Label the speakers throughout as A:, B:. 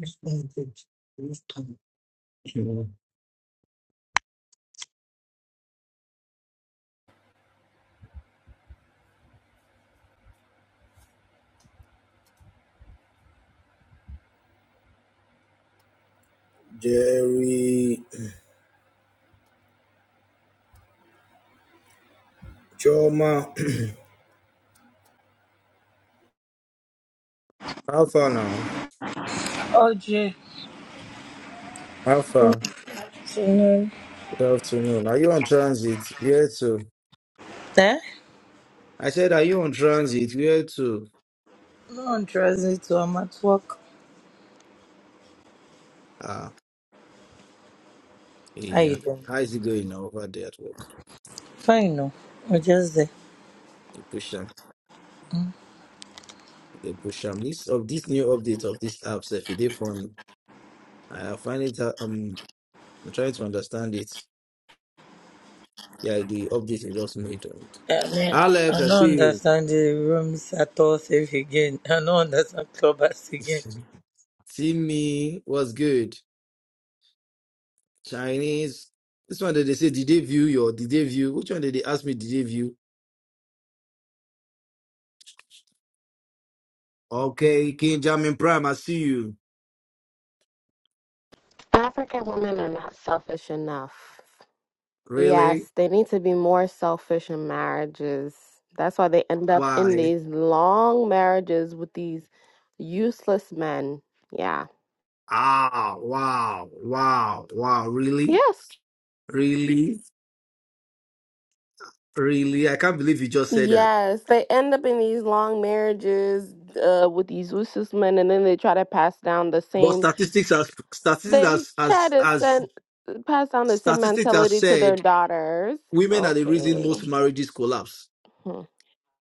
A: Jerry Choma. How far now?
B: Oh, Jay.
A: How far? Good afternoon. Are you on transit? Where to?
B: Eh?
A: I said, Are you on transit? Where to?
B: No, one tries dressing too. I'm at work.
A: Ah,
B: How
A: yeah.
B: you doing?
A: How is it going now over there at work?
B: Fine, no. We're just there.
A: They push them.
B: Mm.
A: They push them. This of this new update of this app, if they phone, I find it. uh, Um, I'm trying to understand it. Yeah, the update they just made. on it.
B: I mean,
A: Alex, I
B: I don't
A: see you.
B: understand the rooms at all safe again. I don't understand clubbers again.
A: see me. What's good? Chinese. This one that they say, did they view your, did they view? Which one did they ask me, did they view? Okay, King Jamin Prime, I see you.
C: African women are not selfish enough.
A: Really?
C: Yes, they need to be more selfish in marriages. That's why they end up in
A: Why?
C: these long marriages with these useless men. Yeah.
A: Ah, wow, wow, wow. Really?
C: Yes.
A: Really? Really? I can't believe you just said that.
C: Yes, they end up in these long marriages uh, with these useless men, and then they try to pass down the
A: But
C: same.
A: statistics has statistics
C: They
A: has
C: try
A: has,
C: to
A: has
C: send pass down the same
A: statistics has
C: mentality to their
A: said
C: daughters.
A: women are the reason
C: Okay.
A: most marriages collapse.
C: Hmm.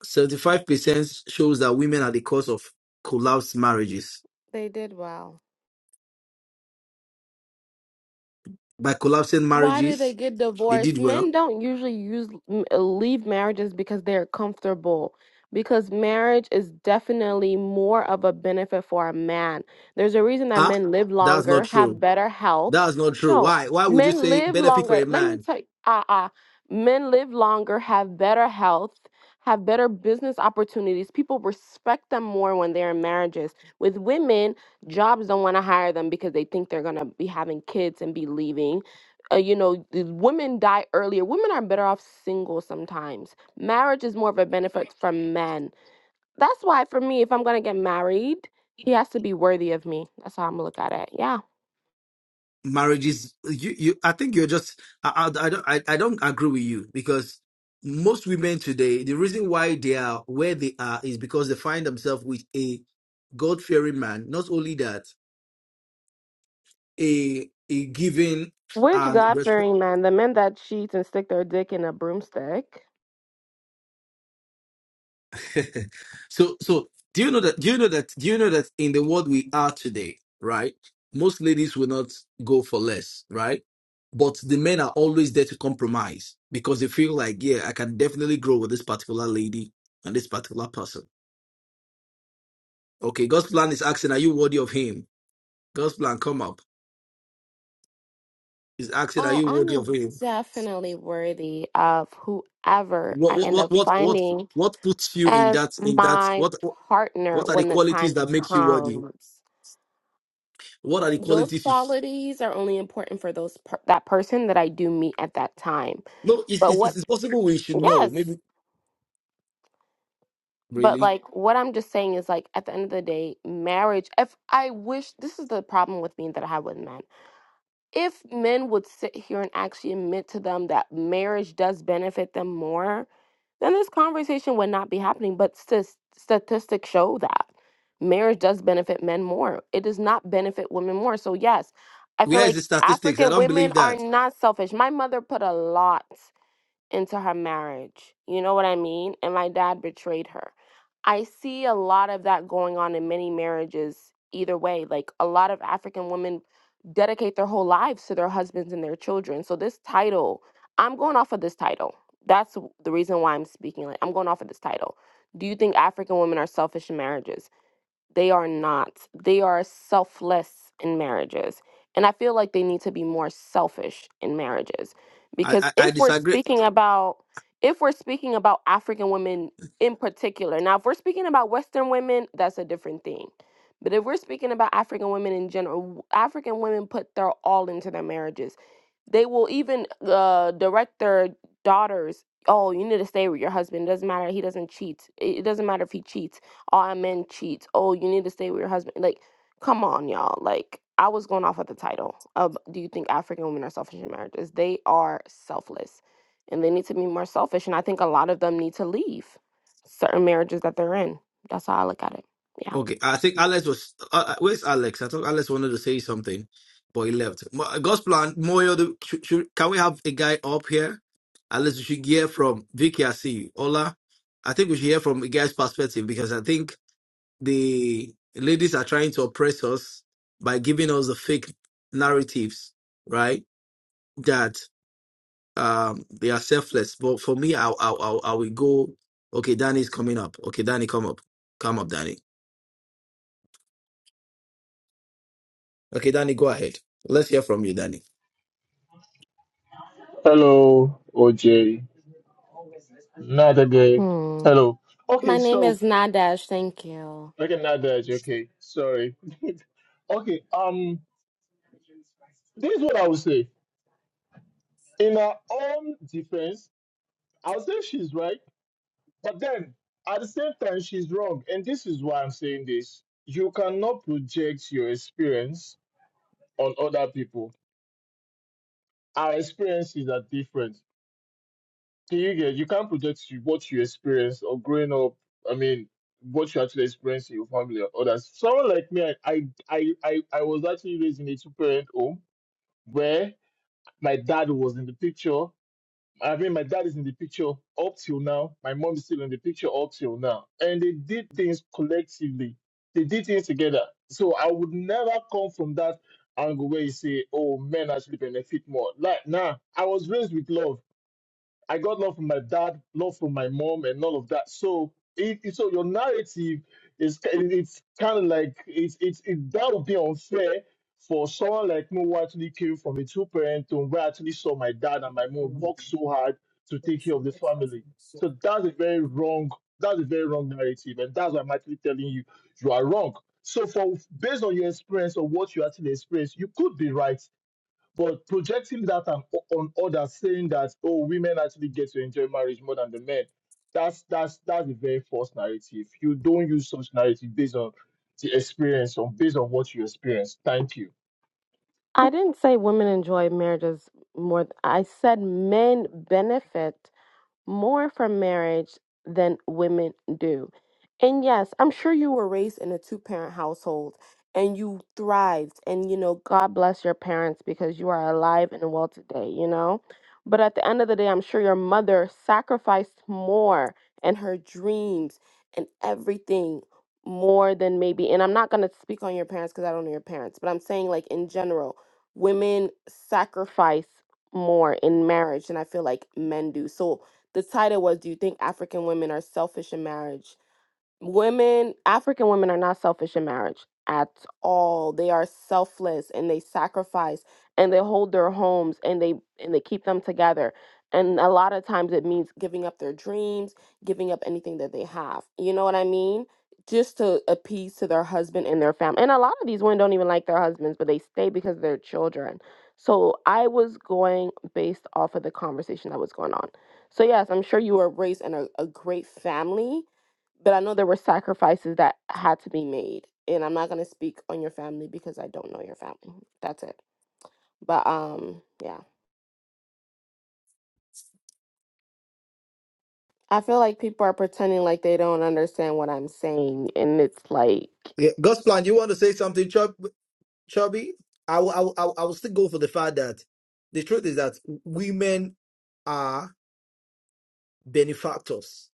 A: 75% shows that women are the cause of collapsed marriages.
C: They did well.
A: By collapsing
C: Why do they
A: marriages,
C: get
A: they did
C: divorced?
A: well
C: Men don't usually use m- uh, leave marriages because they're comfortable. Because marriage is definitely more of a benefit for a man. There's a reason that
A: Ah,
C: men live
A: that's not
C: longer, have
A: true.
C: better health.
A: That's not true.
C: No,
A: Why? Why would you
C: men
A: say
C: live
A: benefit for
C: longer.
A: a
C: Let me
A: man?
C: tell you, uh, uh, men live longer, have better health, have better business opportunities. People respect them more when they're in marriages. With women, jobs don't want to hire them because they think they're going to be having kids and be leaving uh, you know, the women die earlier. Women are better off single sometimes. Marriage is more of a benefit from men. That's why, for me, if I'm going to get married, he has to be worthy of me. That's how I'm going to look at it. Yeah.
A: Marriage is you. You. I think you're just. I. I, I don't. I, I don't agree with you because most women today, the reason why they are where they are is because they find themselves with a God fearing man. Not only that, a a giving
C: Which God
A: and
C: fearing man, the men that cheat and stick their dick in a broomstick?
A: so so do you know that do you know that do you know that in the world we are today, right? Most ladies will not go for less, right? But the men are always there to compromise because they feel like, yeah, I can definitely grow with this particular lady and this particular person. Okay, God's plan is asking, are you worthy of him? God's plan, come up. Is asking, are
C: Oh,
A: you worthy of
C: I'm
A: him?
C: definitely worthy of whoever
A: What
C: I end
A: what what
C: up
A: what what
C: finding
A: what puts you in
C: as
A: that in that
C: my
A: what what
C: partner
A: what are the
C: when the
A: qualities
C: time
A: that makes you worthy?
C: comes.
A: What are the
C: those
A: qualities
C: qualities are only important for those per- that person that I do meet at that time.
A: No, it's,
C: But
A: it's,
C: what
A: it's possible we should know.
C: yes,
A: Maybe
C: but
A: really.
C: like what I'm just saying is like at the end of the day, marriage if I wish this is the problem with me that I have with men. if men would sit here and actually admit to them that marriage does benefit them more, then this conversation would not be happening. But stas- statistics show that marriage does benefit men more. It does not benefit women more. So, yes, I feel
A: Where is the
C: like
A: statistics? I
C: African
A: don't
C: women
A: believe
C: are
A: that.
C: not selfish. My mother put a lot into her marriage. You know what I mean? And my dad betrayed her. I see a lot of that going on in many marriages, either way. Like a lot of African women dedicate their whole lives to their husbands and their children. So, this title, I'm going off of this title. That's w- the reason why I'm speaking. Like, I'm going off of this title. Do you think African women are selfish in marriages? They are not. They are selfless in marriages. And I feel like they need to be more selfish in marriages.
A: I
C: Because
A: I, I
C: if we're
A: disagree.
C: speaking about if we're speaking about African women in particular, now if we're speaking about Western women, that's a different thing. But if we're speaking about African women in general, African women put their all into their marriages. They will even uh, direct their daughters, oh, you need to stay with your husband. It doesn't matter. He doesn't cheat. It it doesn't matter if he cheats oh, I men cheats. Oh, you need to stay with your husband. Like, come on, y'all. Like, I was going off at the title of do you think African women are selfish in marriages? They are selfless and they need to be more selfish. And I think a lot of them need to leave certain marriages that they're in. That's how I look at it. Yeah.
A: Okay, I think Alex was. Uh, uh, where's Alex? I thought Alex wanted to say something, but he left. Mo- uh, God's plan. Moyo, the- should, should, can we have a guy up here? At least we should hear from Vicky. I see you, Ola. I think we should hear from a guy's perspective because I think the ladies are trying to oppress us by giving us the fake narratives, right? um they are selfless but for me i i i, I will go okay danny's coming up okay danny come up come up danny okay danny go ahead let's hear from you danny
D: Hello, OJ. Another day.
C: Hmm.
D: Hello. Okay,
C: My name
D: so
C: is Nadash. Thank you.
D: like another day. Okay, sorry. okay. Um, this is what I would say. In her own defense, i would say she's right, but then at the same time, she's wrong, and this is why I'm saying this. You cannot project your experience on other people. Our experiences are different you get you can't project you- what you experience or growing up. I mean, what you actually experience in your family or others. Someone like me, I I I I I was actually raised in a two parent home where my dad was in the picture. I mean, my dad is in the picture up till now. My mom is still in the picture up till now, and they did things collectively. They did things together. So I would never come from that angle where you say, "Oh, men actually benefit more." Like, nah, I was raised with love. I got love from my dad, love from my mom, and all of that. So, it, it- so your narrative is ki- it's kind of like it's it's it, that would be unfair for someone like me who actually came from a two parent home where I actually saw my dad and my mom work so hard to take care of the family. So that's a very wrong that's a very wrong narrative, and that's why I'm actually telling you you are wrong. So, for based on your experience or what you actually experienced, you could be right but projecting that on, on others, saying that oh, women actually get to enjoy marriage more than the men, that's that's that's a very false narrative. You don't use such narrative based on the experience, on based on what you experience. Thank you.
C: I didn't say women enjoy marriages more. th- I said men benefit. more from marriage than women do. And yes, I'm sure you were raised in a two parent household and you thrived. And, you know, God bless your parents because you are alive and well today, you know? But at the end of the day, I'm sure your mother sacrificed more and her dreams and everything more than maybe. And I'm not going to speak on your parents because I don't know your parents, but I'm saying, like, in general, women sacrifice more in marriage than I feel like men do. So, the title was Do You Think African Women Are Selfish in Marriage? women african women are not selfish in marriage at all they are selfless and they sacrifice and they hold their homes and they and they keep them together and a lot of times it means giving up their dreams giving up anything that they have you know what i mean just to appease to their husband and their family and a lot of these women don't even like their husbands but they stay because of their children so i was going based off of the conversation that was going on so yes i'm sure you were raised in a, a great family but I know there were sacrifices that had to be made. And I'm not gonna speak on your family because I don't know your family. That's it. But um, yeah, I feel like people are pretending like they don't understand what I'm saying, and it's like,
A: yeah, god's plan you want to say something Chub, chubby I will, I, will, I will I will still go for the fact that the truth is that women are benefactors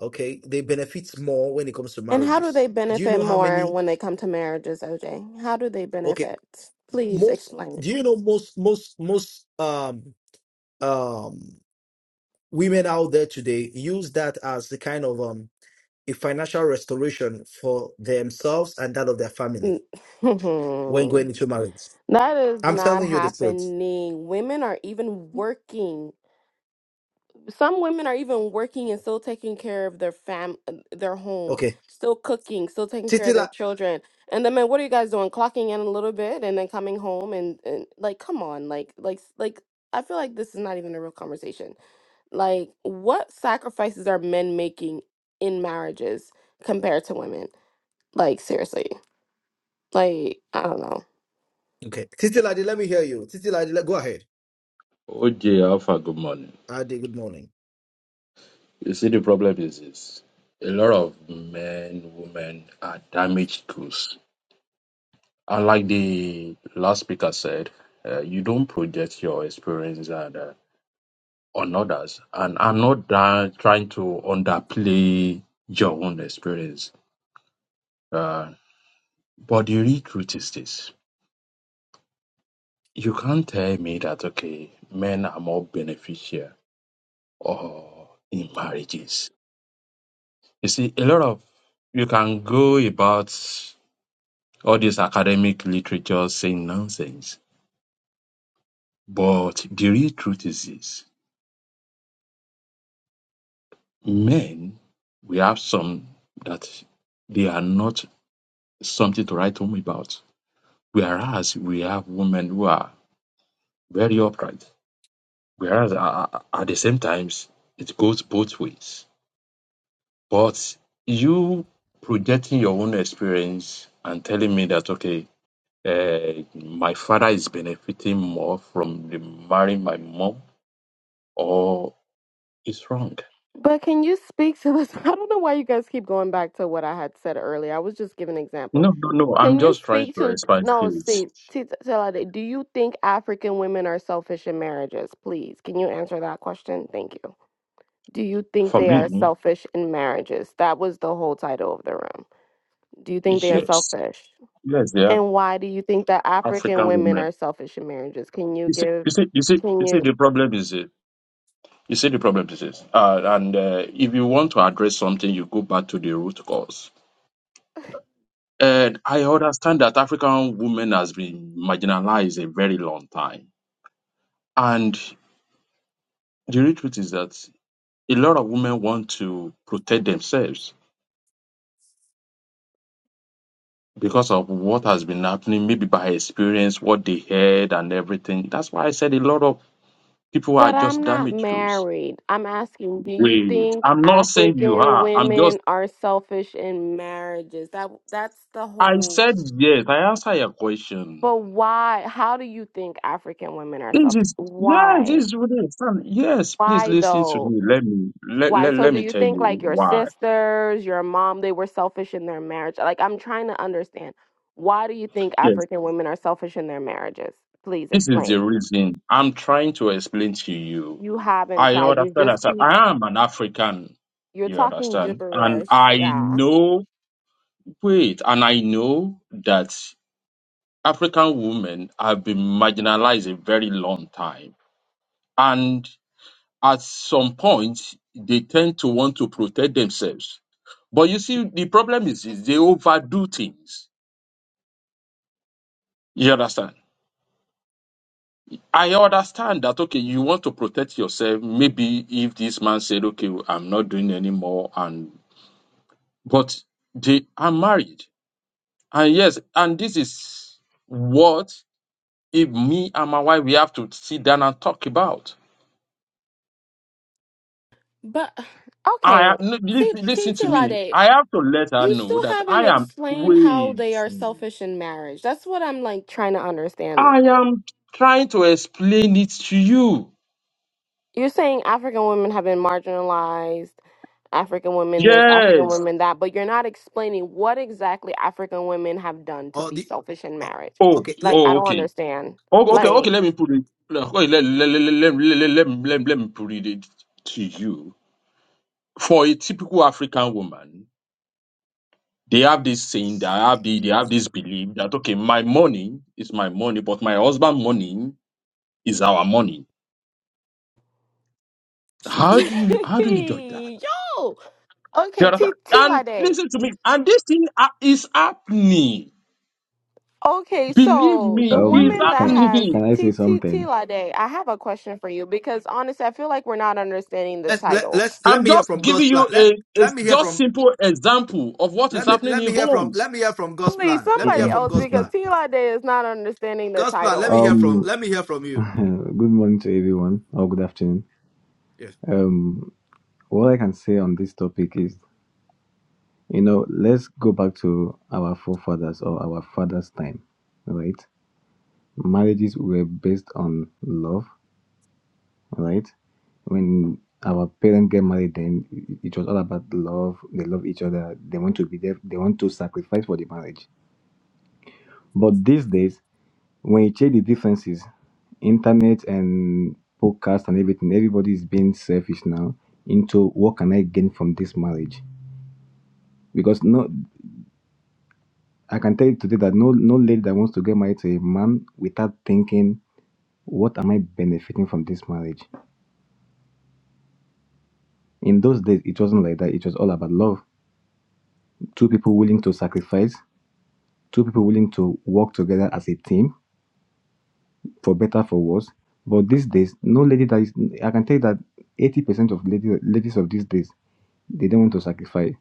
A: okay they benefit more when it comes to
C: and how do
A: marriages
C: they
A: do you
C: benefit
A: know how
C: more
A: many
C: when they come to marriages, OJ? How do they
A: okay
C: benefit? Please
A: most
C: explain.
A: do you know most most most um um women out there today use that as the kind of um a financial restoration for themselves and that of their family
C: that
A: when going into marriage.
C: is
A: I'm
C: not
A: telling you the truth.
C: happening. Women are even working some women are even working and still taking care of their fam uh, their home
A: Okay.
C: still cooking still taking care of
A: Titila
C: their children and then man what are you guys doing clocking in a little bit and then coming home and, and like come on like like like i feel like this is not even a real conversation like what sacrifices are men making in marriages compared to women like seriously like i don't know
A: okay. Titiladi, let me hear you. Titiladi, let, go ahead.
E: OJ Alpha, good morning.
A: Adi, good morning.
E: You see, the problem is this. A lot of men, women are damaged goods. And like the last speaker said, uh, you don't project your experience and, uh, on others. And I'm not da- trying to underplay your own experience. Uh, but the real truth is this. You can't tell me that, okay, men are more beneficial or in marriages. You see, a lot of you can go about all this academic literature saying nonsense. But the real truth is this men, we have some that they are not something to write home about. Whereas we have women who are very upright. Whereas uh, at the same times, it goes both ways. But you projecting your own experience and telling me that, okay, uh, my father is benefiting more from the marrying my mom, or it's wrong
C: But can you speak to this? I don't know why you guys keep going back to what I had said earlier. I was just giving an example.
E: No, no, no. I'm
C: Can you
E: just trying
C: speak
E: to
C: to
E: expand
C: no?
E: faith.
C: See, see, Talade, do you think African women are selfish in marriages? Please, can you answer that question? Thank you. Do you think
E: For
C: they are
E: me,
C: selfish in marriages? That was the whole title of the room. Do you think they are
E: yes.
C: selfish?
E: Yes, they are
C: And why do you think that African
E: African
C: women
E: women.
C: are selfish in marriages? Can you
E: You see,
C: give?
E: you see, you see,
C: Can
E: you
C: you?
E: see, the problem is it. You see, the problem is this. Uh, and uh, if you want to address something, you go back to the root cause. And I understand that African women has been marginalized a very long time. And the real truth is that a lot of women want to protect themselves because of what has been happening, maybe by experience, what they heard and everything. That's why I said a lot of people are
C: But
E: just
C: I'm not
E: damaged goods.
C: married. I'm asking, do you
E: Wait,
C: think
E: I'm not saying you
C: African
E: are. I'm just,
C: women are selfish in marriages? That that's the
E: I
C: whole.
E: said yes. I answer your question.
C: But why? How do you think African women are
E: This
C: selfish?
E: is, yes,
C: Why?
E: this is really understand. Yes, please
C: Why
E: listen to
C: though?
E: me. Let me, let,
C: Why?
E: let,
C: So
E: let
C: do
E: me
C: you
E: tell
C: think
E: you
C: like your
E: why.
C: sisters, your mom, they were selfish in their marriage? Like I'm trying to understand. Why do you think
E: Yes,
C: African women are selfish in their marriages? Please
E: this is the
C: explain.
E: reason I'm trying to explain to you.
C: You haven't
E: I
C: tried. You
E: understand. I
C: just
E: said,
C: keep
E: I am an African.
C: you're
E: You
C: talking
E: understand? And
C: gibberish.
E: I
C: Yeah.
E: know Wait, and I know that African women have been marginalized a very long time. And at some point, they tend to want to protect themselves. But you see, the problem is, is they overdo things. You understand? I understand that, okay, you want to protect yourself. Maybe if this man said, okay, I'm not doing anymore, and but they are married. And yes, and this is what if me and my wife we have to sit down and talk about.
C: But
E: I
C: okay,
E: ha- no,
C: see,
E: listen,
C: see,
E: listen to me.
C: Lade,
E: I have to let her
C: you
E: know
C: still
E: that I
C: haven't
E: am
C: explained how they are
E: waiting.
C: selfish in marriage. That's what I'm like trying to understand.
E: I am trying to explain it to you.
C: You're saying African women have been marginalized, African women this, African
E: Yes.
C: women that, but you're not explaining what exactly African women have done to
A: Oh,
C: be
A: the
C: selfish in
A: uh,
C: marriage.
E: Oh,
A: okay, le-
C: Like, I
E: oh,
C: don't
E: okay.
C: understand.
E: Oh, okay,
A: okay.
E: okay.
C: Like,
E: Let me put it. Okay, let, let, let, let, let, let, let, let, let me put it to you. For a typical African woman, they have this saying that have the, they have this belief that okay, my money is my money, but my husband' money is our money. How do you how do you judge that?
C: yo,
E: You
C: okay,
E: understand?
C: T
E: And
C: Lade.
E: listen to me. And this thing ha- is happening.
C: Okay,
E: Believe
C: so
E: me,
C: the
E: it's
C: woman
F: Um,
C: that
F: can
C: has
E: happening.
F: can I say
C: T T
F: something?
C: Tila Day, I have a question for you because honestly, I feel like we're not understanding the
A: Let's let
C: title.
A: let's let
E: I'm
A: me hear
E: just
A: from God's
E: giving
A: plan.
E: you
A: Let
E: a, a
A: let me hear
E: just
A: from
E: simple example of what is
A: let me
E: happening
A: let
E: in
A: me hear from
E: homes.
A: let me hear from God's
C: Please,
A: plan. Let me hear
C: somebody
F: Mm-mm,
A: from
C: else,
A: God's
C: because
A: plan.
F: mm-mm.
C: Tila Day is not understanding the
A: God's plan. Let me
C: title.
A: hear from
F: Um,
A: let me hear from you.
F: good morning to everyone, or good afternoon.
A: Yes.
F: Um, what I can say on this topic is, you know, let's go back to our forefathers or our father's time, right? Marriages were based on love, right? When our parents get married, then it was all about love. They love each other. They want to be there. They want to sacrifice for the marriage. But these days. when you check the differences, internet and podcast and everything, everybody is being selfish now into what can I gain from this marriage? Because no, I can tell you today that no, no lady that wants to get married to a man without thinking, what am I benefiting from this marriage? In those days, it wasn't like that. It was all about love. Two people willing to sacrifice, two people willing to work together as a team for better, for worse. But these days, no lady that is, I can tell you that 80% of lady, ladies of these days They don't want to sacrifice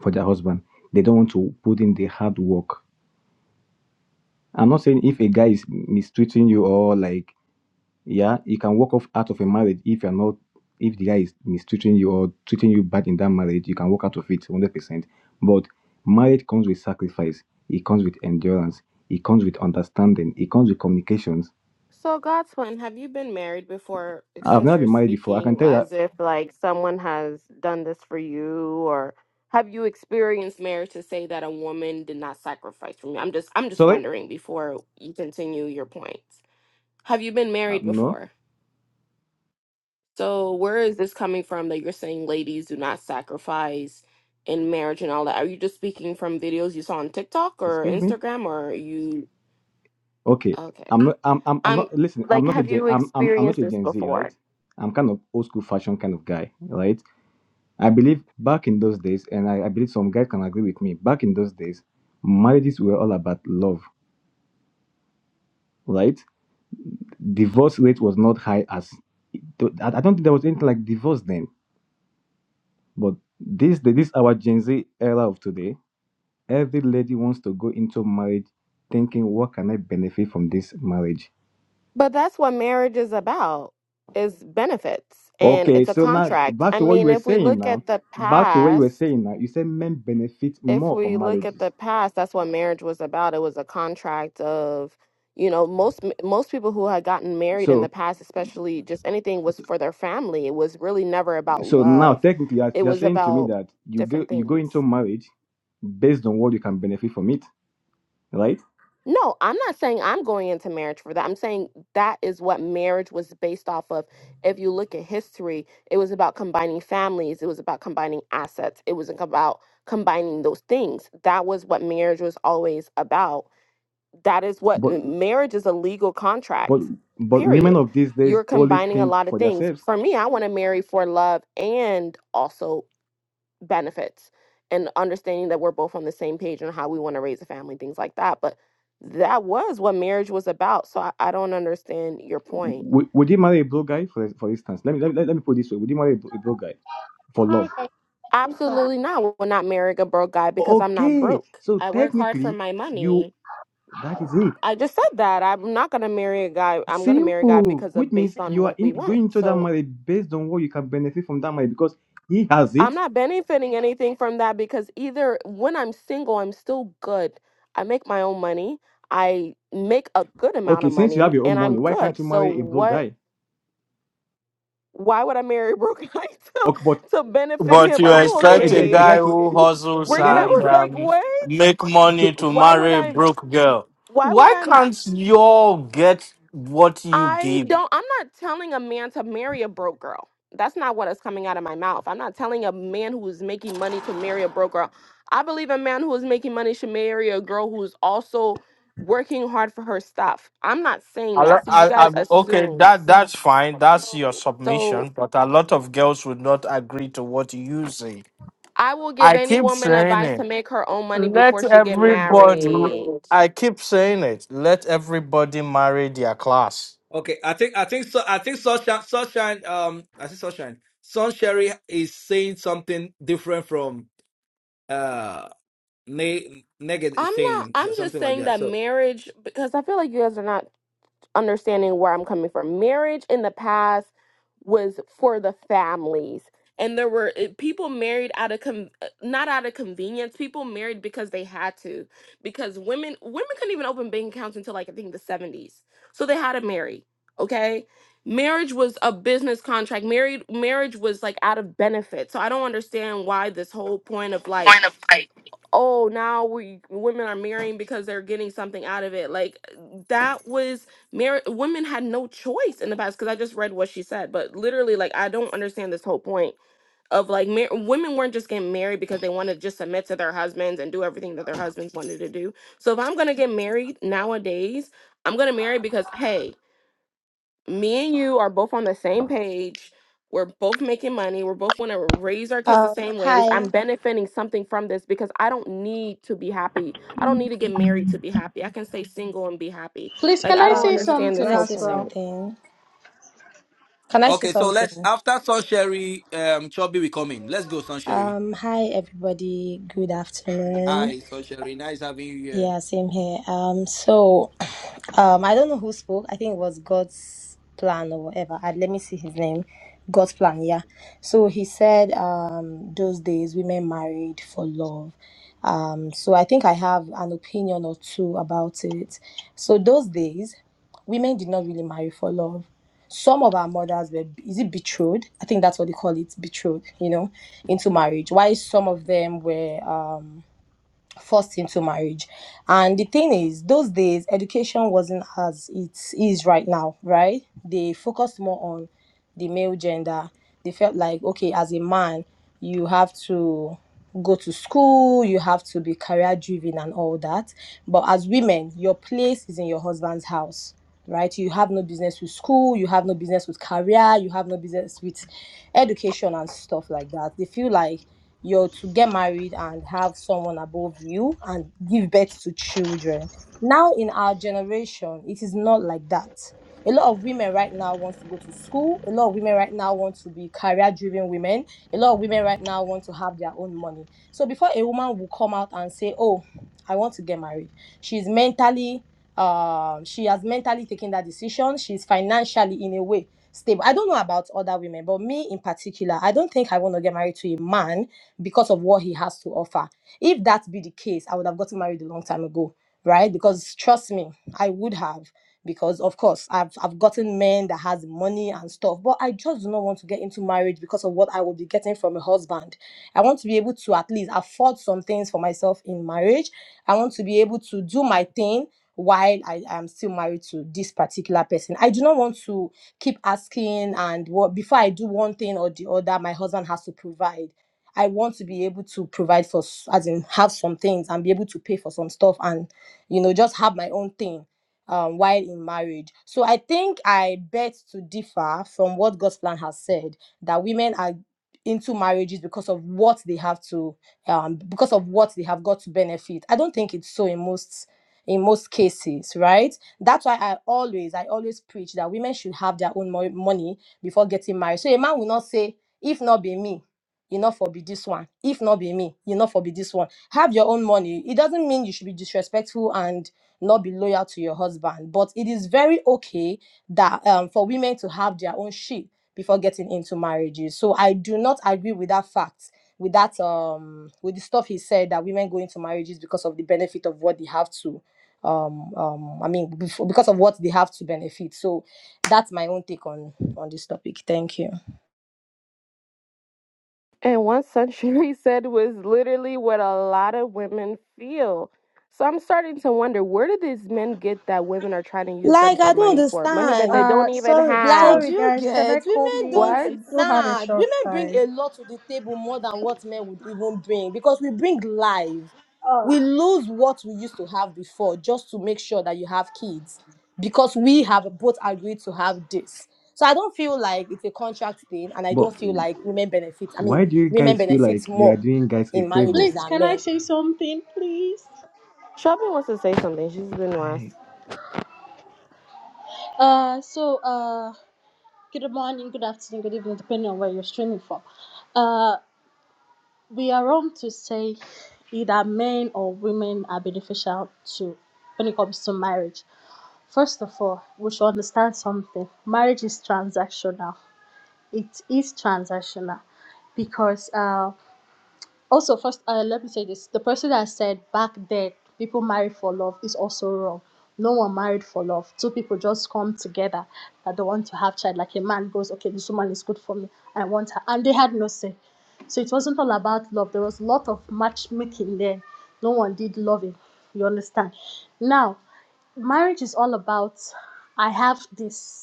F: for their husband. They don't want to put in the hard work. I'm not saying if a guy is mistreating you or like, yeah, you can walk off out of a marriage if you're not, if the guy is mistreating you or treating you bad in that marriage, you can walk out of it 100%. But marriage comes with sacrifice. It comes with endurance. It comes with understanding. It comes with communications.
C: So, Godsplan, have you been married before? like,
F: I've
C: Since
F: never
C: you're
F: been married before. I can
C: speaking
F: tell you that.
C: as if like someone has done this for you, or have you experienced marriage to say that a woman did not sacrifice for me? I'm just, I'm just
F: Sorry?
C: wondering before you continue your points. Have you been
F: Uh,
C: married
F: no.
C: before? So where is this coming from that you're saying ladies do not sacrifice in marriage and all that? Are you just speaking from videos you saw on TikTok or
F: Excuse me?
C: Instagram or are you
F: Okay,
C: okay.
F: I'm not. I'm. I'm. I'm
C: I'm
F: not. Listen, I'm
C: like
F: not a
C: have
F: Gen.
C: you
F: I'm. I'm. I'm not
C: experienced
F: a
C: this
F: Gen Z, right?
C: before?
F: I'm kind of old school fashion kind of guy, right? I believe back in those days, and I, I believe some guys can agree with me. Back in those days, marriages were all about love, right? Divorce rate was not high as. I I don't think there was anything like divorce then. But this, this our Gen Z era of today, every lady wants to go into marriage thinking, what can I benefit from this marriage?
C: But that's what marriage is about is benefits and
F: Okay,
C: it's a
F: so now
C: contract.
F: back
C: I
F: to what you
C: mean,
F: were
C: if we
F: saying
C: look
F: now.
C: at the
F: Back to what you were
C: past
F: saying now. You said men benefit
C: if
F: more
C: we
F: from
C: look at
F: marriages.
C: the past, that's what marriage was about. It was a contract of, you know, most most people who had gotten married in the
F: So
C: past, especially just anything was for their family. It was really never about
F: so now
C: love.
F: technically you're,
C: It
F: you're
C: was
F: saying to me
C: about
F: that you go
C: different
F: you go
C: things.
F: into marriage based on what you can benefit from it, right?
C: No, I'm not saying I'm going into marriage for that. I'm saying that is what marriage was based off of. If you look at history, it was about combining families, it was about combining assets, it was about combining those things. That was what marriage was always about that is what
F: But
C: uh, marriage is a legal
F: but
C: contract
F: but women
C: period
F: of these days
C: you're
F: only
C: combining a
F: think
C: lot of
F: for
C: things
F: themselves.
C: for me i want to marry for love and also benefits and understanding that we're both on the same page on how we want to raise a family things like that but that was what marriage was about so i, I don't understand your point
F: Would, would you marry a blue guy for for instance? Let me let, me- let me put it this way. Would you marry a blue a blue guy for
G: Hi
F: love?
G: guys, Lisa.
C: absolutely not we're not marry a broke guy because i'm not
F: Okay.
C: broke
F: So
C: i work hard for
F: technically
C: my
F: you
C: money
F: that is it.
C: i just said that i'm not going to marry a guy i'm going to marry a guy
F: Simple,
C: because
F: which
C: of
F: means
C: based on
F: you are
C: what
F: in,
C: we want
F: going into that
C: so
F: marriage based on what you can benefit from that marriage because he has it.
C: I'm not benefiting anything from that because either when I'm single, I'm still good. I make my own money. I make a good amount
F: Okay,
C: of
F: since you have
C: money
F: your own
C: and
F: money,
C: I'm
F: why can't
C: good.
F: you
C: So
F: marry a broke
C: what
F: guy?
C: why would I marry a broken guy to,
F: Okay, but
C: to benefit
H: But
C: him?
H: you
C: Are you
F: a, a,
H: expect a
F: a- a
C: okay?
F: guy
H: guy
F: to a-
H: who
F: a-
H: hustles
C: We're gonna
F: what?
H: and
F: the-
C: like
H: um,
C: what?
H: make money
F: to,
H: to
C: Why would
H: marry a
C: I
H: broke girl.
C: why would
H: Why
C: I
H: can't you all get what you
C: I
H: give?
C: don't, I'm not telling a man to marry a broke girl. That's not what is coming out of my mouth. I'm not telling a man who is making money to marry a broke girl. I believe a man who is making money should marry a girl who's also working hard for her stuff. I'm not saying
H: I, lo-
C: that. So you
H: I,
C: guys
H: I, okay,
C: assume.
H: that that's fine. That's your submission.
C: So
H: But a lot of girls would not agree to what you say.
C: I will give
H: I
C: any
H: keep
C: woman
H: saying
C: advice to
H: it.
C: make her own money
H: Let
C: before she get
H: everybody.
C: married.
H: I keep saying it. Let everybody marry their class.
A: Okay, I think I think so. I think sunshine, sunshine. Um, I think sunshine. Sun Sherry is saying something different from uh ne- Neged is
C: I'm not
A: saying
C: I'm
A: so-
C: just
A: something like
C: saying
A: that.
C: that
A: So
C: marriage because I feel like you guys are not understanding where I'm coming from. Marriage in the past was for the families. And there were eh, people married out of com- eh, not out of convenience. People married because they had to, because women women couldn't even open bank accounts until like I think the seventies. So they had to marry. Okay, marriage was a business contract. Married marriage was like out of benefit. So I don't understand why this whole point of like oh now we women are marrying because they're getting something out of it like that was marriage women had no choice in the past because i just read what she said but literally like i don't understand this whole point of like mar- women weren't just getting married because they wanted to just submit to their husbands and do everything that their husbands wanted to do so if i'm gonna get married nowadays i'm gonna marry because hey me and you are both on the same page. We're both making money. We're both want to raise our kids the
I: Um,
C: same ways.
I: hi.
C: I'm benefiting something from this because I don't need to be happy. I don't need to get married to be happy. I can stay single and be happy.
G: Please,
C: Like
G: can
C: I
G: I
C: don't
G: say
I: Um,
C: understand
I: can
C: this
G: something
I: I
C: whole
I: say
G: as well?
C: point.
I: something? Can I say
A: okay, so let's
I: something?
A: after Sun Sherry, um, Chubby will come in. Let's go, Sun Sherry.
I: Um, hi everybody. Good afternoon.
A: Hi, Sun Sherry. Nice having you here.
I: Yeah, same here. Um, so, um, I don't know who spoke. I think it was God's plan or whatever. I, let me see his name. God's plan, yeah. So he said, um, those days women married for love. Um, so I think I have an opinion or two about it. So those days, women did not really marry for love. Some of our mothers were, is it betrothed? I think that's what they call it, betrothed, you know, into marriage. Why some of them were, um forced into marriage. And the thing is, those days education wasn't as it is right now, right? They focused more on the male gender. They felt like, okay, as a man, you have to go to school, you have to be career driven and all that. But as women, your place is in your husband's house. Right, you have no business with school, you have no business with career, you have no business with education and stuff like that. They feel like you're to get married and have someone above you and give birth to children. Now in our generation, it is not like that. A lot of women right now want to go to school. A lot of women right now want to be career-driven women. A lot of women right now want to have their own money. So before a woman will come out and say, "Oh, I want to get married," she's mentally, um, she has mentally taken that decision. She's financially, in a way, stable. I don't know about other women, but me in particular, I don't think I want to get married to a man because of what he has to offer. If that be the case, I would have gotten married a long time ago, right? Because trust me, I would have. Because of course I've I've gotten men that has money and stuff, but I just do not want to get into marriage because of what I will be getting from a husband. I want to be able to at least afford some things for myself in marriage. I want to be able to do my thing while I am still married to this particular person. I do not want to keep asking and what before I do one thing or the other, my husband has to provide. I want to be able to provide for, s- as in have some things and be able to pay for some stuff and, you know, just have my own thing um, while in marriage. So I think I bet to differ from what God's plan has said that women are into marriages because of what they have to, um, because of what they have got to benefit. I don't think it's so in most in most cases right that's why i always i always preach that women should have their own mo- money before getting married so a man will not say if not be me you not for be this one. If not be me, you not for be this one. Have your own money. It doesn't mean you should be disrespectful and not be loyal to your husband. But it is very okay that um for women to have their own shit before getting into marriages. So I do not agree with that fact. With that, um, with the stuff he said that women go into marriages because of the benefit of what they have to, um, um, I mean, before, because of what they have to benefit. So that's my own take on on this topic. Thank you.
C: And what century said was literally what a lot of women feel. So I'm starting to wonder where do these men get that women are trying to use them
I: Like
C: for
I: I don't
C: money for? Money that they
I: understand.
C: don't
G: Uh,
C: even
G: sorry,
I: Like,
C: have.
I: do
G: sorry
I: you
G: guys, can I
I: get?
G: come
I: Women don't.
G: in?
C: What?
G: I do have a
I: Nah,
G: short
I: women bring
G: time.
I: a lot to the table more than what men would even bring because we bring life.
G: Oh,
I: We lose what we used to have before just to make sure that you have kids because we have both agreed to have this. So I don't feel like it's a contract thing, and I
F: but
I: don't feel like women benefit. I mean,
F: why do you
I: women
F: guys feel
I: benefit
F: like you are
I: more
F: doing guys a
I: in
F: favor?
I: marriages
G: please,
I: than
G: can I
I: men.
G: say something, please?
C: Shelby wants to say something. She's been last.
F: I,
G: Uh, so uh, good morning, good afternoon, good evening, depending on where you're streaming from. Uh, we are wrong to say either men or women are beneficial to when it comes to marriage. First of all, we should understand something. Marriage is transactional it is transactional because uh, also first uh, let me say this the person that said back then people marry for love is also wrong no one married for love two people just come together that they want to have child like a man goes okay this woman is good for me i want her and they had no say so it wasn't all about love there was a lot of matchmaking there no one did loving you understand now marriage is all about i have this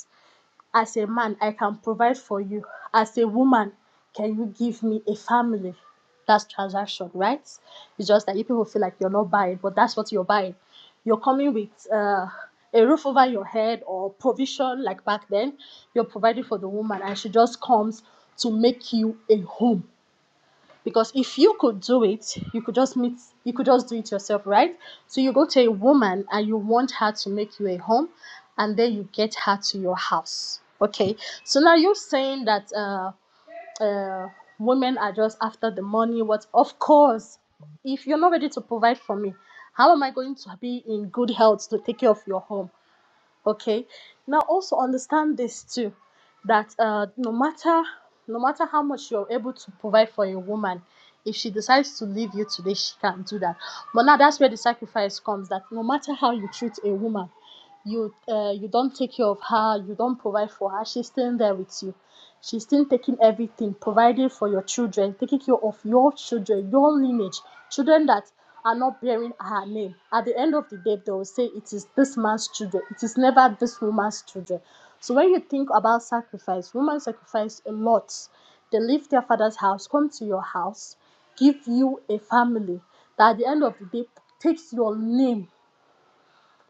G: as a man, I can provide for you. As a woman, can you give me a family? That's transaction, right? It's just that you people feel like you're not buying, but that's what you're buying. You're coming with uh, a roof over your head or provision, like back then. You're providing for the woman, and she just comes to make you a home because if you could do it you could just meet you could just do it yourself right so you go to a woman and you want her to make you a home and then you get her to your house okay so now you're saying that uh, uh, women are just after the money what of course if you're not ready to provide for me how am i going to be in good health to take care of your home okay now also understand this too that uh, no matter no matter how much you're able to provide for a woman if she decides to leave you today she can't do that but now that's where the sacrifice comes that no matter how you treat a woman you uh, you don't take care of her you don't provide for her she's staying there with you She's still taking everything, providing for your children, taking care of your children, your lineage, children that are not bearing her name. At the end of the day, they will say it is this man's children. It is never this woman's children. So when you think about sacrifice, women sacrifice a lot. They leave their father's house, come to your house, give you a family that at the end of the day takes your name.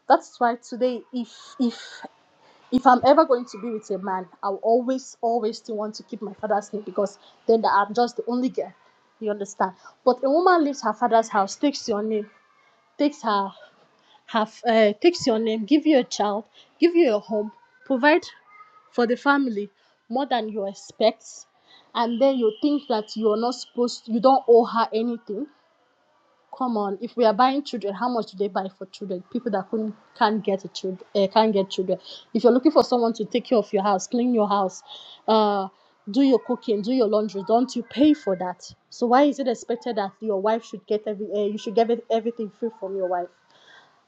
G: That's why today, if if if I'm ever going to be with a man, I'll always, always still want to keep my father's name because then the- I'm just the only girl. You understand? But a woman leaves her father's house, takes your name, takes her, have, uh, takes your name, give you a child, give you a home, provide for the family more than you expect, and then you think that you are not supposed, you don't owe her anything Come on, if we are buying children, how much do they buy for children? People that couldn't can't get a child, uh, can't get children. If you're looking for someone to take care of your house, clean your house, uh, do your cooking, do your laundry, don't you pay for that? So why is it expected that your wife should get every uh, you should get everything free from your wife?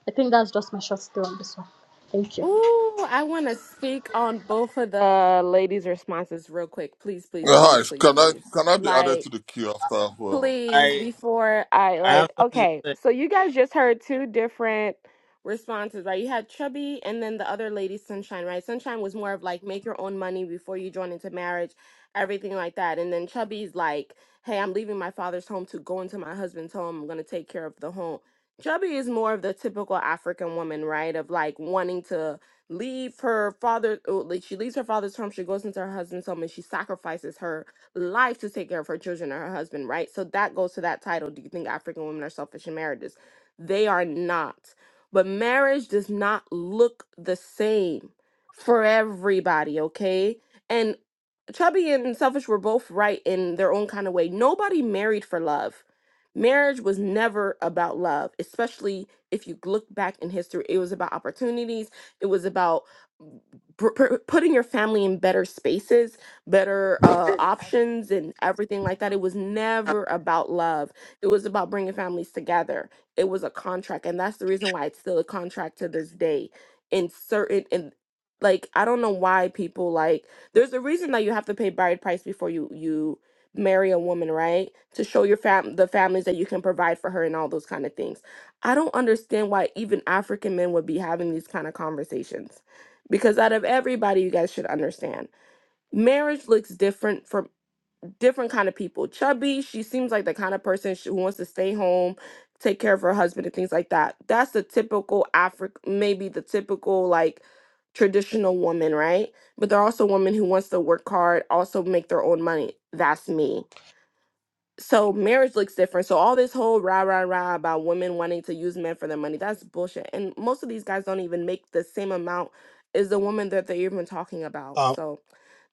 G: I think that's just my short story on this one. Thank you.
C: Ooh, I want to speak on both of the uh, ladies' responses real quick. Please, please,
J: Uh, Hi,
C: please, please,
J: can I
C: please.
J: can I be added
C: Like,
J: to the queue after whoever?
C: please
K: I
C: before I
K: I have
C: like
K: something to
C: okay,
K: say.
C: so you guys just heard two different responses, right? You had Chubby and then the other lady Sunshine, right? Sunshine was more of like make your own money before you join into marriage, everything like that. And then Chubby's like, "Hey, I'm leaving my father's home to go into my husband's home. I'm going to take care of the home." Chubby is more of the typical African woman, right? Of like wanting to leave her father, oh, like she leaves her father's home, she goes into her husband's home, and she sacrifices her life to take care of her children or her husband, right? So that goes to that title. Do you think African women are selfish in marriages? They are not. But marriage does not look the same for everybody, okay? And Chubby and Selfish were both right in their own kind of way. Nobody married for love. Marriage was never about love, especially if you look back in history. It was about opportunities, it was about mm, pr- pr- putting your family in better spaces better uh, options and everything like that. It was never about love. It was about bringing families together. It was a contract, and that's the reason why it's still a contract to this day. In certain, in like I don't know why people like. There's a reason that you have to pay bride price before you you marry a woman, right? To show your fam the families that you can provide for her and all those kind of things. I don't understand why even African men would be having these kind of conversations. Because out of everybody, you guys should understand marriage looks different for different kind of people chubby she seems like the kind of person sh- who wants to stay home take care of her husband and things like that that's the typical African, maybe the typical like traditional woman right but there are also women who wants to work hard also make their own money that's me so marriage looks different. So all this whole rah rah rah about women wanting to use men for their money, that's bullshit. And most of these guys don't even make the same amount as the woman that they're even talking about.
K: Um,
C: So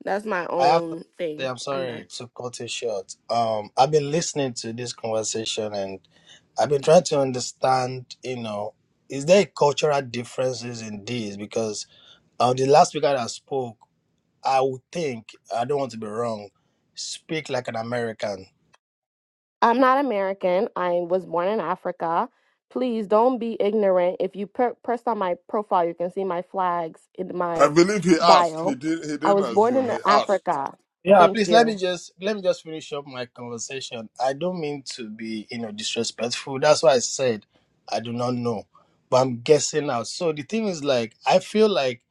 C: that's my
K: I have something
C: own
K: to say.
C: thing.
K: I'm
C: I'm
K: sorry
C: done.
K: to cut it short. Um, I've been listening to this conversation and I've been trying to understand. You know, is there cultural differences in this? Because uh, the last speaker that spoke, I would think I don't want to be wrong. Speak like an American.
C: I'm not American. I was born in Africa. Please don't be ignorant. If you per- press on my profile, you can see my flags in
J: I
C: my
J: believe he asked. He
C: bio.
J: did. He
C: I
J: didn't
C: was born
J: assume.
C: in
J: He asked.
C: Africa.
K: Yeah,
C: Thank
K: please let me
C: you.
K: just let me just finish up my conversation. I don't mean to be, you know, disrespectful. That's why I said I do not know, but I'm guessing now. So the thing is like I feel like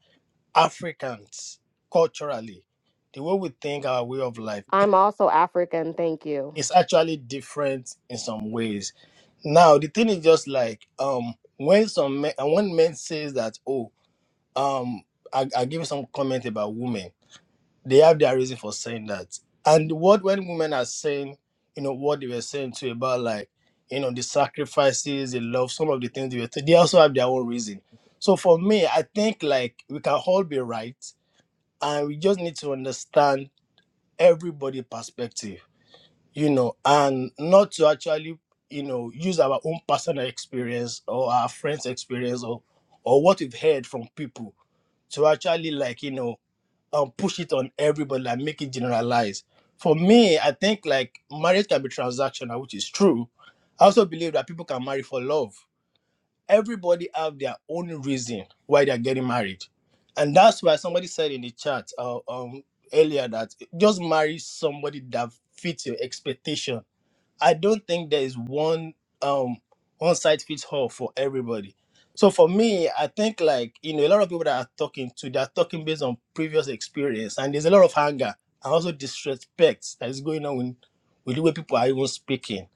K: Africans culturally, the way we think our way of life
C: I'm also African. Thank you.
K: is actually different in some ways. Now the thing is just like um when some men, and when men says that oh um I I give you some comment about women they have their reason for saying that. And what when women are saying, you know, what they were saying too about like, you know, the sacrifices, the love, some of the things they were, saying, they also have their own reason. So for me, I think like we can all be right, and we just need to understand everybody' perspective, you know, and not to actually, you know, use our own personal experience or our friends' experience or or what we've heard from people to actually like you know um push it on everybody like make it generalized for me i think like marriage can be transactional which is true i also believe that people can marry for love everybody have their own reason why they're getting married and that's why somebody said in the chat uh, um earlier that just marry somebody that fits your expectation I don't think there is one um one size fits all for everybody. So for me, I think like you know a lot of people that are talking to they're talking based on previous experience, and there's a lot of anger and also disrespect that is going on with, with the way people are even speaking.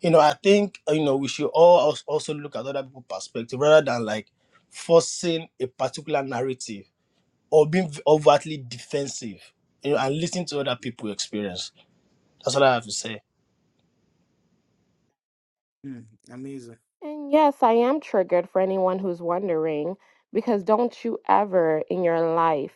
K: You know, I think uh, you know we should all als- also look at other people's perspective rather than like forcing a particular narrative or being v- overtly defensive. You know, and listening to other people's experience. That's what I have to say.
A: Hmm, amazing.
C: And yes, I am triggered for anyone who's wondering, because don't you ever in your life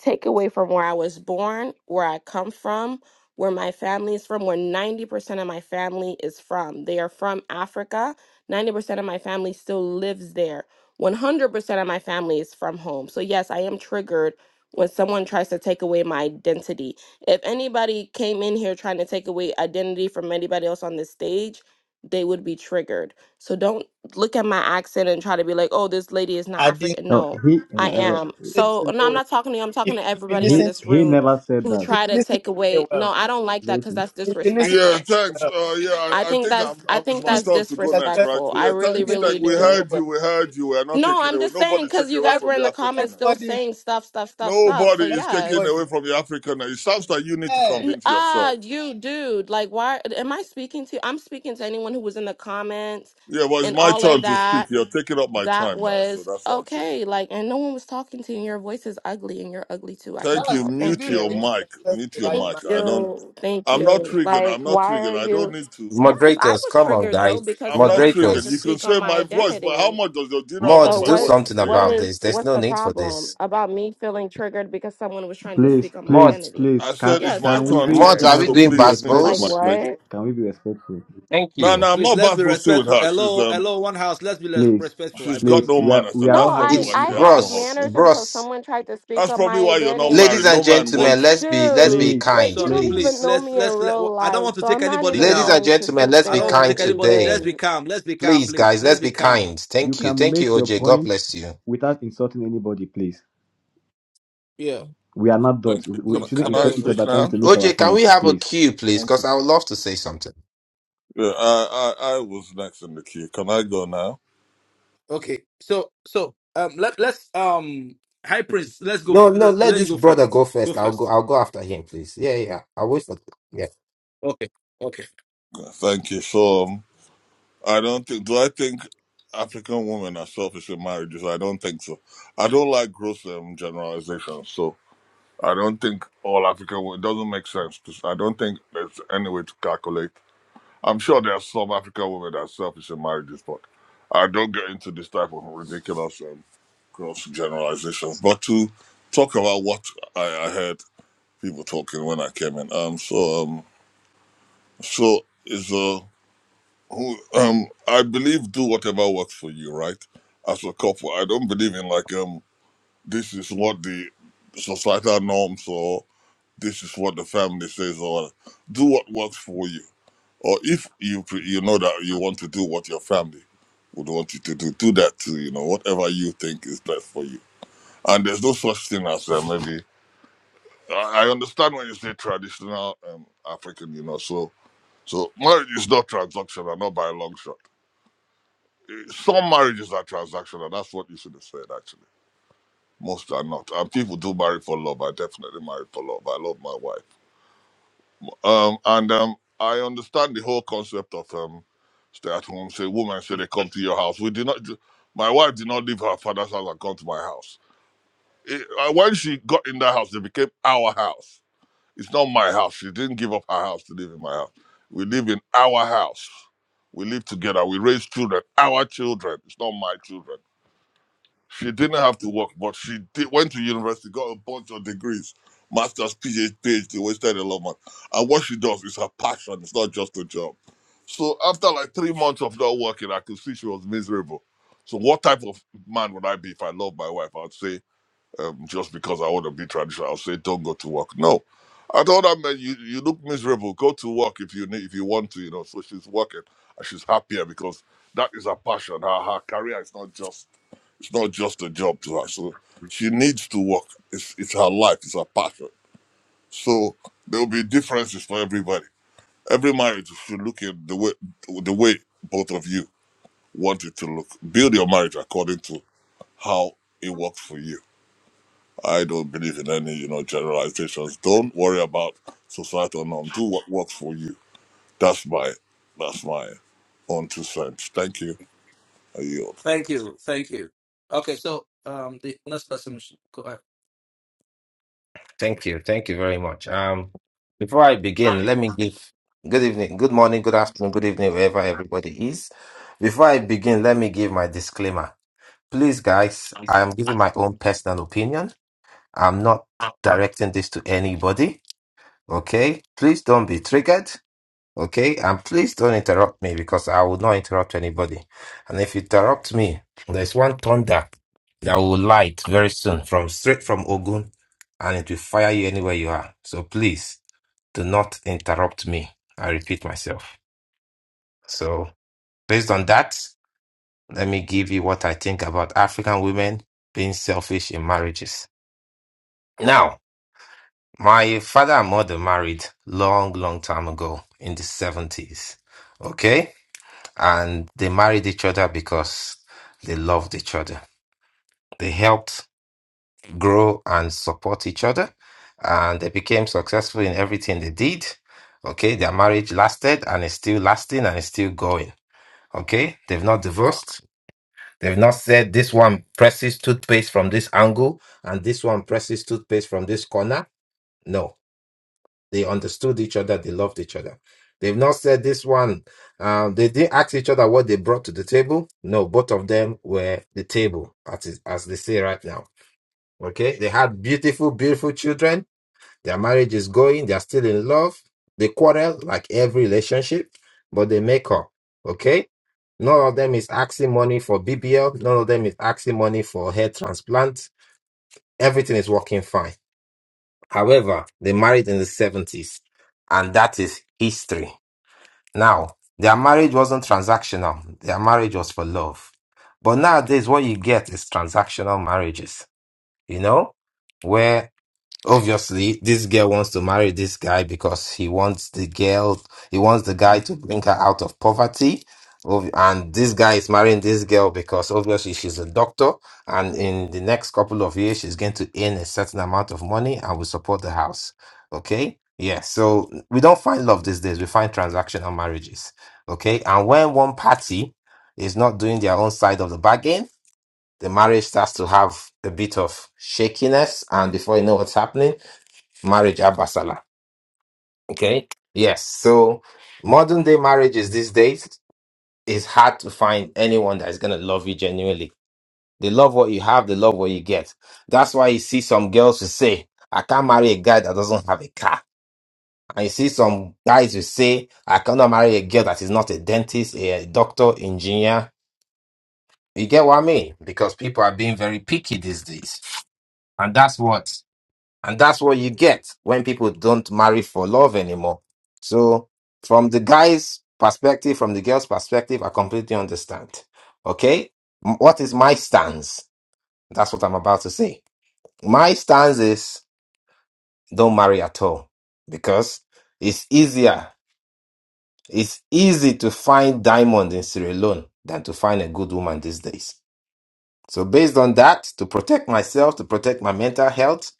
C: take away from where I was born, where I come from, where my family is from, where 90% of my family is from. They are from Africa. 90% of my family still lives there. 100% of my family is from home. So, yes, I am triggered when someone tries to take away my identity. If anybody came in here trying to take away identity from anybody else on this stage, they would be triggered. So, don't look at my accent and try to be like, oh, this lady is not
K: I did.
C: African.
F: No,
C: No,
F: he
C: I
K: If
F: uh,
C: am.
K: you
C: So
K: listen
C: no,
K: to
C: I'm
K: me,
C: not talking to you. I'm talking
K: if,
C: to
K: if you
C: everybody in
F: he
K: listen to
C: this
F: he
C: room
F: never said
C: who
F: that.
K: if
C: try
K: you
C: to
K: listen to
C: take
K: me
C: away. No,
K: well,
C: I don't like that because
F: Listen,
C: that's
K: if you listen
J: Yeah,
C: disrespectful.
K: to me
J: thanks.
K: well,
J: Uh, yeah, I,
C: I
J: I
C: think
J: think
C: that's
J: I'm, i
C: I
J: it's
C: think
J: my
K: it's
C: that's
J: turn to go
K: that's
J: next,
K: well,
J: right?
C: disrespectful. I
J: Yeah,
C: really,
K: if
J: thanks.
K: you listen
C: really
J: Thank. We
K: to me
C: do.
J: heard
K: well,
J: you. We heard you. We are not
C: No,
J: taking
C: I'm
J: away.
C: just saying
J: Nobody's
C: because
J: taking
C: you
J: away
C: guys were
J: from
C: in
J: your
C: the
K: everybody,
C: comments
J: Africanness.
C: still
K: everybody, in
C: saying stuff, stuff, stuff,
K: the room,
C: stuff. So
J: Nobody is taking
C: yes.
K: everybody,
J: away from your Africanness. It sounds like you need to
K: hey,
C: N-
J: convince
C: Ah,
J: yourself.
C: you dude. Like, why am I speaking to? I'm speaking to anyone who was in the comments
J: Yeah, but it's
C: and
J: my
C: all of
J: turn to
C: that.
J: speak. You're taking up my
C: that
J: time now, so
C: was
J: that's what I'm thinking.
C: okay. Like, and no one was talking to you. and Your voice is ugly, and you're ugly too. I can
J: Thank you.
K: that's
C: tell.
K: you
C: Thank
J: Mute
K: being
J: your
K: very
C: you.
J: mic. Mute
K: disrespectful
J: your
K: right
C: Thank
J: mic.
K: now.
J: I don't.
C: you. Thank
J: I'm not
C: you.
J: triggered.
C: Like,
J: I'm not
C: why
J: triggered.
C: are
J: I don't
C: you?
J: need to.
C: Yes, I
L: Moderators,
C: was
L: come on,
C: triggered though
L: guys.
C: because
J: I'm not
C: someone tried
J: triggered.
C: to
J: You
L: Moderators,
J: can
C: speak on
J: say
C: my
J: my voice, but how
C: identity.
J: much does your, do you know how
C: So
J: much
L: mods,
J: my
L: do
C: what?
J: voice was
L: something
C: What
J: paid
L: about
J: me?
C: is?
L: this. There's
C: What's
L: no
C: the
L: need for
C: problem
L: this.
C: about me feeling triggered because someone was trying to
F: please,
C: speak on my
F: please,
L: Mods,
C: identity?
F: please,
J: I
F: can
J: said it's
C: Yes, I
J: my
C: was
F: can
J: turn to
F: we
A: No,
L: mods,
A: no,
C: triggered.
J: speak,
L: are
A: no.
L: we
F: can
J: so
F: we
A: Please,
L: doing
F: be
J: please
A: please,
J: mute your
C: Like
J: mic.
F: respectful,
L: basketballs?
J: Thank
F: please?
J: you.
C: what?
F: Can we be respectful?
L: Thank
J: No,
L: you.
J: no, I'm
A: please,
J: not
A: let's
J: bad
A: be
J: boasting with
A: respectful.
J: her. She's
A: Hello,
J: um
A: hello, one house. Let's be res-
F: Please,
A: respectful. I
J: she's
A: beg
J: got
A: of
F: please,
J: no
A: you.
F: we are
J: manners,
F: we
J: and
F: are
C: No,
F: all
J: that's probably
C: I
J: why
L: It's
C: I
F: having
J: she has no
C: had
L: bros,
J: husband.
C: manners until
L: bros.
C: someone tried to speak
J: That's
C: on my
J: probably why you're not
L: Ladies
J: married.
C: identity.
J: No
L: and
J: man
A: Please,
L: gentlemen,
J: wants you.
L: let's be let's be
C: Dude,
F: please,
C: like
L: kind,
C: you
A: so,
C: don't
F: please.
A: please,
C: even
L: please.
C: know
A: let's
C: me in
A: let's let.
C: real
A: I don't
C: life,
A: want to
C: so
A: take
C: I'm not
A: anybody
C: even
L: Ladies and
A: down.
C: going to
L: gentlemen,
C: sit
L: let's
A: I
L: be
A: don't want
C: there
A: to
C: and
L: kind
A: take anybody.
L: today.
A: Let's be
C: even
A: calm. Let's be calm,
L: Please,
A: please.
L: guys,
A: Let's
L: let's
A: be
L: be
A: calm.
L: kind.
F: You
L: Thank you.
F: can
L: Thank you,
F: make your
L: OJ. God
F: point
L: bless you.
F: without insulting anybody, please.
A: Yeah,
F: We are not dots.
J: Thank you.
F: We,
J: Can,
F: we
A: please.
J: I-
A: I
F: shouldn't
J: can
A: beg
J: I
F: insult
A: of
F: each
J: speak
A: us.
F: other trying
J: now?
F: to make our
L: OJ, can
F: point,
L: we have a
F: please.
L: queue, please?
J: Thank
L: Because
J: you.
L: I would love to say something.
J: Yeah, I, I I was next in the queue. Can I go now?
A: Okay. So so um let let's um High Prince, let's go
L: No, no,
A: f-
L: let
A: let you
L: this
A: go
L: brother
A: first.
L: go
A: Go
L: first. I'll go
A: first.
L: I'll go after him, please. Yeah, yeah. I'll wait for yeah.
A: Okay. Okay.
J: Yeah, Thank you. So um, I don't think. Do I think African women are selfish in marriages? I don't think so. I don't like gross um, generalizations, so I don't think all African women. It doesn't make sense. To, I don't think there's any way to calculate. I'm sure there are some African women that are selfish in marriages, but I don't get into this type of ridiculous um, gross generalizations. But to talk about what I, I heard people talking when I came in, um, so um, so is a. who um I believe do whatever works for you, right? As a couple, I don't believe in like um this is what the societal norms or this is what the family says or whatever. do what works for you. Or if you pre- you know that you want to do what your family would want you to do, do that too. You know whatever you think is best for you. And there's no such thing as uh, maybe I I understand when you say traditional um, African, you know. So so marriage is not transactional, not by a long shot Some marriages are transactional. That's what you should have said, actually. Most are not. And people do marry for love. I definitely marry for love. I love my wife. Um, and um, I understand the whole concept of um, stay at home. Say, woman, say they come to your house. We did not. do- My wife did not leave her father's house and come to my house. It, uh, when she got in that house, it became our house. It's not my house. She didn't give up her house to live in my house. We live in our house. We live together. We raise children. Our children. It's not my children. She didn't have to work, but she did, went to university, got a bunch of degrees, master's, PhD, PhD, wasted a lot of money. And what she does is her passion. It's not just a job. So after like three months of not working, I could see she was miserable. So what type of man would I be if I loved my wife? I'd say um, just because I want to be traditional. I'll say, don't go to work. No, I told her, man, you, you look miserable. Go to work if you need, if you want to, you know. So she's working and she's happier because that is her passion. Her her career is not just it's not just a job to her. So she needs to work. It's it's her life. It's her passion. So there will be differences for everybody. Every marriage should look at the way the way both of you want it to look. Build your marriage according to how it works for you I don't believe in any, you know, generalizations. Don't worry about societal norm. Do what works for you. That's my, that's my own two cents. Thank you. I yield.
A: Thank you. Thank you. Okay, so um the next person should go ahead.
L: Thank you. Thank you very much. Um, before I begin, let me give good evening, good morning, good afternoon, good evening, wherever everybody is. Before I begin, let me give my disclaimer. Please, guys, I am giving my own personal opinion. I'm not directing this to anybody. Okay? Please don't be triggered. Okay, and please don't interrupt me because I will not interrupt anybody. And if you interrupt me, there's one thunder that will light very soon from straight from Ogun and it will fire you anywhere you are. So please do not interrupt me. I repeat myself. So based on that, let me give you what I think about African women being selfish in marriages. Now, my father and mother married long, long time ago in the 70s. Okay? and they married each other because they loved each other. They helped grow and support each other, and they became successful in everything they did. Okay, their marriage lasted and it's still lasting and it's still going. Okay, they've not divorced. They've not said this one presses toothpaste from this angle and this one presses toothpaste from this corner. No, They understood each other. They loved each other. They've not said this one. Um, they didn't ask each other what they brought to the table. No, both of them were the table, as, as they say right now. Okay. They had beautiful, beautiful children. Their marriage is going. They are still in love. They quarrel like every relationship, but they make up. Okay. None of them is asking money for BBL. None of them is asking money for hair transplant. Everything is working fine. However, they married in the 70s, and that is history. Now, their marriage wasn't transactional, their marriage was for love. But nowadays, what you get is transactional marriages, you know, where Obviously, this girl wants to marry this guy because he wants the girl, he wants the guy to bring her out of poverty. Ob- And this guy is marrying this girl because obviously she's a doctor, and in the next couple of years, she's going to earn a certain amount of money and will support the house. Okay? Yeah, so we don't find love these days, we find transactional marriages. Okay? And when one party is not doing their own side of the bargain, the marriage starts to have a bit of shakiness, and before you know what's happening, marriage abasala. Okay. Yes. So modern day marriages these days it's hard to find anyone that is gonna love you genuinely. They love what you have, they love what you get. That's why you see some girls who say, I can't marry a guy that doesn't have a car. And you see some guys who say, I cannot marry a girl that is not a dentist, a doctor, engineer. You get what I mean? Because people are being very picky these days. And that's what And that's what you get when people don't marry for love anymore. So, from the guy's perspective, from the girl's perspective, I completely understand. Okay? M- What is my stance? That's what I'm about to say. My stance is don't marry at all because it's easier. It's easy to find diamond in Sierra Leone than to find a good woman these days. So, based on that, to protect myself, to protect my mental health,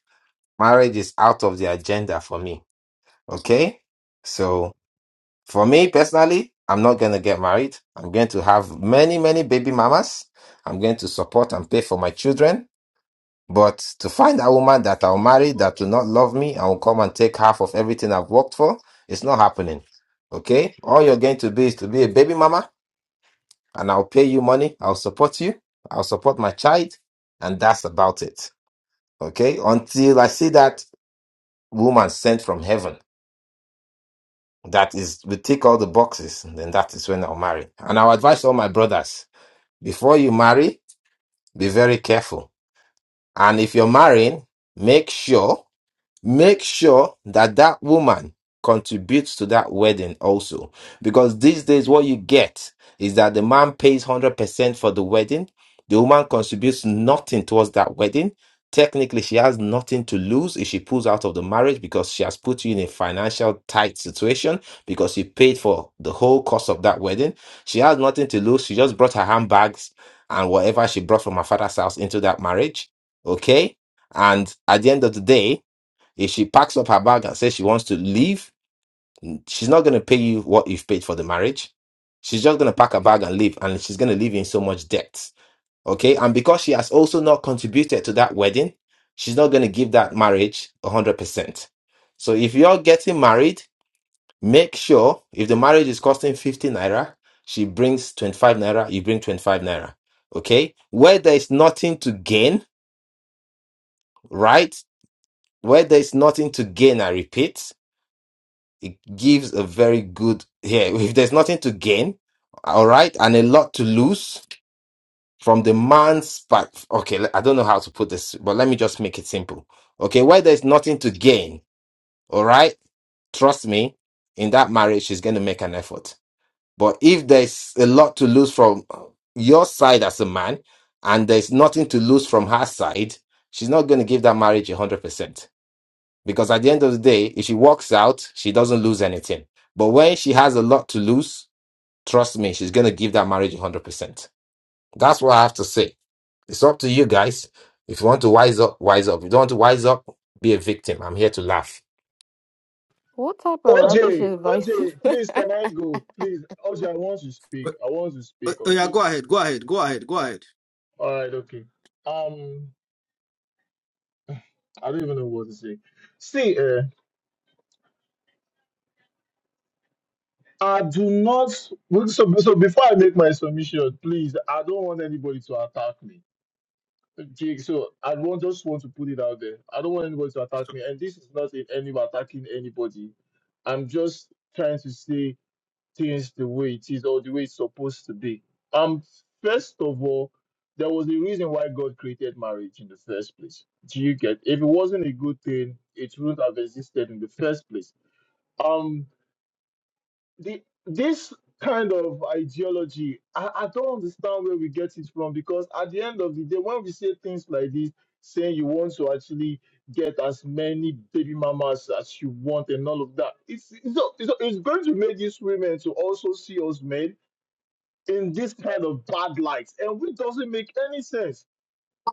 L: marriage is out of the agenda for me. Okay? So for me personally, I'm not going to get married. I'm going to have many, many baby mamas. I'm going to support and pay for my children. But to find a woman that I'll marry that will not love me and will come and take half of everything I've worked for, it's not happening. Okay? All you're going to be is to be a baby mama and I'll pay you money. I'll support you. I'll support my child. And that's about it. Okay? Until I see that woman sent from heaven. that is we tick all the boxes and then that is when i'll marry and i'll advise all my brothers before you marry be very careful and if you're marrying make sure make sure that that woman contributes to that wedding also because these days what you get is that the man pays 100% for the wedding the woman contributes nothing towards that wedding technically she has nothing to lose if she pulls out of the marriage because she has put you in a financial tight situation because she paid for the whole cost of that wedding she has nothing to lose she just brought her handbags and whatever she brought from her father's house into that marriage okay and at the end of the day if she packs up her bag and says she wants to leave, she's not going to pay you what you've paid for the marriage. She's just going to pack her bag and leave, and she's going to leave you in so much debt. Okay. And because she has also not contributed to that wedding, she's not going to give that marriage 100%. So if you're getting married, make sure if the marriage is costing 50 naira, she brings 25 naira, you bring 25 naira. Okay. Where there is nothing to gain, right? Where there is nothing to gain, I repeat it gives a very good here. If there's nothing to gain, all right, and a lot to lose from the man's back. Okay, le- I don't know how to put this, but let me just make it simple. Okay, where there's nothing to gain, all right, trust me, in that marriage, she's going to make an effort. But if there's a lot to lose from your side as a man, and there's nothing to lose from her side, she's not going to give that marriage 100%. Because at the end of the day, if she walks out, she doesn't lose anything. But when she has a lot to lose, trust me, she's going to give that marriage 100%. That's what I have to say. It's up to you guys. If you want to wise up, wise up. If you don't want to wise up, be a victim. I'm here to laugh.
C: what type of rubbish
D: OJ,
C: advice is
D: OJ, please
C: that?
D: can I go? Please, OJ, I want to
A: Uh,
D: speak. I want to
A: uh,
D: speak on
A: yeah, go
D: this.
A: ahead, go ahead, go ahead, go ahead.
D: All right, okay. Um, I don't even know what to say. See, uh, I do not. So, so before I make my submission, please, I don't want anybody to attack me. Jake, so I don't just want to put it out there. I don't want anybody to attack me, and this is not in any way attacking anybody. I'm just trying to say things the way it is or the way it's supposed to be. Um, first of all, there was a reason why God created marriage in the first place. Do you get? If it wasn't a good thing, it wouldn't have existed in the first place. Um, the this kind of ideology I, I don't understand where we get it from because at the end of the day when we say things like this saying you want to actually get as many baby mamas as you want and all of that it's it's, not- it's, not- it's going to make these women to also see us men in this kind of bad light and which doesn't make any sense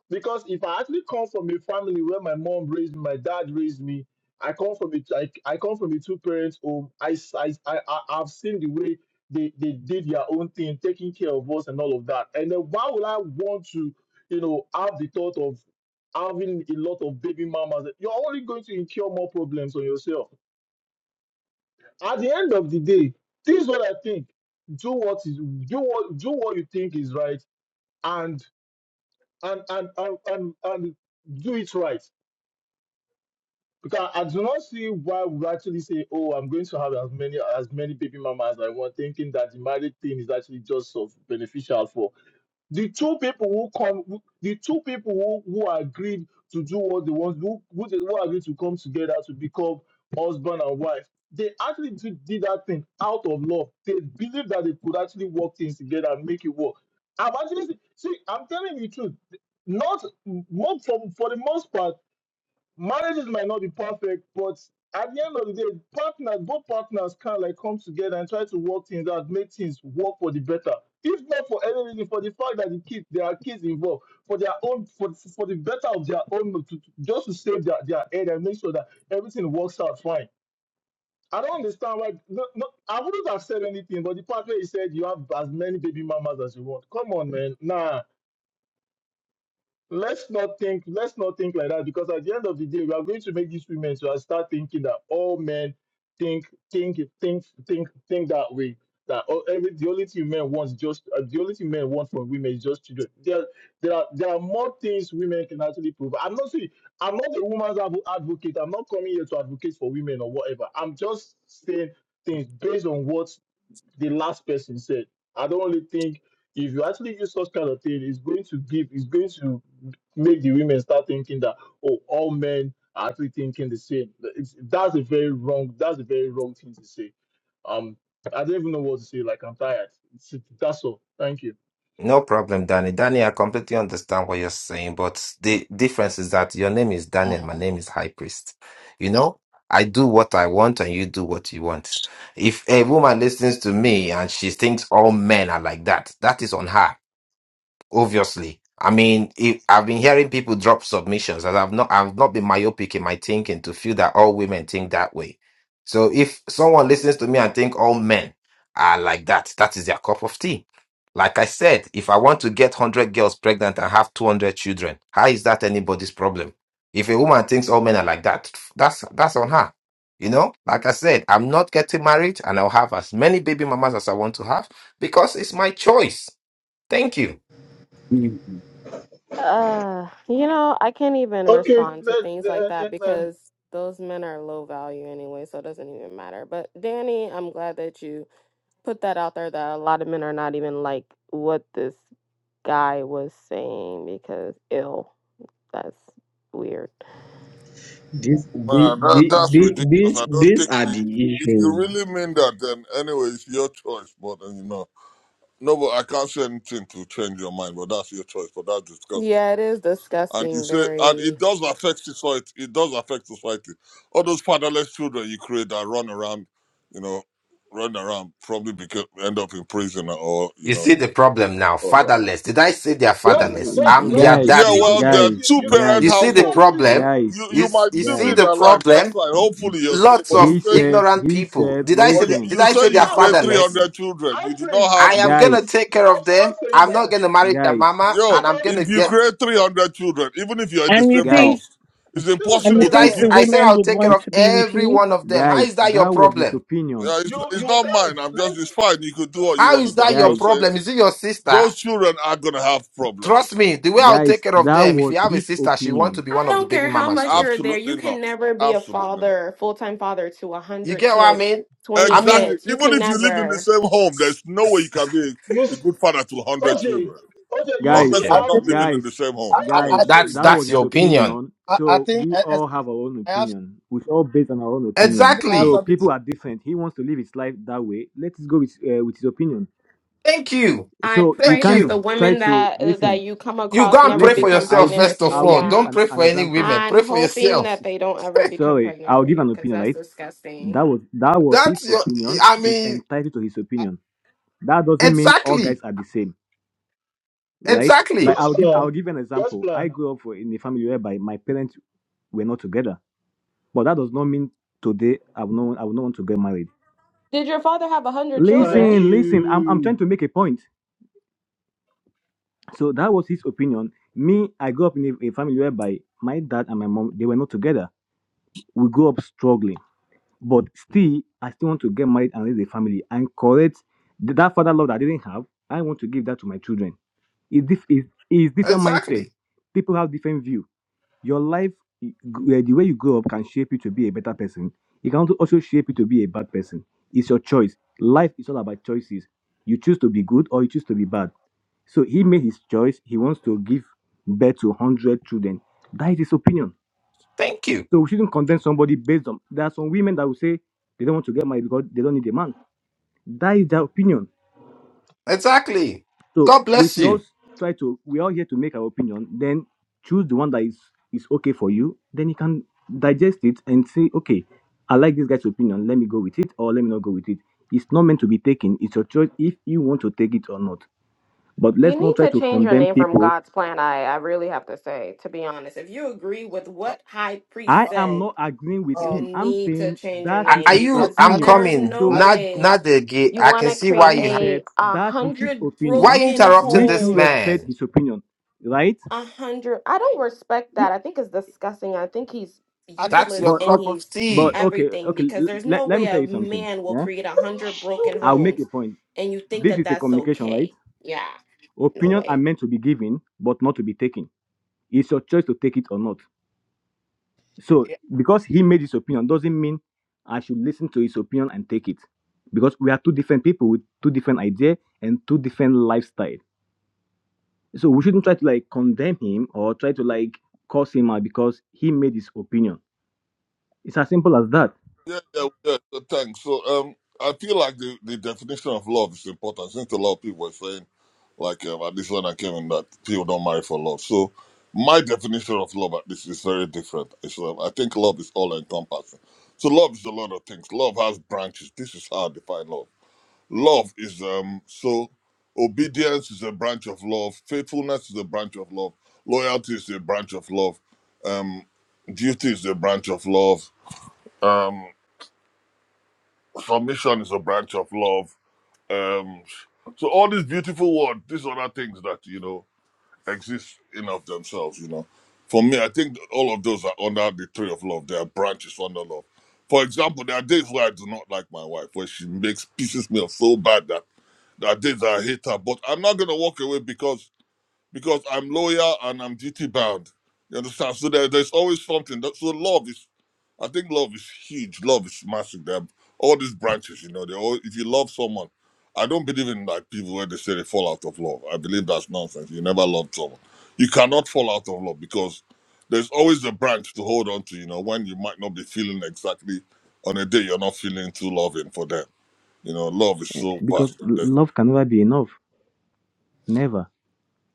D: because if I actually come from a family where my mom raised me, my dad raised me, I come from a, I, I come from a two parents home. I, s- I, I, I- I've seen the way they, they did their own thing, taking care of us and all of that. And then why would I want to, you know, have the thought of having a lot of baby mamas? You're only going to incur more problems on yourself. At the end of the day, this is what I think. Do what is do what do what you think is right and and and and, and, and do it right Because I do not see why we actually say, "Oh, I'm going to have as many as many baby mama as I want," thinking that the married thing is actually just of beneficial for the two people who come, who- the two people who, who agreed to do what they want, who who, they, who agreed to come together to become husband and wife. They actually did, did that thing out of love. They believed that they could actually work things together and make it work. I'm actually see. I'm telling you the truth. Not mo- for for the most part marriages might not be perfect, but at the end of the day, partners, both partners can like come together and try to work things out, make things work for the better. If not for any reason, for the fact that the kids, there are kids involved, for their own, for for the better of their own, to, to- just to save their, their head and make sure that everything works out fine. I don't understand why. No, no, I wouldn't have said anything, but the partner he said you have as many baby mamas as you want. Come on, man. Nah let's not think let's not think like that because at the end of the day we are going to make these women to start thinking that all men think think think think think that way that all, every the only thing men wants just uh, the only thing men want from women is just children there there are there are more things women can actually prove i'm not saying i'm not a woman's advo- advocate i'm not coming here to advocate for women or whatever i'm just saying things based on what the last person said. I don't really think if you actually use such kind of thing, it's going to give, it's going to make the women start thinking that oh, all men are actually thinking the same. It's, that's a very wrong, that's a very wrong thing to say. Um, I don't even know what to say. Like I'm tired. It's, that's all. Thank you.
L: No problem, Danny. Danny, I completely understand what you're saying, but the difference is that your name is Danny and my
K: Mhm.
L: name is High Priest. You know, I do what I want and you do what you want. If a woman listens to me and she thinks all men are like that, that is on her. Obviously, I mean, if, I've been hearing people drop submissions, and I've not, I've not been myopic in my thinking to feel that all women think that way. So if someone listens to me and think all men are like that, that is their cup of tea. Like I said, if I want to get one hundred girls pregnant and have two hundred children, how is that anybody's problem? If a woman thinks all men are like that, that's that's on her. You know, like I said, I'm not getting married, and I'll have as many baby mamas as I want to have because it's my choice. Thank you.
A: Mhm.
C: Uh, you know, I can't even
D: Okay,
C: respond to
D: that,
C: things like that
D: that, uh, uh,
C: because those men are low value anyway, so it doesn't even matter. But Danny, I'm glad that you put that out there that a lot of men are not even like what this guy was saying because ill. That's weird.
M: This, the,
J: Man,
M: the,
J: that, that's
M: the,
J: ridiculous.
M: these,
J: I don't
M: these
J: think
M: are the
J: the, if you
M: issues.
J: really mean that, then anyway, it's your choice. But uh, you know, no, but I can't say anything to change your mind. But that's your choice. But that's disgusting.
C: Yeah, it is
J: And you
C: disgusting,
J: say, and
C: very
J: it does affect society. It does affect society. All those fatherless children you create that run around, you know, run around, probably become, end up in prison or you
L: You
J: know,
L: see the problem now.
J: all that.
L: Fatherless. Did I say they are
D: like,
L: fatherless?
D: like,
L: I'm
D: like,
L: their
D: do
F: Guys,
D: do
J: Yeah,
L: daddy.
D: you
J: well, they're
D: guys, you,
F: guys,
J: two
D: you,
J: parent
L: You
F: guys,
L: see the
J: household.
D: exactly.
L: problem?
F: guys,
J: You
L: You,
J: you
L: s-
J: might
L: you
J: still be
L: see
F: guys.
J: in
L: the
J: their life. That's
L: problem?
J: fine. Hopefully you're still.
L: Lots
J: But you
L: of
F: He
J: said,
F: said,
L: ignorant
F: he
L: people.
F: said,
L: Did I say
J: but
L: they,
J: you,
F: listen,
L: did
J: you
D: No,
L: I say
J: said
L: they
J: you
L: are
D: no, no,
J: create three
L: fatherless?
J: hundred children.
D: I
J: You do not
D: please, I
L: I
J: have
L: am
D: please,
L: gonna
F: guys,
D: please,
L: take care
D: stop,
L: of
D: stop
L: them.
D: saying
L: I'm not
D: that.
L: gonna marry their
F: guys,
L: mama,
J: yo.
L: and I'm
D: because.
L: gonna
J: If you
L: get.
J: create three hundred children, even if you're in the
N: And you
J: same
F: guys,
N: think
J: house, it's
D: This is
N: and you
J: impossible
L: Did
D: very
L: I?
J: to
N: think
J: give.
L: s-
D: wrong.
N: the
L: I said
N: women
L: I'll
N: would
L: take care
N: want
L: of
N: to be with
L: every
N: you?
L: one of them. How
F: guys,
L: is that
F: that
L: your
F: was his
L: problem?
F: opinion.
J: Yeah, it's,
D: You
J: it's
D: you
J: not
D: can't.
J: mine. I'm just,
D: Let's
J: it's fine. You could do what you
L: How
J: want to
L: is
J: do.
L: that
J: I'm
L: your
J: just
F: Guys,
J: saying
L: problem? Is it your sister?
J: those children are going to have problems.
L: Trust me, the way I'll
F: guys,
L: take care of
F: that
L: them. If you
F: was
L: have a
F: his
L: sister, she want
F: opinion.
L: to be
C: I
L: one of the
C: don't
L: baby
C: care how
L: mamas
C: much
L: too.
C: you're there. You
J: Absolutely
C: can
J: not.
C: never be a
J: Absolutely not.
C: father, full time father to
L: You
C: 100
L: get what I
C: kids,
L: mean?
C: 20
L: I mean.
J: Exactly.
C: kids. You
J: Even
C: can
J: if you live in the
C: never.
J: same home, there's no way you can be
D: you
J: a, a
D: s-
J: good father to 100
D: OJ
J: children.
D: OJ. You
J: Talk
D: see
F: guys,
J: less
K: I
J: of
L: Okay.
D: how
K: think
J: not
D: this
J: living in the
F: guys,
J: same
K: I
D: O-
J: home.
K: I
J: Come on.
K: I,
F: guys,
D: OJ
L: That's
F: that was
L: that's
F: his
L: your opinion.
F: opinion.
K: I I
F: So
K: think
F: we
K: I, I
F: all have our own
K: I have
F: opinion. We all based on our own
K: I
F: opinion.
K: think I have
F: So
L: Exactly.
K: something to.
F: people are different. He wants to live his life that way. Let's go with uh, with his opinion.
L: Thank you.
C: I
F: So you
C: pray
L: Thank
F: can't
C: that
L: you.
C: the
F: try
C: women
F: to
C: that uh, that
F: listen.
C: you come
L: You
C: across
L: go and
C: never
L: pray
F: Listen,
L: for
C: become
F: I will
L: yourself
C: pregnant
F: give
L: first
C: with
L: of
F: I
C: you.
F: will
L: all.
F: give
C: Yeah.
L: Don't
F: an,
L: pray
F: an
L: for any
F: example.
L: women.
C: I'm
L: Pray for
F: S-
C: hoping
L: yourself.
C: that
F: s-
C: they don't ever become
F: Sorry,
C: pregnant
F: I'll
C: for
F: give
C: you
F: an
C: because
F: opinion,
C: that's
F: right?
C: disgusting.
F: That was that was his
L: That's your
F: opinion.
L: I
F: He's
L: mean,
F: entitled to his
K: I,
F: opinion. That doesn't mean all guys
L: exactly.
F: are the same right? Like
L: Exactly.
D: God's
F: I'll give I'll
D: plan.
F: give an
D: God's
F: example. I
D: plan.
F: grew up in a family whereby my parents were not together, but that does not mean today I will not I will not want to get married.
C: Did your father have 100
D: Thank
C: children?
F: Listen, listen. I'm I'm
D: you.
F: trying to make a point. So that was his opinion. Me, I grew up in a, a family whereby my dad and my mom they were not together. We grew up struggling, but still I still want to get married and raise a family and correct th- that father love that I didn't have. I want to give that to my children. It's dif- it's, it's different mindset.
L: Exactly.
F: People have different view Your life, eh, the way you grow up, can shape you to be a better person. It can also shape you to be a bad person. It's your choice. Life is all about choices. You choose to be good or you choose to be bad. So he made his choice. He wants to give birth to 100 children. That is his opinion.
L: Thank you.
F: So we shouldn't condemn somebody based on. There are some women that will say they don't want to get married because they don't need a man. That is their opinion.
L: Exactly.
F: So
L: God
F: we
L: bless
F: should all
L: you.
F: try to. We're all here to make our opinion. Then choose the one that is is okay for you. Then you can digest it and say, okay, I like this guy's opinion. Let me go with it, or let me not go with it. It's not meant to be taken. It's your choice if you want to take it or not. But
C: You
F: let's not
C: need
F: try
C: to
F: to
C: change your
F: condemn
C: name from
F: people.
C: God's plan. I, I really have to say, to be honest. If you agree with
K: uh,
C: what high priest
F: I
K: uh,
F: am
C: said,
F: not agreeing with
K: uh,
C: You
F: him. I'm
C: need to
F: saying
C: change your
F: that
L: Are,
F: is
L: are
C: name
F: his
K: I
L: you
C: because
L: I'm
K: I think
F: opinion.
C: there's
L: coming.
C: no
K: I
F: So
L: Not
C: way
K: I,
L: not the gay.
C: you
L: I
C: want
L: can
C: to
L: see why
C: create
F: I
L: you ha-
F: said
C: a
F: that is his
C: hundred
L: why
F: opinion.
L: you
C: broken
L: interrupting
F: We
L: this
F: should
C: homes.
F: respect
L: man.
F: his opinion, right?
C: A hundred. I don't respect
F: No.
C: that. I think it's disgusting. I think he's
K: I think.
L: That's
C: useless
L: your
F: But
C: and
F: okay,
L: cup of
C: he's
L: tea.
F: but okay,
C: everything
F: okay.
C: because
F: l-
C: there's
F: Let,
C: no
F: let
C: way
F: me tell
C: a
F: you something.
C: man will
F: Yeah,
C: create a hundred broken
F: I'll make a
C: homes
F: point.
C: and you think
F: This
C: that
F: is a
C: that's
F: communication, right?
C: okay. Yeah, no
F: Opinion
C: way.
F: are meant to be given, but not to be taken. It's your choice to take it or not. So
K: Yeah.
F: because he made his opinion doesn't mean I should listen to his opinion and take it, because we are two different people with two different idea and two different lifestyle. So we shouldn't try to like condemn him or try to like curse him out because he made his opinion. It's as simple as that.
J: Yeah, yeah, yeah. So thanks. So, um, I feel like the, the definition of love is important since a lot of people are saying, like um, at least when I came in, that people don't marry for love. So, my definition of love at least is very different. It's, um, I think love is all encompassing. So, love is a lot of things. Love has branches. This is how I define love. Love is um so obedience is a branch of love. Faithfulness is a branch of love. Loyalty is a branch of love. Um, duty is a branch of love. Um, submission is a branch of love. Um, so all these beautiful words, these other things that you know exist in of themselves, you know. For me, I think that all of those are under the tree of love. They are branches under love. For example, there are days where I do not like my wife, where she makes pieces me up so bad that there are days I hate her, but I'm not gonna walk away because because I'm loyal and I'm duty bound. You understand? So there, there's always something. That, so love is, I think love is huge. Love is massive. There are all these branches, you know. They all, if you love someone, I don't believe in like people where they say they fall out of love. I believe that's nonsense. You never loved someone. You cannot fall out of love because there's always a branch to hold on to. You know, when you might not be feeling exactly on a day you're not feeling too loving for them. You know, love is so
F: Because
J: vast. There's-
F: love can never be enough. Never.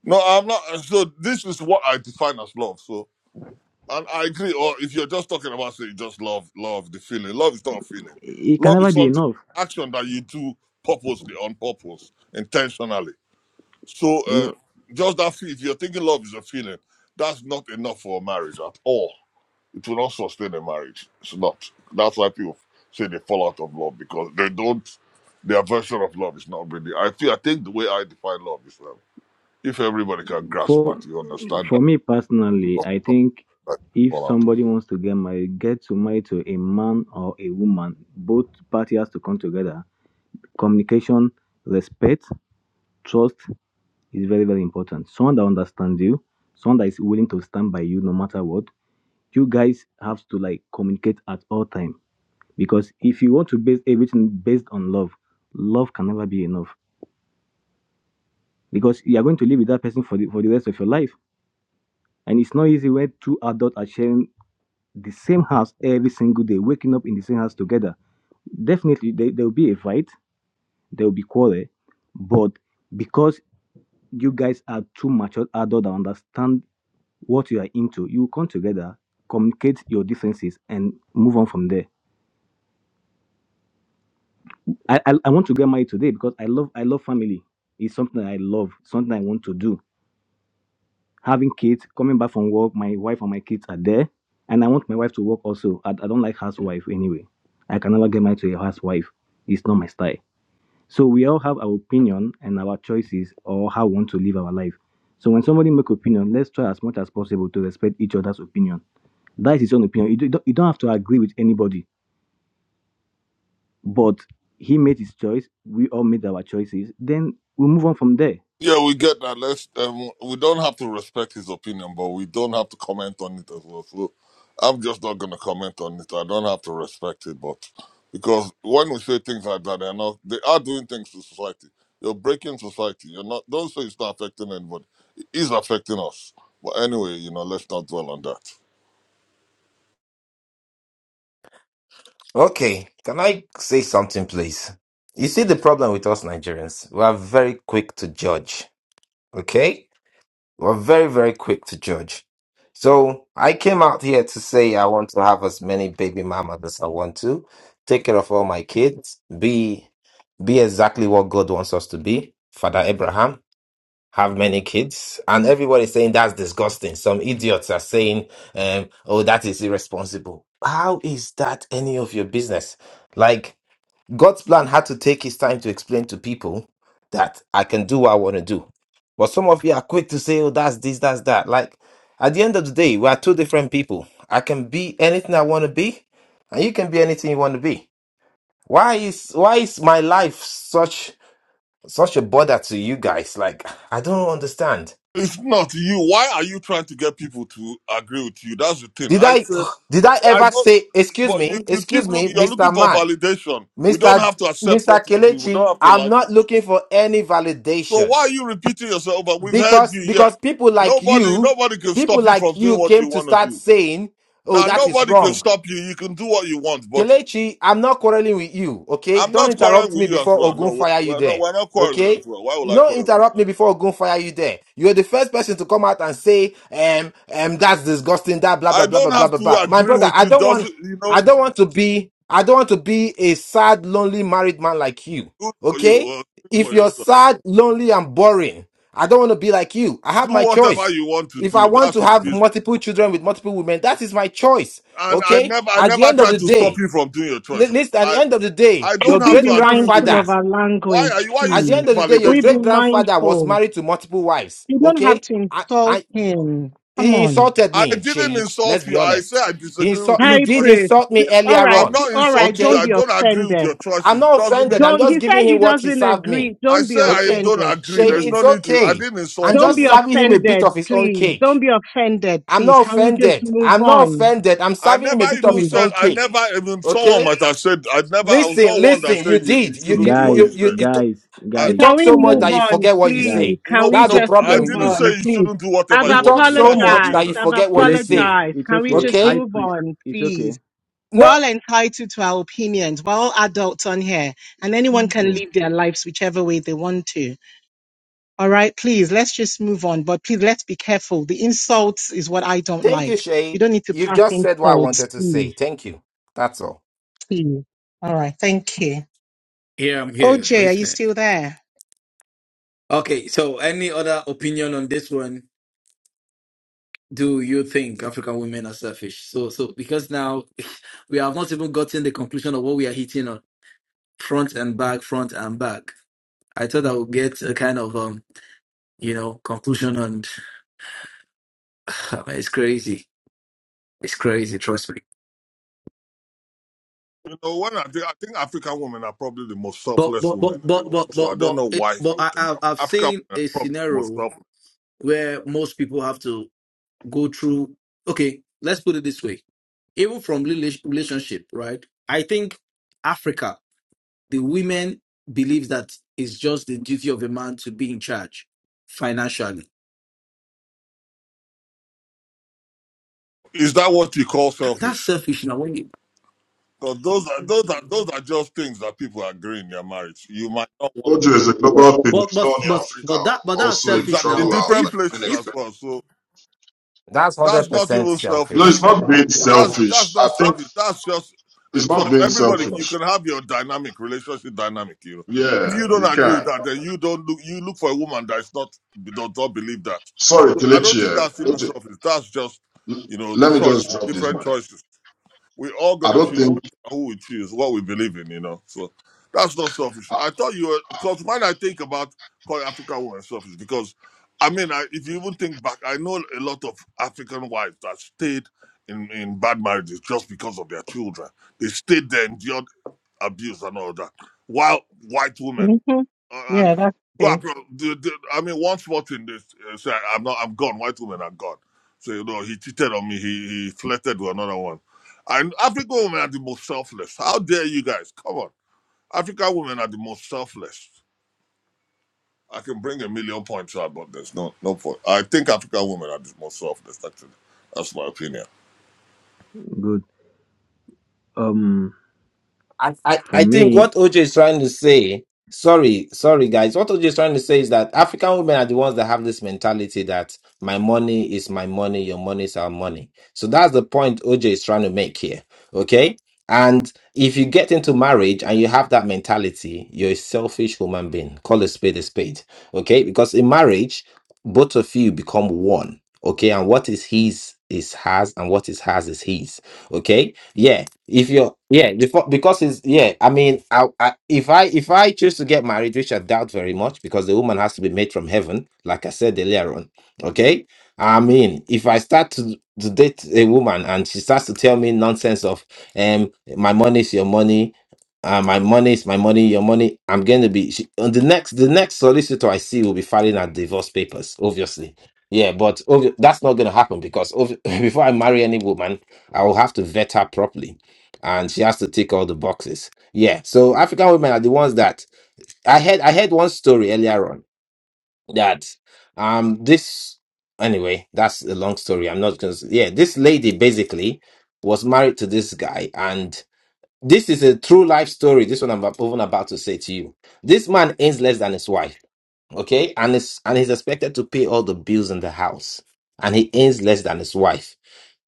J: No, I'm not. So this is what I define as love. So And I agree. Or if you're just talking about say just love, love the feeling. Love is not a feeling.
F: it can
J: Love
F: never
J: is
F: be
J: something
F: enough.
J: action that you do purposely, on purpose, intentionally. So
F: You
J: uh,
F: know,
J: just that feel. If you're thinking love is a feeling, that's not enough for a marriage at all. It will not sustain a marriage. It's not. That's why people say they fall out of love because they don't. Their version of love is not really. I feel. I think the way I define love is love. If everybody can grasp
F: for
J: that, you understand
F: for
J: that.
F: me personally, I think
J: that you
F: if
J: fall out of
F: somebody wants to get married, get to marry to a man or a woman. Both parties has to come together. Communication, respect, trust is very very important. Someone that understands you, someone that is willing to stand by you no matter what. You guys have to like communicate at all time because if you want to base everything based on love, love can never be enough because you are going to live with that person for the, for the rest of your life And it's not easy when two adults are sharing the same house every single day, waking up in the same house together. Definitely, there, there will be a fight, there will be quarrel, but because you guys are two mature adults that understand what you are into, you will come together, communicate your differences, and move on from there. I, I, I want to get married today because I love I love family. It's something I love, something I want to do having kids, coming back from work, my wife and my kids are there. And I want my wife to work also. I, I don't like housewife anyway. I can never get married to a housewife. It's not my style. So we all have our opinion and our choices or how we want to live our life. So when somebody make opinion, let's try as much as possible to respect each other's opinion. That is his own opinion. You, do, you don't you don't have to agree with anybody. But he made his choice. We all made our choices. Then we move on from there.
J: Yeah, we get that. Let's um, we don't have to respect his opinion, but we don't have to comment on it as well. So I'm just not gonna comment on it. I don't have to respect it, but because when we say things like that, they're not they are doing things to society. You're breaking society. You're not don't say it's not affecting anybody. It is affecting us. But anyway, you know, let's not dwell on that.
L: Okay, can I say something, please? You see the problem with us Nigerians? We are very quick to judge. Okay? We're very, very quick to judge. So I came out here to say I want to have as many baby mamas as I want to, take care of all my kids, be be exactly what God wants us to be, Father Abraham have many kids and everybody's saying that's disgusting some idiots are saying um, oh that is irresponsible how is that any of your business like god's plan had to take his time to explain to people that i can do what i want to do but some of you are quick to say oh that's this that's that like at the end of the day we are two different people i can be anything i want to be and you can be anything you want to be why is why is my life such such a bother to you guys like i don't understand
J: It's not you. Why are you trying to get people to agree with you? That's the thing.
L: Did
J: I
L: I
J: said
L: did I
J: I
L: ever
J: don't.
L: say, excuse
J: But you,
L: me,
J: you keep
L: excuse me,
J: looking. You're looking
L: Mr.
J: for
L: Man,
J: validation. We don't
L: Mr.
J: have to accept what
L: Mr.
J: you're doing. We don't
L: Kelechi,
J: have to
L: I'm
J: like it.
L: not looking for any
J: So
L: validation.
J: why are you repeating yourself? But we've heard
L: Because
J: you. Yeah.
L: because people like
J: Nobody,
L: you,
J: nobody can
L: people
J: stop you
L: like
J: from doing
L: you
J: what
L: came
J: you
L: to
J: want to
L: start
J: do.
L: saying, Oh,
J: Now
L: that is
J: nobody can
L: wrong.
J: stop you. You can do what you want. But
L: Kelechi, I'm not quarreling with you, okay?
J: I'm
L: Don't
J: not quarreling
L: interrupt
J: with
L: me
J: you as
L: before
J: well. No,
L: Ogun
J: we-
L: fire you
J: we're not.
L: there,
J: We're not quarreling as
L: okay?
J: well. Why would I
L: No,
J: quarrel with you?
L: interrupt me before Ogun fire you there. You're the first person to come out and say, um, um, that's disgusting, that blah
J: I
L: blah blah
J: don't
L: blah blah
J: have
L: blah
J: to
L: blah. My
J: agree
L: brother,
J: with
L: I
J: you.
L: don't want,
J: Doesn't you
L: I
J: know?
L: don't want to be, I don't want to be a sad, lonely married man like you,
J: Good for you.
L: okay?
J: Well, good for
L: If you're
J: yourself.
L: sad, lonely, and boring, I don't want to be like you. I
J: Do
L: have my
J: whatever
L: choice.
J: you want to
L: If I
J: do.
L: want
J: That's
L: to
J: your
L: have
J: business.
L: multiple children with multiple women, that is my choice,
J: and I
L: okay?
J: never, I
L: At the
J: never
L: end of
J: tried
L: the
J: to stop
L: day,
J: you from doing your
L: Li-
J: choice.
L: Listen, at the
J: right?
L: end of the
J: I,
L: day,
J: I
N: Can
J: don't
L: your
N: we
J: have to
L: great
N: be
J: agree with
N: mindful
J: it.
L: grandfather,
N: of our
J: Why are
N: language,
J: you, why are you
L: at the
N: please?
L: end
J: seeking
L: of the day,
N: Can
L: your
N: we be
J: validation?
L: great grandfather was
N: mindful?
L: married to multiple wives.
N: You don't have
L: Okay?
N: to
L: I,
N: insult
L: I,
N: him. Come
L: he
N: on.
L: insulted
J: I
L: me,
J: didn't
L: Shay. Let's
J: insult
L: be
J: you. I say
L: honest.
J: I
L: He,
J: disagree
L: insult,
J: with your
L: he
N: Hi,
L: did
N: praise.
J: choices.
L: insult me
N: All
L: earlier
N: right,
J: I'm
L: on.
J: not
N: all right.
J: insulting you.
N: Don't
L: Okay?
J: I
N: be
J: don't agree with your
N: offended.
L: I'm
J: choices.
L: not
J: Doesn't
L: offended.
J: mean
L: I'm
N: Don't. He
L: just
N: said
L: giving
N: he
L: him what he
N: doesn't
L: served me.
N: agree.
J: I
N: Don't be
J: say I
L: Okay?
J: don't
N: offended,
J: agree.
L: Shay,
J: There's
N: please.
J: no
L: it's
J: need to. I
L: okay.
J: didn't
L: I'm
J: insult you,
N: Don't
L: just
N: be
J: man.
L: serving him a bit
N: offended,
L: of his own
N: please. Don't
L: cake.
N: be offended,
L: I'm
N: please.
L: not
N: Can we just
L: offended.
N: move
L: I'm not
N: on?
L: offended. I'm
J: I
L: serving him
J: never
L: a bit of
J: even
L: his
J: said.
L: own
J: I
L: cake.
J: never even. Someone
L: Okay?
J: might have said. I never. I was
L: Listen,
J: not one that
L: listen.
J: said
L: You
J: you, you
L: did. You
J: shouldn't
L: you
J: do what
L: you
F: Guys,
J: you
L: you
J: said.
L: you,
F: guys,
J: I
L: You
F: guys,
N: Can
L: talk
N: we
L: so much
N: move
L: that
F: guys,
L: you
N: on,
L: forget what you
N: please?
L: say.
F: guys.
N: Can
J: nope
N: we
L: That's the
J: nope.
N: just
J: I
L: problem
N: move
L: with
J: didn't
L: you.
N: on,
J: say you
N: please?
J: shouldn't do
N: I've
J: whatever
L: You
J: you want to
L: talk
J: do.
L: so
J: That's your
L: much that
N: apologized.
J: business.
L: you
N: I've
L: forget what you
F: Kelechi,
L: say.
N: apologized.
F: it's
N: Can we
F: okay.
N: just
F: High
L: Okay?
N: move
F: priest,
N: on,
F: it's okay.
N: please? We're
L: No,
N: all entitled to our opinions. We're all adults on here, and
F: It's
N: anyone can
F: simple.
N: live their lives whichever way they want to. All right, please, let's just move on. But please, let's be careful. The insults is what I don't
L: thank you,
N: like. We
L: Shay.
N: don't need to
L: You've
N: pass
L: just said what I
N: insults,
L: wanted to say.
N: please.
L: Thank you. That's all.
N: Please. All right, thank you.
A: Here I'm here
N: OJ, are you
A: listening.
N: still there?
A: Okay, so any other opinion on this one? do you think African women are selfish? So, so because now we have not even gotten the conclusion of what we are hitting on front and back, front and back. I thought I would get a kind of um, you know, conclusion on. It's crazy. It's crazy. Trust me.
J: You know, when I think, I think African women are probably the most
A: But
J: selfless
A: but but
J: women in the
A: but but
J: world. So I
A: but
J: don't
A: but
J: know
A: it,
J: why
A: but
J: you
A: I,
J: think
A: I've
J: Af-
A: I've
J: African
A: seen
J: women
A: a
J: are probably the most
A: scenario
J: selfless.
A: where most people have to go through. Okay, let's put it this way. Even from rela- relationship, right? I think Africa. The women believe that it's just the duty of a man to be in charge financially.
J: Is that what you call
A: That's
J: selfish?
A: selfish now. When you,
J: Because those are those are those are just things that people agree in their marriage. You might not want
O: Culture is a global thing.
A: but
O: It's not
A: but
O: only
A: but
O: Africa.
A: but that but that's
O: Also, if you
A: selfish
J: exactly in
O: travel
A: now.
O: out,
J: different
O: like
A: If
O: you did
J: places
A: if
J: as well. So
L: That's
J: that's not
L: 100%
J: even selfish.
O: No,
L: selfish.
O: it's not being
J: That's that's
O: selfish. I
J: not
O: think
J: selfish. That's just a
O: it's
J: choice.
O: not being
J: Everybody, you
O: selfish.
J: can have your dynamic relationship dynamic. You know, if
O: Yeah,
J: you don't
O: you
J: agree with
O: can.
J: that, then you don't look. You look for a woman that is not does not believe that.
O: Sorry,
J: I don't
O: Kelechi.
J: think
O: eh.
J: that's human
O: Oje,
J: selfish. That's just,
O: l-
J: you know,
O: Let me just
J: choice,
O: drop this
J: different
O: mic.
J: choices. We're all
O: I
J: gonna
O: don't
J: choose
O: think
J: who we choose, what we believe in, you know. So that's not selfish.
O: uh,
J: I thought you were because when I think about calling African women selfish, because I mean, I, if you even think back, I know a lot of African wives that stayed in in bad marriages just because of their children. They stayed there, endured abuse and all that, while white women
N: hmm
J: uh,
N: Yeah,
J: and
N: that's
J: go
N: okay.
J: across. The, the, I mean, one small thing, they uh, say, "I'm not, I'm gone." White women are gone. So you know, he cheated on me. He he flirted with another one and African women are the most selfless. How dare you guys? Come on. African women are the most selfless. I can bring a million points out, but there's no no point. I think African women are the most selfless, actually. That's my opinion.
F: Good. Um,
L: I, I,
F: for
L: I think
F: me,
L: what OJ is trying to say, sorry, sorry guys, what OJ is trying to say is that African women are the ones that have this mentality that my money is my money, your money is our money. So that's the point OJ is trying to make here. Okay. And if you get into marriage and you have that mentality, you're a selfish human being. Call a spade a spade. Okay. Because in marriage, both of you become one. Okay. And what is his is hers, and what is hers is his okay yeah if you're yeah before because it's yeah i mean I, I if i if i choose to get married which i doubt very much because the woman has to be made from heaven like i said earlier on okay i mean if i start to, to date a woman and she starts to tell me nonsense of um my money is your money uh, my money is my money your money i'm going to be she, on the next the next solicitor i see will be filing her divorce papers obviously yeah but obvi- that's not going to happen because obvi- before i marry any woman I will have to vet her properly, and she has to tick all the boxes. Yeah. So African women are the ones that I heard. I heard one story earlier on that um this anyway that's a long story. I'm not gonna. Yeah, this lady basically was married to this guy, and this is a true life story. This one I'm ab- even about to say to you. This man earns less than his wife. Okay, and it's and he's expected to pay all the bills in the house, and he earns less than his wife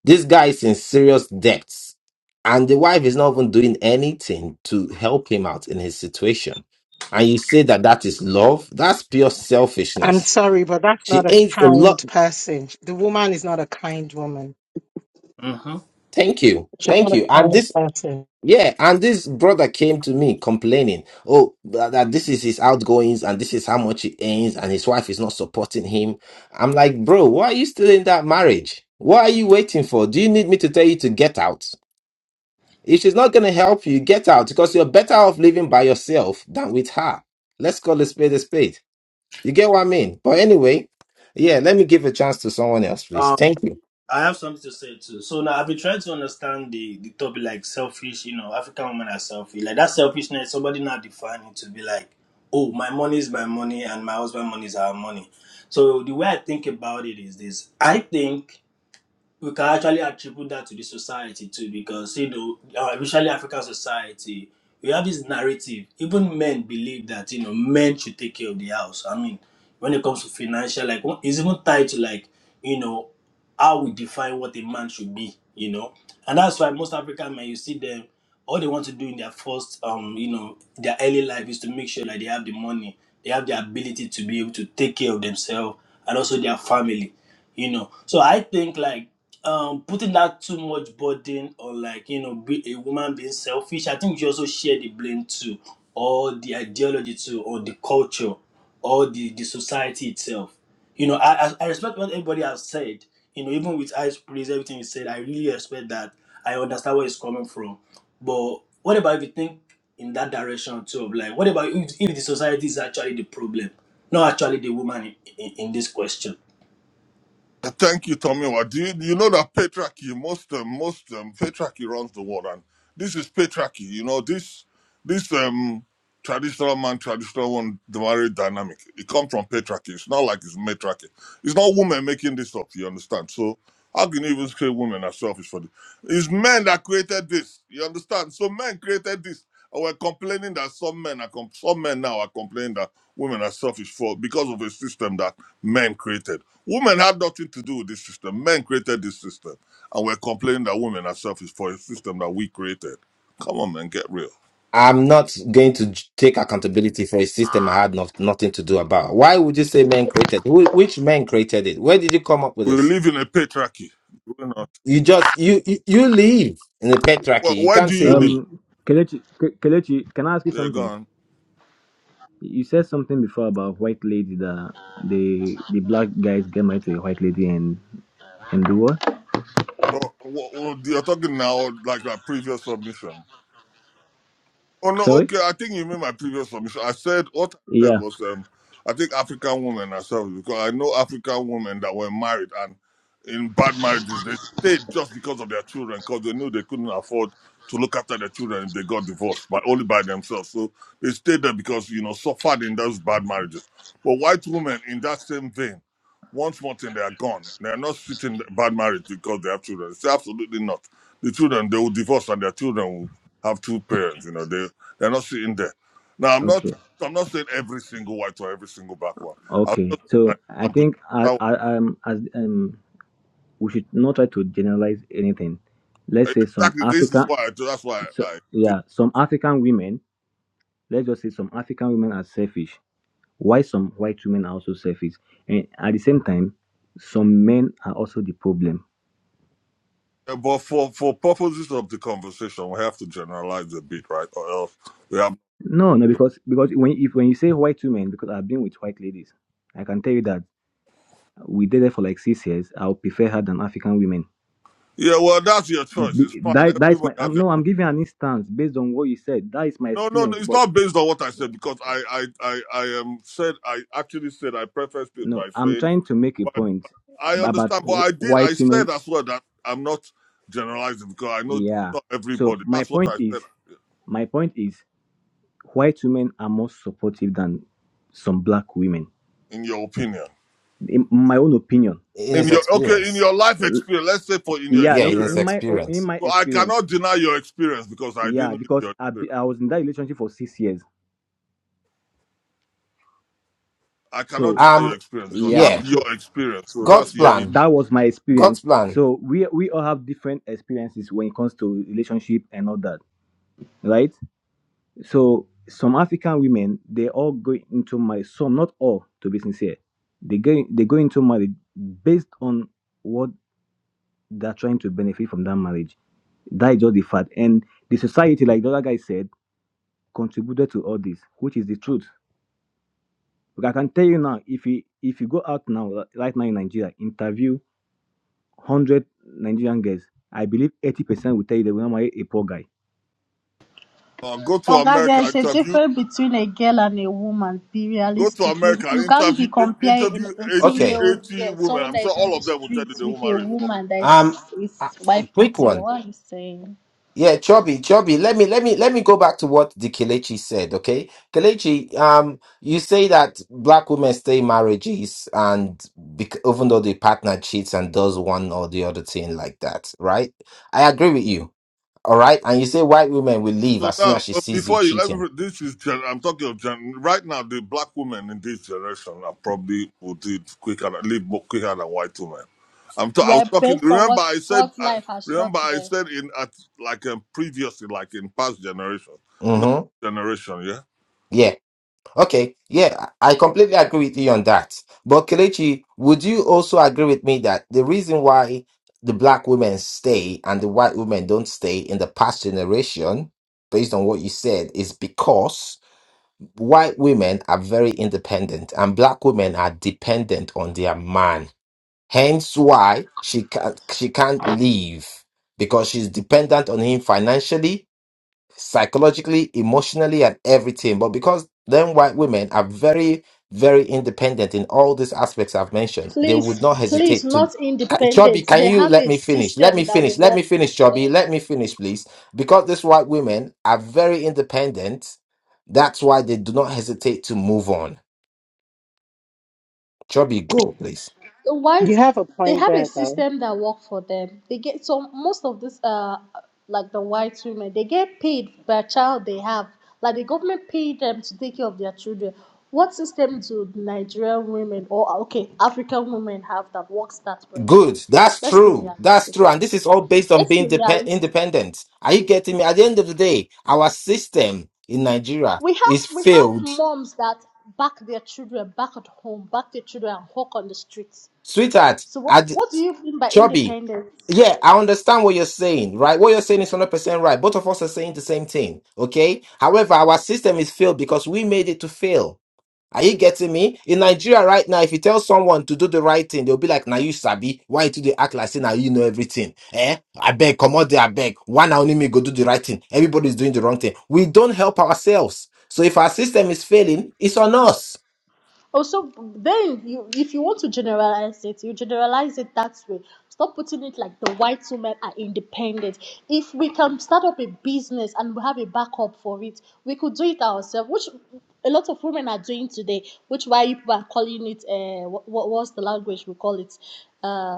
L: this guy is in serious debts, and the wife is not even doing anything to help him out in his situation. And you say that that is love? That's pure
N: I'm
L: selfishness.
N: sorry, but that's
L: She
N: not a
L: ain't a
N: kind
L: lot.
N: person. The woman is not a kind woman.
K: hmm
L: Thank you.
N: She's not
L: Thank
N: a
L: you. And
N: kind
L: this,
N: person.
L: yeah, and this brother came to me complaining, oh, that that this is his outgoings and this is how much he earns, and his wife is not supporting him. I'm like, bro, why are you still in that marriage? What are you waiting for? Do you need me to tell you to get out? If she's not going to help you, get out because you're better off living by yourself than with her. Let's call a spade a spade. You get what I mean? But anyway, yeah, let me give a chance to someone else, please. Thank you.
K: I have something to say too. So now I've been trying to understand the, the topic like selfish, you know, African women are selfish. Like that selfishness, somebody now defining it to be like, oh, my money is my money and my husband money is our money. So the way I think about it is this. I think we can actually attribute that to the society too, because you know, our especially African society, we have this narrative. Even men believe that you know men should take care of the house. I mean, when it comes to financial, like one- it's even tied to like you know how we define what a man should be. You know, and that's why most African men, you see them, all they want to do in their first, um, you know, their early life is to make sure that they have the money they have the ability to be able to take care of themselves and also their family, you know. So I think like um putting that too much burden on, like you know be a woman being selfish, I think you also share the blame too, or the ideology too, or the culture, or the the society itself. You know, I I, I respect what everybody has said. You know, even with ice praise everything you said, I really respect that. I understand where it's coming from. But what about if you think? in that direction too of like what about if, if the society is actually the problem not actually the woman in, in, in this question
J: Thank you, Tommy. Do you, you know that patriarchy, most um, most um, patriarchy runs the world, and this is patriarchy. You know this this um traditional man, traditional one, the marriage dynamic. It comes from patriarchy. It's not like it's matriarchy. It's not women making this up. You understand? So How can you even say women are selfish for this? It's men that created this. You understand? So men created this. And we're complaining that some men are com- some men now are complaining that women are selfish for because of a system that men created. Women had nothing to do with this system. Men created this system. And we're complaining that women are selfish for a system that we created. Come on, man, get real.
L: I'm not going to j- take accountability for a system I had not, nothing to do about. Why would you say men created? Wh- which men created it? Where did you come up with
J: We
L: this?
J: live in a patriarchy. You know,
L: You just you you, you live in the
J: Where,
L: patriarchy. You
J: where do
L: can't say
J: you live?
L: we
F: um, Kelechi, Ke- Kelechi, can I ask you
J: They're
F: something?
J: gone.
F: You said something before about white lady that the the black guys get married to a white lady and and do what?
J: Oh, oh, oh, you're talking now like that previous submission. Oh no,
F: Sorry.
J: okay. I think you mean my previous submission. I said what I said
F: Yeah.
J: was um I think African women ourselves because I know African women that were married and in bad marriages they stayed just because of their children because they knew they couldn't afford to look after their children if they got divorced by only by themselves. So they stayed there because you know suffered in those bad marriages. But white women in that same vein, once more thing they are gone. They are not sitting in bad marriage because they have children. It's absolutely not. The children they will divorce and their children will have two parents. You know, they they're not sitting there. Now I'm not
F: Okay.
J: I'm not saying every single white or every single black one. I'll
F: Okay.
J: just give an
F: So I
J: example.
F: think I,
J: Now,
F: I um as um we should not try to generalize anything. Let's say some
J: Exactly. This is
F: African.
J: why I do. That's why
F: So
J: I did.
F: yeah, some African women let's just say some African women are selfish, why some white women are also selfish. And at the same time, some men are also the problem.
J: But for for purposes of the conversation, we have to generalize a bit, right? Or else we have.
F: No, no, because because when if when you say white women, because I've been with white ladies, I can tell you that we dated for like six years. I'll prefer her than African women.
J: Yeah, well, that's your choice. It's
F: Be-
J: fine.
F: That that is my.
J: Everybody has
F: I'm,
J: their.
F: no, I'm giving an instance based on what you said. That is my
J: No, no, no.
F: experience.
J: It's
F: But
J: not based on what I said because I, I, I, I am said. I actually said I prefaced it
F: no,
J: by
F: I'm
J: saying.
F: trying to make a point
J: I
F: about
J: understand, but
F: wh-
J: I did. I
F: white women.
J: said as well that I'm not generalizing because I know
F: Yeah.
J: not
F: So
J: everybody.
F: my
J: That's what
F: point
J: I said.
F: is, my point is White women are more supportive than some black women.
J: In your opinion,
F: In my own opinion,
L: in
J: in
L: his
J: your okay, in
L: experience.
J: your life experience, let's say for in your
F: yeah,
L: Yeah, in
F: look
L: his
F: in
J: experience.
F: my own, in
L: experience.
F: my
J: So I
F: experience,
J: cannot deny your experience because I didn't
F: yeah,
J: live
F: because
J: your
F: I be,
J: experience.
F: I was in that relationship for six years,
J: I cannot
F: so
J: deny
L: Um,
J: your experience because
F: yeah,
J: that's
L: yeah,
F: so
J: your experience. So
L: God's
J: that's
F: that
J: your history.
L: plan.
F: that was my
L: God's
F: experience.
L: plan.
F: So we we all have different experiences when it comes to relationship and all that, right? So some African women they all go into marriage. Some, not all, to be sincere, they go they go into marriage based on what they're trying to benefit from that marriage That is just the fact. And the society, like the other guy said, contributed to all this, which is the truth. But I can tell you now, if you if you go out now, right now in Nigeria, interview one hundred Nigerian girls, I believe eighty percent will tell you they will not marry a poor guy.
J: Now go to
G: Oh God,
J: America,
G: there's a
J: interview.
G: difference between a girl and a woman. Be
J: Go to
G: realistic. You,
J: America,
G: you can't
J: interview
G: be
J: in,
G: comparing an
J: interview
G: 18
J: 80
L: Okay.
G: year old
J: 80
G: girl,
J: women.
G: someone
J: I'm
G: that
J: sure
G: is on
J: all
G: the
J: of them will tell you they
G: streets,
J: will
G: with a
J: marry.
G: woman that is,
L: Um,
G: is
L: uh,
G: wife
L: quick
G: material.
L: one.
G: What are you saying?
L: Yeah, Chubby, Chubby. Let me, let me, let me go back to what the Kelechi said. Okay, Kelechi. Um, you say that black women stay in marriages, and bec- even though the partner cheats and does one or the other thing like that, right? I agree with you. All right. And you say white women will leave
J: So
L: as soon
J: now,
L: as she
J: uh,
L: sees you
J: before you let
L: cheating.
J: me, this is gen- I'm talking of gen- right now. The black women in this generation are probably will do it quicker, than- live more quicker than white women. I'm. Ta- I was
G: Well,
J: talking.
G: based on
J: Remember,
G: what
J: I said.
G: what
J: I,
G: life has
J: remember,
G: taught
J: I
G: them.
J: said in at like um, previously, like in past generation, not
L: Mm-hmm.
J: generation. Yeah,
L: Yeah. Okay, yeah, I completely agree with you on that. But Kelechi, would you also agree with me that the reason why the black women stay and the white women don't stay in the past generation, based on what you said, is because white women are very independent and black women are dependent on their man. Hence why she can't she can't leave because she's dependent on him financially psychologically, emotionally, and everything. But because then white women are very, very independent in all these aspects I've mentioned, they would not
G: Please, please,
L: hesitate to.
G: not
L: Can- Chubby,
G: independent.
L: can
G: They
L: you
G: have
L: let
G: a
L: me finish? Let
G: system
L: me
G: that will
L: finish. Let
G: work
L: me finish,
G: for them.
L: Chubby. Let me finish, please. Because these white women are very independent, that's why they do not hesitate to move on. Chubby, go, please.
G: The
N: You
G: whites,
N: have a
G: they
N: point
G: have a
N: there, though.
G: system that work for them. They get so most of this uh like the white women they get paid per child they have. Like the government pay them to take care of their children. What system do Nigerian women or okay African women have that works that way?
L: Good. That's
G: Let's be
L: true. That's
G: realistic.
L: true. And this is all based on
G: Let's be
L: being depe-
G: realistic.
L: independent. Are you getting me? At the end of the day, our system in Nigeria
G: We have
L: is
G: we have
L: failed.
G: moms that back their children back at home, back their children and hawk on the streets.
L: Sweetheart,
G: So what
L: at
G: what do you mean by
L: Chubby,
G: independence?
L: yeah, I understand what you're saying, right? What you're saying is 100% right. Both of us are saying the same thing, okay? However, our system is failed because we made it to fail. Are you getting me? In Nigeria right now, if you tell someone to do the right thing, they'll be like, "Now you sabi why you do they act like say now you know everything?" Eh? I beg, come out there, I beg. One only me go do the right thing. Everybody's doing the wrong thing. We don't help ourselves. So if our system is failing, it's on us.
G: Also, then you, if you want to generalize it, you generalize it that way. Stop putting it like the white women are independent. If we can start up a business and we have a backup for it, we could do it ourselves, which a lot of women are doing today, which why you people are calling it, uh, what, what's the language we call it? Uh,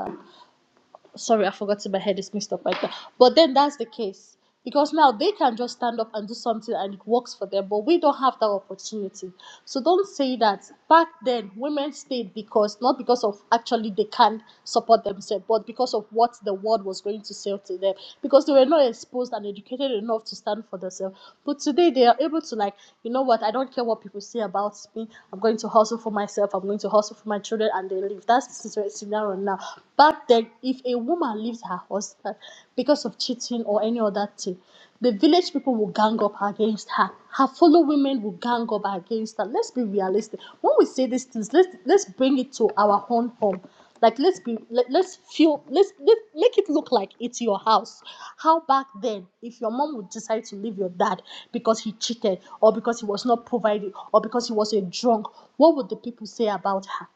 G: sorry, I forgot to my head is mixed up like that. But then that's the case. Because now they can just stand up and do something and it works for them, but we don't have that opportunity. So don't say that back then women stayed because not because of actually they can support themselves, but because of what the world was going to say to them. Because they were not exposed and educated enough to stand for themselves. But today they are able to like, you know what, I don't care what people say about me. I'm going to hustle for myself, I'm going to hustle for my children and they live. That's the situation that one now. Back then, if a woman leaves her husband because of cheating or any other thing, the village people will gang up against her. Her fellow women will gang up against her. Let's be realistic. When we say these things, let's let's bring it to our own home. Like let's be let, let's feel let's let make it look like it's your house. How back then, if your mom would decide to leave your dad because he cheated or because he was not providing or because he was a drunk, what would the people say about her?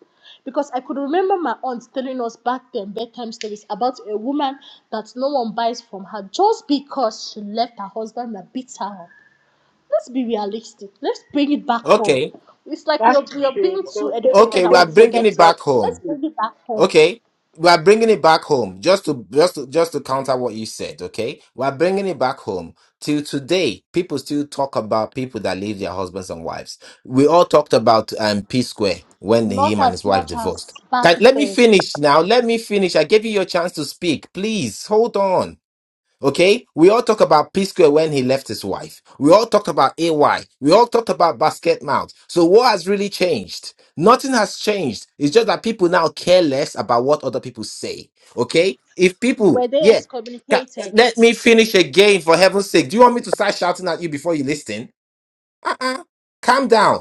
G: because I could remember my aunt telling us back then bedtime stories about a woman that no one buys from her just because she left her husband and beat her up. Let's be realistic. Let's bring it back home.
L: Okay,
G: It's like we
N: That's
G: are, we are
N: true.
G: being
N: They'll
G: too
N: say they'll
G: educated
L: okay,
G: and
L: we are
N: take
G: we
N: you the
L: bringing
G: forget
L: it
G: it.
L: back home.
G: Let's
N: prostitute.
G: bring it back home.
L: Okay, we are bringing it back home just to just to, just to counter what you said. Okay, we are bringing it back home. Till today, people still talk about people that leave their husbands and wives. We all talked about um, P Square when
G: Not
L: him and
G: as
L: his wife
G: much
L: divorced.
G: as back
L: Can, let me
G: then.
L: finish now. Let me finish. I gave you your chance to speak. Please hold on. Okay, we all talk about P Square when he left his wife. We all talked about AY. We all talked about Basket Mount. So what has really changed? Nothing has changed. It's just that people now care less about what other people say. Okay, if
G: Were
L: people,
G: they
L: yeah, ca-
G: excommunicated?
L: let me finish again for heaven's sake. Do you want me to start shouting at you before you listen? Uh-uh. Calm down.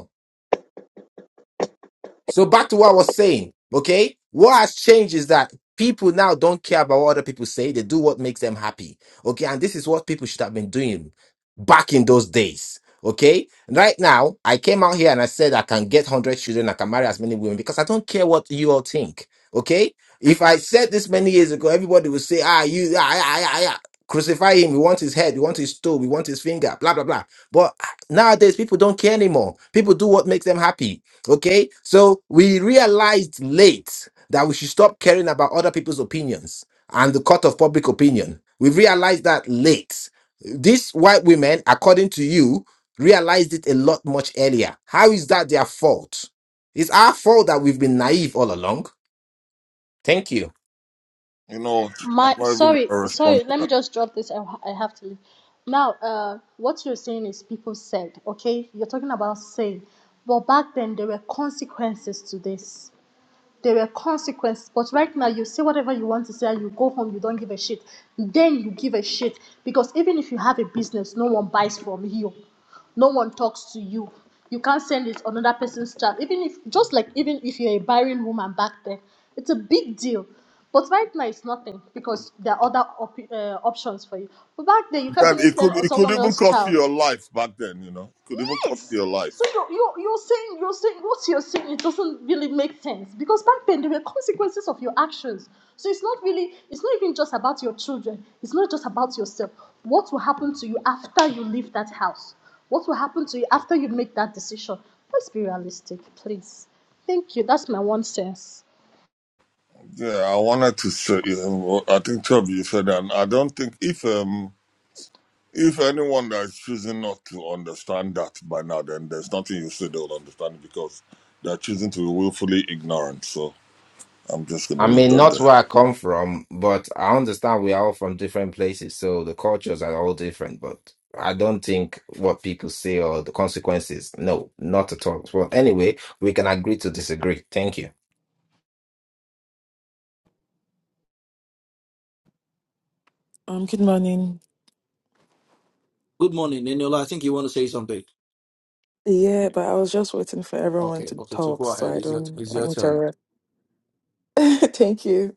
L: So back to what I was saying, okay? What has changed is that people now don't care about what other people say. They do what makes them happy, okay? And this is what people should have been doing back in those days, okay? Right now, I came out here and I said I can get 100 children, I can marry as many women because I don't care what you all think, okay? If I said this many years ago, everybody would say, ah, you, ah, ah, ah, ah, ah, crucify him. We want his head, we want his toe, we want his finger, blah, blah, blah. But nowadays, people don't care anymore. People do what makes them happy. Okay, so we realized late that we should stop caring about other people's opinions and the court of public opinion. We realized that late. These white women, according to you, realized it a lot much earlier. How is that their fault? It's our fault that we've been naive all along. Thank you.
J: you know, I'm
G: My
J: not even
G: sorry,
J: gonna respond
G: sorry.
J: to
G: Let me
J: that.
G: just drop this. I, I have to leave. Now, uh, what you're saying is people said, okay? You're talking about saying, but back then there were consequences to this. There were consequences, but right now you say whatever you want to say and you go home, you don't give a shit. Then you give a shit because even if you have a business, no one buys from you, no one talks to you. You can't send it on another person's chat. Even if, just like even if you're a barren woman back then, it's a big deal. But right now it's nothing because there are other op- uh, options for you. But back then you can't
J: Then
G: even
J: it
G: send
J: could
G: on
J: it could
G: someone
J: even
G: else's
J: cost you
G: child.
J: your life back then. You know, it could even cost you
G: Yes.
J: your life.
G: So you're, you're, you're saying you're saying what you're saying it doesn't really make sense because back then there were consequences of your actions. So it's not really it's not even just about your children. It's not just about yourself. What will happen to you after you leave that house? What will happen to you after you make that decision? Let's be realistic, please. Thank you. That's my one sense.
J: Yeah, I wanted to say. um, I think Toby, you said that. and I don't think if um If anyone that is choosing not to understand that by now, then there's nothing you say they'll understand because they're choosing to be willfully ignorant. So I'm just going to
L: I
J: leave
L: mean,
J: that
L: not
J: there.
L: where I come from, but I understand we are all from different places, so the cultures are all different. But I don't think what people say or the consequences. No, not at all. Well, anyway, we can agree to disagree. Thank you.
P: Um, good morning.
A: good morning, Eniola, I think you want to say something.
P: Yeah, but I was just waiting for everyone
A: Okay,
P: to
A: okay, so
P: talk
A: go
P: so
A: ahead.
P: I
A: It's your
P: don't
A: it's
P: like
A: your turn.
P: interrupt. Thank you.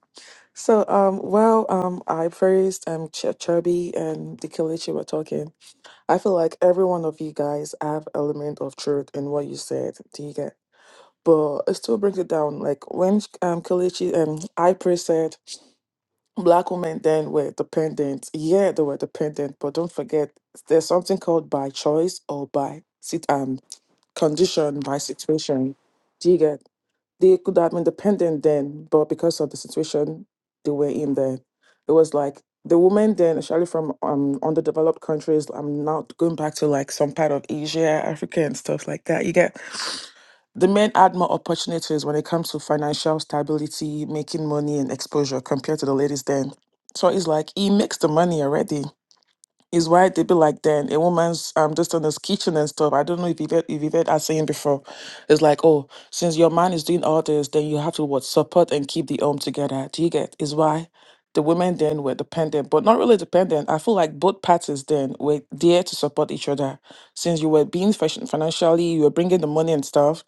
P: So, um, while um, I praised um Ch- Chubby and Dikelichi were talking, I feel like every one of you guys have element of truth in what you said. Do you get? But it still brings it down. Like when um Kelechi and I praised said black women then were dependent. Yeah, they were dependent, but don't forget there's something called by choice or by sit um, condition by situation. Do you get? They could have been dependent then, but because of the situation they were in there, it was like the women then, especially from um underdeveloped countries. I'm not going back to like some part of Asia, Africa, and stuff like that. You get. The men had more opportunities when it comes to financial stability, making money, and exposure compared to the ladies then. So it's like he makes the money already is why they be like then a woman's um just in this kitchen and stuff. I don't know if you've heard, if you've heard us saying before. It's like, oh, since your man is doing all this, then you have to what support and keep the home together. Do you get? Is why the women then were dependent, but not really dependent. I feel like both parties then were there to support each other. Since you were being fashion financially, you were bringing the money and stuff.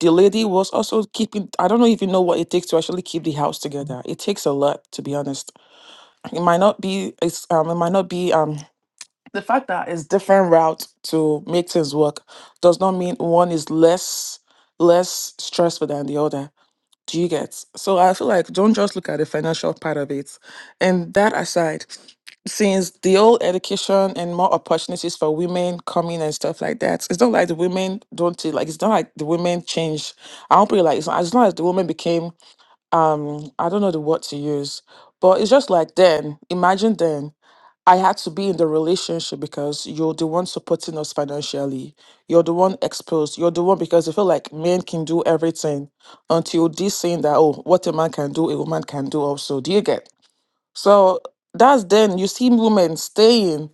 P: The lady was also keeping. I don't know if you know what it takes to actually keep the house together. It takes a lot, to be honest. It might not be. It's um. It might not be um the fact that it's different routes to make things work does not mean one is less less stressful than the other. Do you get? So I feel like don't just look at the financial part of it. And that aside, since the old education and more opportunities for women coming and stuff like that, it's not like the women don't take- like it's not like the women change. I don't feel like it's not, as long as the women became um i don't know the word to use but it's just like then imagine then i had to be in the relationship because you're the one supporting us financially you're the one exposed you're the one because i feel like men can do everything until this saying that oh what a man can do a woman can do also do you get so that's then you see women staying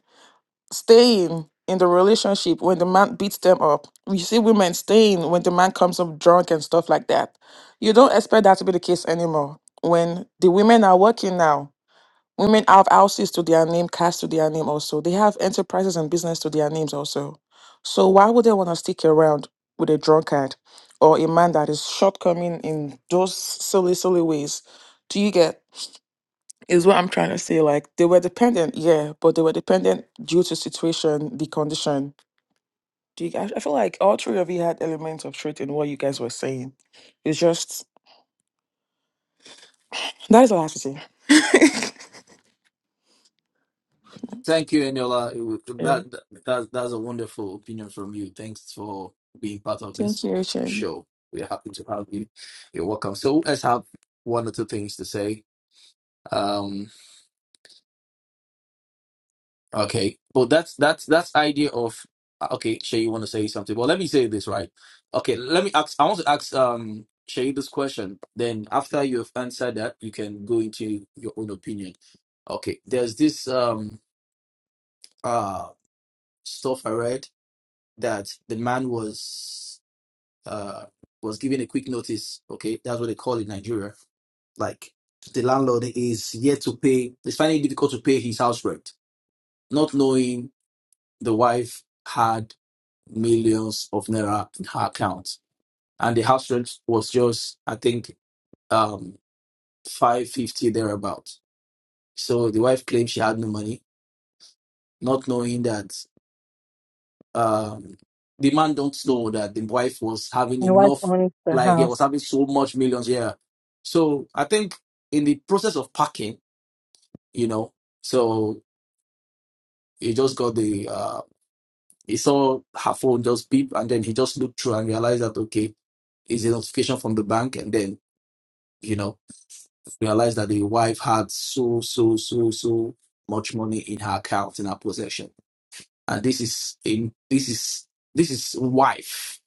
P: staying in the relationship when the man beats them up. We see women staying when the man comes up drunk and stuff like that. You don't expect that to be the case anymore. When the women are working now, women have houses to their name, cars to their name also. They have enterprises and business to their names also. So why would they want to stick around with a drunkard or a man that is shortcoming in those silly, silly ways? Do you get? is what I'm trying to say. Like they were dependent, yeah, but they were dependent due to situation, the condition. Do you, I I feel like all three of you had elements of truth in what you guys were saying. It's just that is all I have to say.
A: Thank you, Eniola. It was-
P: Yeah.
A: That, that that's a wonderful opinion from you. Thanks for being part of this
P: Thank you, Shane.
A: show. We're happy to have you. You're welcome. So let's have one or two things to say. Um, okay, but that's that's that's idea of uh, okay. Shay, you want to say something? Well, let me say this right. Okay, let me ask. I want to ask um Shay this question. Then after you have answered that, you can go into your own opinion. Okay, there's this um uh stuff I read. that the man was uh was given a quick notice. Okay, that's what they call it in Nigeria. Like the landlord is yet to pay. It's finding it difficult to pay his house rent, not knowing the wife had millions of naira in her account, and the house rent was just I think um five fifty thereabout. So the wife claimed she had no money, not knowing that. um, the man don't know that the wife was having
N: My wife
A: enough,
N: owns the
A: like he
N: house.
A: was having so much millions. Yeah. So I think in the process of packing, you know, so he just got the uh he saw her phone just beep and then he just looked through and realized that okay, is a notification from the bank and then, you know, realized that the wife had so, so, so, so much money in her account in her possession. And this is in this is this is wife.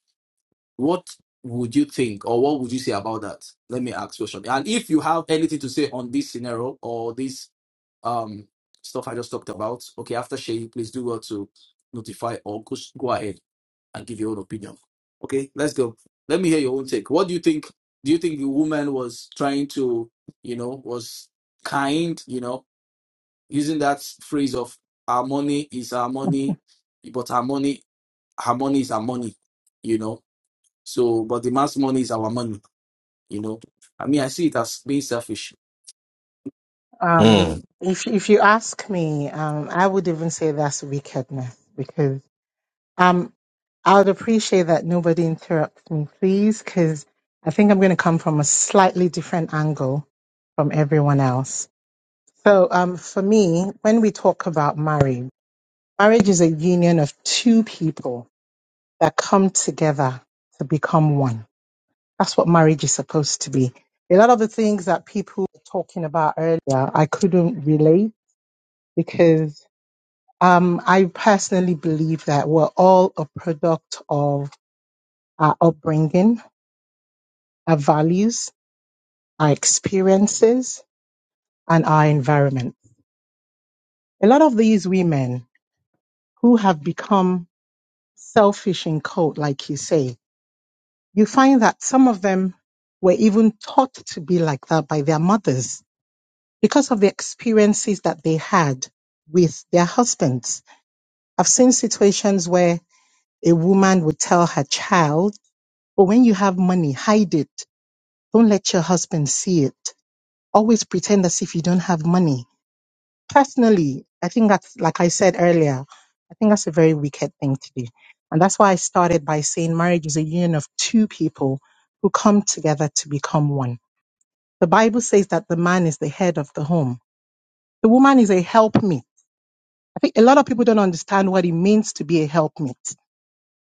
A: What would you think or what would you say about that? Let me ask you a question. And if you have anything to say on this scenario or this um stuff I just talked about, okay, after Shay, please do well to notify or go, go ahead and give your own opinion. Okay, let's go. Let me hear your own take. What do you think? Do you think the woman was trying to, you know, was kind, you know, using that phrase of our money is our money, but our money, our money is our money, you know? So, but the mass money is our money, you know. I mean, I see it as being selfish.
L: Hmm.
N: Um, if if you ask me, um, I would even say that's wickedness because um, I would appreciate that nobody interrupts me, please, because I think I'm going to come from a slightly different angle from everyone else. So, um, for me, when we talk about marriage, marriage is a union of two people that come together to become one. That's what marriage is supposed to be. A lot of the things that people were talking about earlier, I couldn't relate because um, I personally believe that we're all a product of our upbringing, our values, our experiences, and our environment. A lot of these women who have become selfish in code, like you say, you find that some of them were even taught to be like that by their mothers because of the experiences that they had with their husbands. I've seen situations where a woman would tell her child, but when you have money, hide it. Don't let your husband see it. Always pretend as if you don't have money personally, I think that's, like I said earlier, I think that's a very wicked thing to do. And that's why I started by saying marriage is a union of two people who come together to become one. The Bible says that the man is the head of the home. The woman is a helpmeet. I think a lot of people don't understand what it means to be a helpmeet.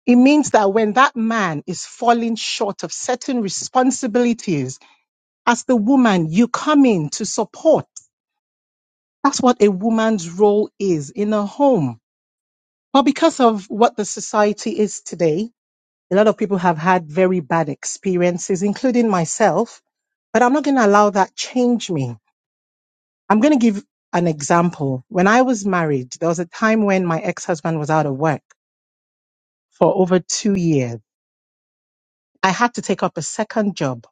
N: It means that when that man is falling short of certain responsibilities, as the woman, you come in to support. That's what a woman's role is in a home Well, because of what the society is today, a lot of people have had very bad experiences, including myself, but I'm not going to allow that change me. I'm going to give an example. When I was married, there was a time when my ex-husband was out of work for over two years. I had to take up a second job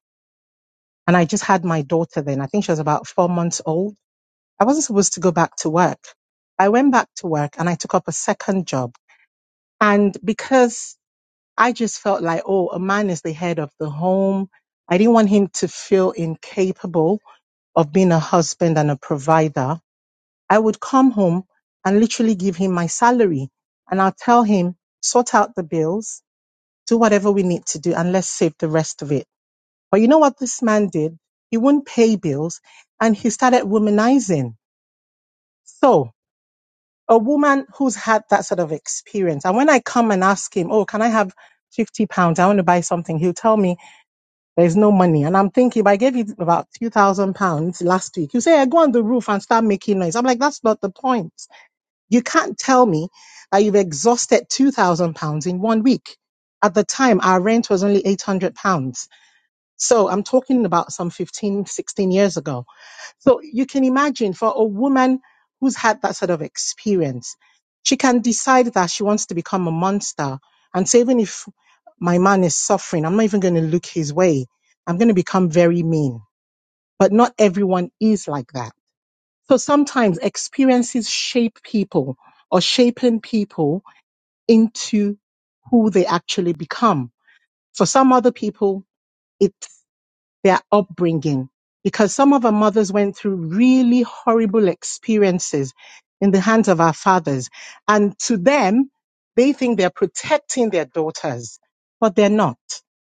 N: and I just had my daughter then. I think she was about four months old. I wasn't supposed to go back to work. I went back to work and I took up a second job. And because I just felt like, oh, a man is the head of the home. I didn't want him to feel incapable of being a husband and a provider. I would come home and literally give him my salary and I'll tell him, sort out the bills, do whatever we need to do, and let's save the rest of it. But you know what this man did? He wouldn't pay bills and he started womanizing. So a woman who's had that sort of experience, and when I come and ask him, oh, can I have 50 pounds? I want to buy something. He'll tell me, There's no money. And I'm thinking, if I gave you about two thousand pounds last week, you say, I go on the roof and start making noise. I'm like, that's not the point. You can't tell me that you've exhausted two thousand pounds in one week. At the time, our rent was only eight hundred pounds. So I'm talking about some 15, 16 years ago so you can imagine for a woman who's had that sort of experience, she can decide that she wants to become a monster and say, even if my man is suffering, I'm not even going to look his way. I'm going to become very mean. But not everyone is like that. So sometimes experiences shape people or shaping people into who they actually become. For some other people, it their upbringing because some of our mothers went through really horrible experiences in the hands of our fathers. And to them, they think they're protecting their daughters, but they're not.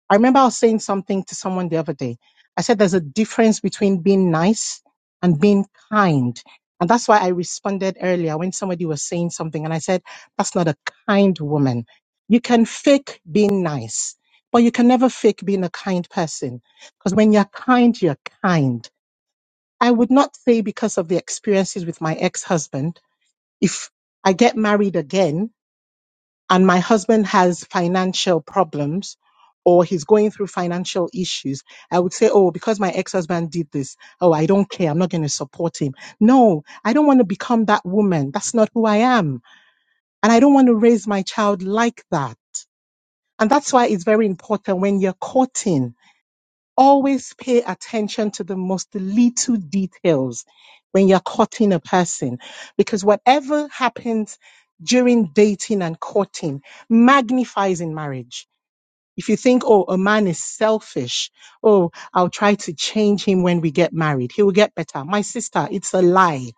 N: I remember I was saying something to someone the other day. I said there's a difference between being nice and being kind. And that's why I responded earlier when somebody was saying something and I said, that's not a kind woman. You can fake being nice, but you can never fake being a kind person because when you're kind, you're kind. I would not say because of the experiences with my ex-husband, if I get married again and my husband has financial problems or he's going through financial issues, I would say, oh, because my ex-husband did this, oh, I don't care. I'm not going to support him. No, I don't want to become that woman. That's not who I am. And I don't want to raise my child like that. And that's why it's very important when you're courting always pay attention to the most little details when you're courting a person because whatever happens during dating and courting magnifies in marriage. If you think, oh, a man is selfish, oh, I'll try to change him when we get married, he will get better. My sister, it's a lie.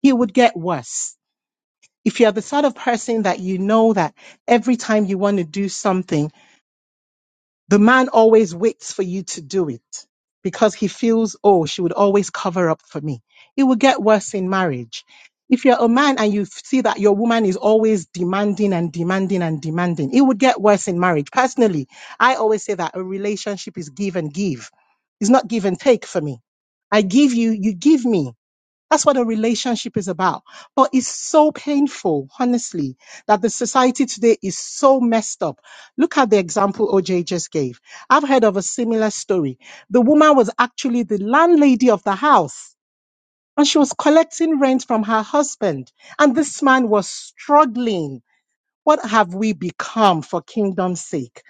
N: He would get worse. If you're the sort of person that you know that every time you want to do something, the man always waits for you to do it because he feels, oh, she would always cover up for me. It will get worse in marriage. If you're a man and you see that your woman is always demanding and demanding and demanding, it would get worse in marriage. Personally, I always say that a relationship is give and give. It's not give and take for me. I give you, you give me. That's what a relationship is about. But it's so painful, honestly, that the society today is so messed up. Look at the example OJ just gave. I've heard of a similar story. The woman was actually the landlady of the house and she was collecting rent from her husband. And this man was struggling what have we become for kingdom's sake?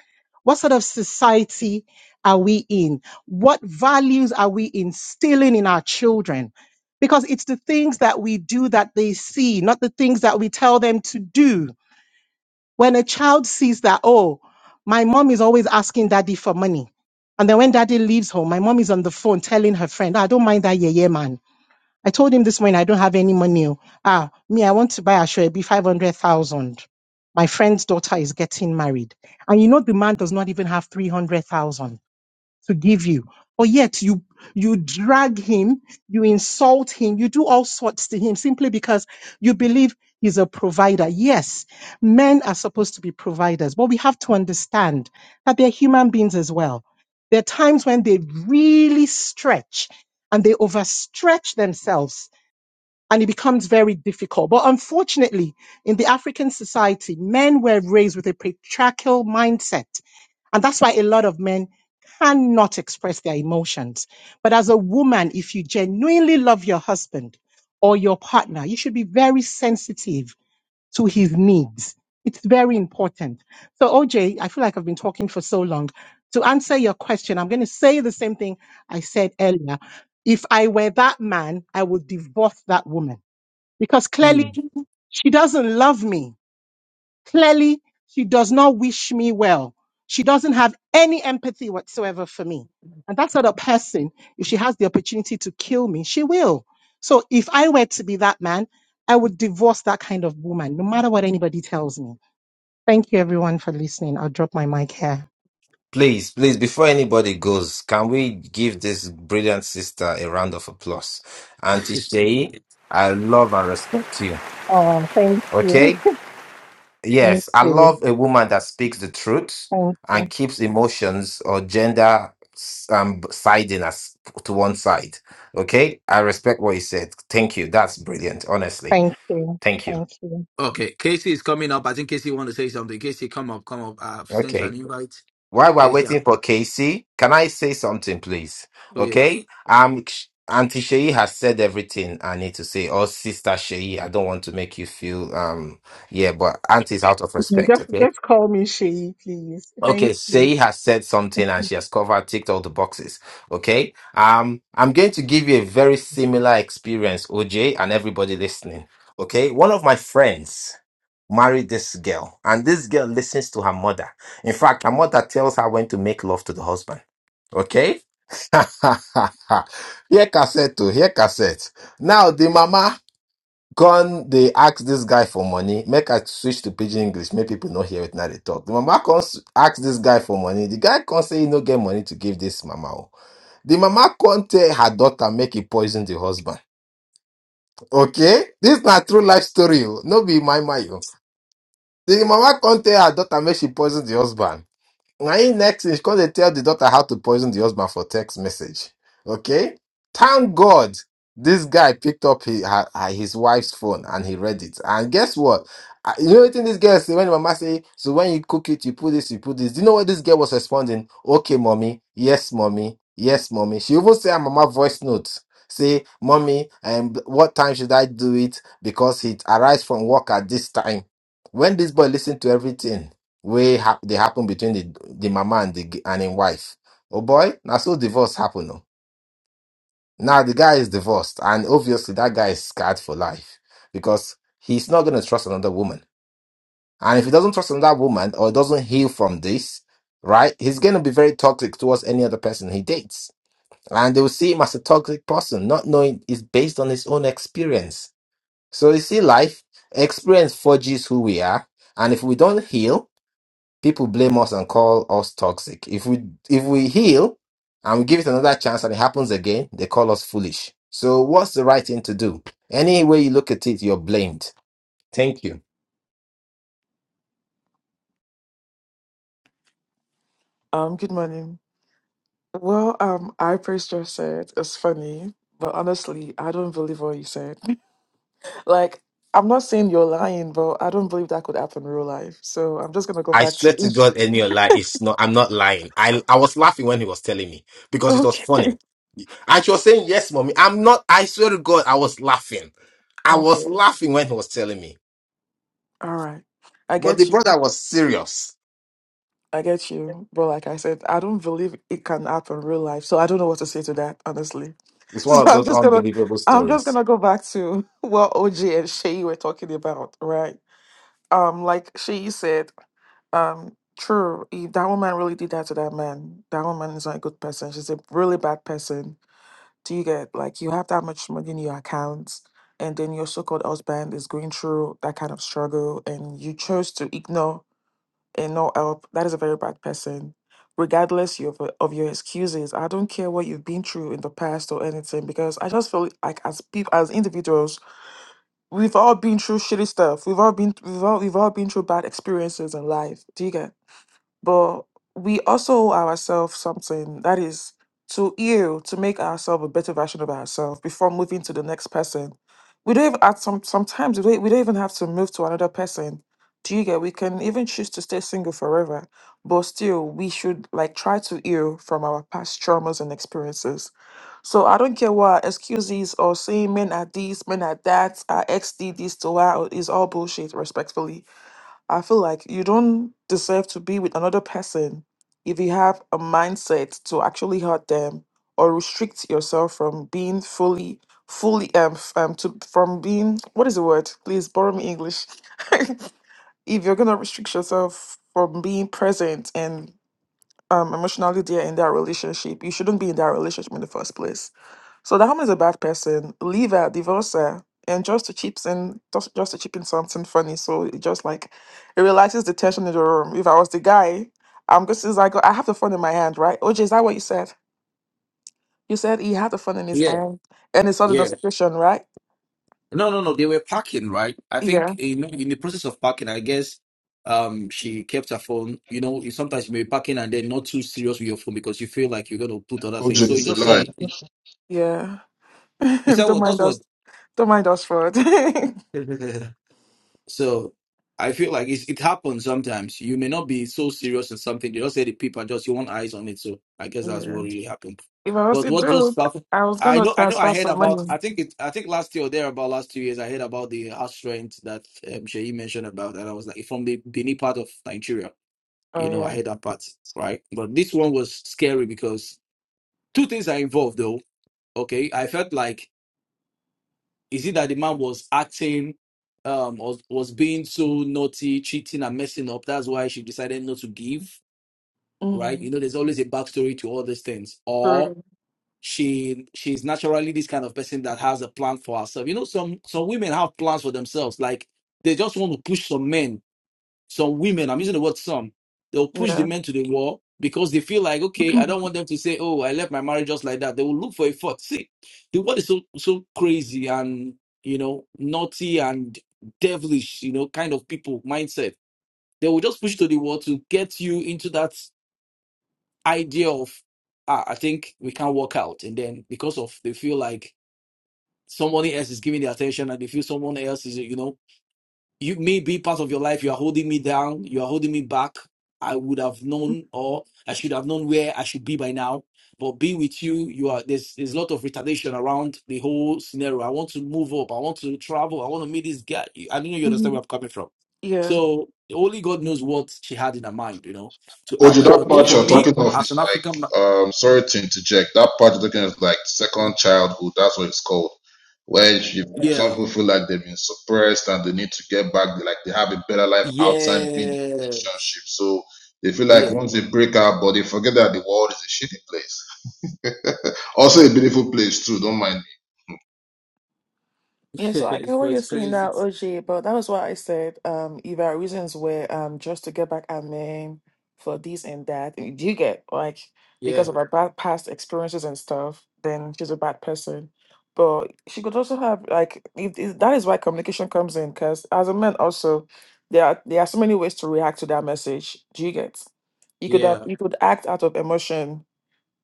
N: What sort of society are we in? What values are we instilling in our children? Because it's the things that we do that they see, not the things that we tell them to do. When a child sees that, oh, my mom is always asking daddy for money. And then when daddy leaves home, my mom is on the phone telling her friend, "Ah, I don't mind that yeah, yeah man I told him this morning I don't have any money. oh. Ah, me, I want to buy a shoe, it'd be 500,000. My friend's daughter is getting married. And you know, the man does not even have 300,000 to give you. But yet you, you drag him, you insult him, you do all sorts to him simply because you believe he's a provider. Yes, men are supposed to be providers, but we have to understand that they're human beings as well. There are times when they really stretch and they overstretch themselves and it becomes very difficult. But unfortunately, in the African society, men were raised with a patriarchal mindset. And that's why a lot of men cannot express their emotions. But as a woman, if you genuinely love your husband or your partner, you should be very sensitive to his needs. It's very important. So, OJ, I feel like I've been talking for so long. To answer your question, I'm going to say the same thing I said earlier. If I were that man, I would divorce that woman because clearly
A: Mm.
N: she doesn't love me. Clearly she does not wish me well. She doesn't have any empathy whatsoever for me. And that sort of person, if she has the opportunity to kill me, she will. So if I were to be that man, I would divorce that kind of woman, no matter what anybody tells me. Thank you everyone for listening. I'll drop my mic here.
L: Please, please, before anybody goes, can we give this brilliant sister a round of applause? Auntie Shay, I love and respect you.
N: Oh, thank you.
L: Okay?
N: Thank
L: Yes, I
N: you.
L: love a woman that speaks the truth
N: Thank,
L: and keeps emotions or gender s- um, siding us to one side. Okay, I respect what you said. Thank you. That's brilliant, honestly.
N: thank you.
L: Thank you.
N: Thank you.
A: Okay, Casey is coming up. I think Casey want to say something. Casey, come up, come up. I've sent you an
L: Okay.
A: invite.
L: While we're
A: Casey,
L: waiting for Casey, can I say something, please?
A: oh yeah,
L: Okay. Um, Sh- Auntie Shei has said everything I need to say, or Sister Sheyi, I don't want to make you feel um, yeah, but Auntie's out of respect.
N: Just,
L: Okay.
N: just call me Shay, please.
L: Okay,
N: Thank you.
L: Shay has said something and she has covered, ticked all the boxes. Okay. Um, I'm going to give you a very similar experience, OJ, and everybody listening. Okay. One of my friends married this girl, and this girl listens to her mother. In fact, her mother tells her when to make love to the husband. Okay. Here cassette, oh, here cassette. Now the mama gone they ask this guy for money make i switch to pidgin english make people not hear it now they talk the mama comes ask this guy for money the guy can't say he no get money to give this mama oh. the mama can't tell her daughter make he poison the husband okay this not true life story oh. no be my my oh. the mama can't tell her daughter make she poison the husband my next is because they tell the daughter how to poison the husband for text message. Okay? Thank God this guy picked up his, her, her- his wife's phone and he read it. And guess what? Uh, You know what this girl say when the mama say, so when you cook it, you put this, you put this. Do you know what this girl was responding? Okay, mommy. Yes, mommy. Yes, mommy. She even say her mama voice note. Say, mommy, um, what time should I do it? Because it arrives from work at this time. When this boy listened to everything, wey ha dey happen between the the mama and the g- and him wife. Oh boy, na so divorce happen. Oh. Now the guy is divorced, and obviously that guy is scarred for life because he's not gonna trust another woman. And if he doesn't trust another woman or doesn't heal from this, right, he's gonna be very toxic towards any other person he dates. And they will see him as a toxic person, not knowing it's based on his own experience. So you see, life experience forges who we are, and if we don't heal, People blame us and call us toxic. If we if we heal and we give it another chance and it happens again, they call us foolish. So what's the right thing to do? Any way you look at it, you're blamed. Thank you.
P: Um, good morning. Well, um, I praise just said it's funny, but honestly, I don't believe what you said. Like, I'm not saying you're lying, but I don't believe that could happen in real life. So I'm just gonna go
L: I
P: back
L: swear to
P: to
L: God, any lie is not. I'm not lying. I I was laughing when he was telling me because it was
P: okay.
L: funny, and she was saying, "Yes, mommy." I'm not. I swear to God, I was laughing. I
P: Okay.
L: was laughing when he was telling me,
P: All right. I
L: but
P: get
L: the
P: you.
L: brother was serious.
P: I get you, but like I said, I don't believe it can happen in real life, so I don't know what to say to that, honestly.
L: It's
P: So
L: one of
P: I'm
L: those
P: just gonna,
L: unbelievable
P: I'm just
L: stories.
P: gonna go back to what OJ and Shay were talking about, right? Um, like Shay said, um, true. If that woman really did that to that man, that woman is not a good person. She's a really bad person. Do you get like you have that much money in your account, and then your so-called husband is going through that kind of struggle, and you chose to ignore and no help. That is a very bad person. Regardless of, of your excuses, I don't care what you've been through in the past or anything, because I just feel like as people, as individuals, we've all been through shitty stuff. We've all been, we've all, we've all been through bad experiences in life. Do you get? but we also owe ourselves something that is to you to make ourselves a better version of ourselves before moving to the next person. We don't even at some sometimes we don't, we don't even have to move to another person. Do you get? We can even choose to stay single forever, but still we should like try to heal from our past traumas and experiences. So I don't care what excuses or saying men are this, men are that, our ex did this to her is all bullshit. Respectfully, I feel like you don't deserve to be with another person if you have a mindset to actually hurt them or restrict yourself from being fully, fully, um, f- um to from being, what is the word? Please borrow me English. if you're gonna restrict yourself from being present and um, emotionally there in that relationship, you shouldn't be in that relationship in the first place. So the harm is a bad person, Leave her, divorce her, and just to chips in just, just to chip in something funny. So it just like it relaxes the tension in the room. If I was the guy, I'm just it's like I have the phone in my hand, right? OJ, is that what you said? You said he had the phone in his
A: yeah,
P: hand and he saw the
A: yeah.
P: notification, right?
A: No, no, no. They were packing, right? I think
P: Yeah.
A: you know, in the process of packing, I guess um she kept her phone. You know, you- sometimes you may be packing and then not too serious with your phone because you feel like you're gonna put other
O: OJ
A: things. So you
O: is a
A: just saw
O: lie.
A: it.
P: Yeah.
A: Is that
P: don't
A: what? That's
P: mind
A: what.
P: us. Don't mind us for it.
A: So I feel like it's, it happens sometimes. You may not be so serious in something. You just say the people just you want eyes on it. So I guess that's
P: yeah.
A: what really happened.
P: If I was
A: But
P: the
A: what just
P: dude,
A: happened?
P: I was
A: I
P: gonna
A: know, I know. I
P: transfer
A: heard
P: some
A: about. I
P: money.
A: think it. I think last year or there about last two years, I heard about the house rent that um, Sheyi mentioned about, and I was like, from the Benin part of Nigeria. You
P: Oh
A: know, I
P: yeah.
A: heard that part, right? But this one was scary because two things are involved, though. Okay, I felt like is it that the man was acting, um, was, was being so naughty, cheating and messing up? That's why she decided not to give, right?
P: Mm-hmm.
A: You know, there's always a backstory to all these things. Or
P: So
A: she she's naturally this kind of person that has a plan for herself. You know, some some women have plans for themselves. Like they just want to push some men some women, I'm using the word some, they'll push the
P: yeah.
A: men to the wall because they feel like, okay, I don't want them to say, oh, I left my marriage just like that. They will look for a fault. See, the world is so so crazy and you know naughty and devilish, you know, kind of people mindset. They will just push you to the wall to get you into that idea of, ah, I think we can't work out, and then because of they feel like somebody else is giving the attention and they feel someone else is, you know you may be part of your life, you are holding me down, you are holding me back. I would have known or I should have known where I should be by now. But be with you, you are there's there's a lot of retardation around the whole scenario. I want to move up, I want to travel, I want to meet this guy. I don't know you understand
P: Mhm.
A: where I'm coming from.
P: Yeah.
A: So only God knows what she had in her mind, you know, to add
O: Oju,
A: that.
O: that
A: But
O: part
A: for
O: you're
A: me,
O: talking of
A: as
O: is
A: an African ma-
O: like, um, sorry to interject. That part you're talking of is like second childhood. That's what it's called. Where if some
A: yeah.
O: people feel like they've been suppressed and they need to get back, like they have a better life outside being in a
A: Yes.
O: relationship. So they feel like
A: Yeah.
O: once they break up, but they forget that the world is a shitty place. Also a beautiful place too. Don't mind me.
P: Yeah, so I get
A: so
P: what you're
A: it's
P: saying
A: crazy.
P: now, OJ, but that was why I said um if there are reasons where um just to get back at men for this and that. Do you get like
A: Yeah.
P: because of her bad past experiences and stuff, then she's a bad person. But she could also have like if, if that is why communication comes in, because as a man also there are there are so many ways to react to that message. Do you get? You could
A: Yeah.
P: have, you could act out of emotion,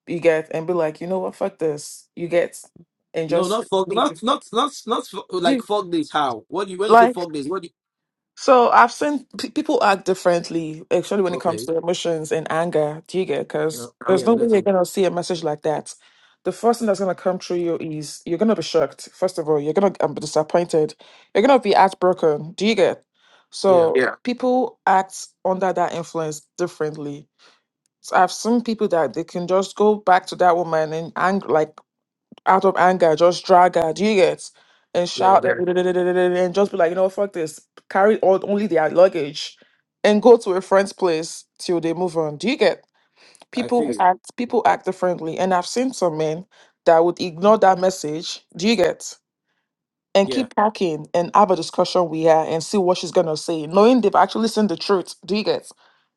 P: you get, and be like, you know what, fuck this, you get, and
A: No,
P: just
A: not fuck, not
P: leave.
A: not not not fu-
P: Do
A: like
P: you-
A: fuck this. How? What do you when you say
P: like
A: fuck this? What do
P: So I've seen pe people act differently, actually, when
A: you?
P: it comes
A: Okay,
P: to emotions and anger. Do you get?
A: yeah,
P: Because there's
A: yeah,
P: no way you're
A: better,
P: gonna see a message like that. The first thing that's gonna come through you is you're gonna be shocked. First of all, you're gonna um, be disappointed. You're gonna be heartbroken. Do you get?
A: yeah,
P: So people act under that influence differently. So I've seen people that they can just go back to that woman and angry, like out of anger, just drag her, do you get? And
A: yeah.
P: shout at-
A: the-
P: and just be like, you know, fuck this. Carry all only their luggage and go to a friend's place till they move on. Do you get?
A: I
P: People
A: feel
P: Yes.
A: you.
P: act people act differently. And I've seen some men that would ignore that message. Do you get? And
A: Yeah,
P: keep talking and have a discussion with her and see what she's gonna say, knowing they've actually seen the truth. Do you get?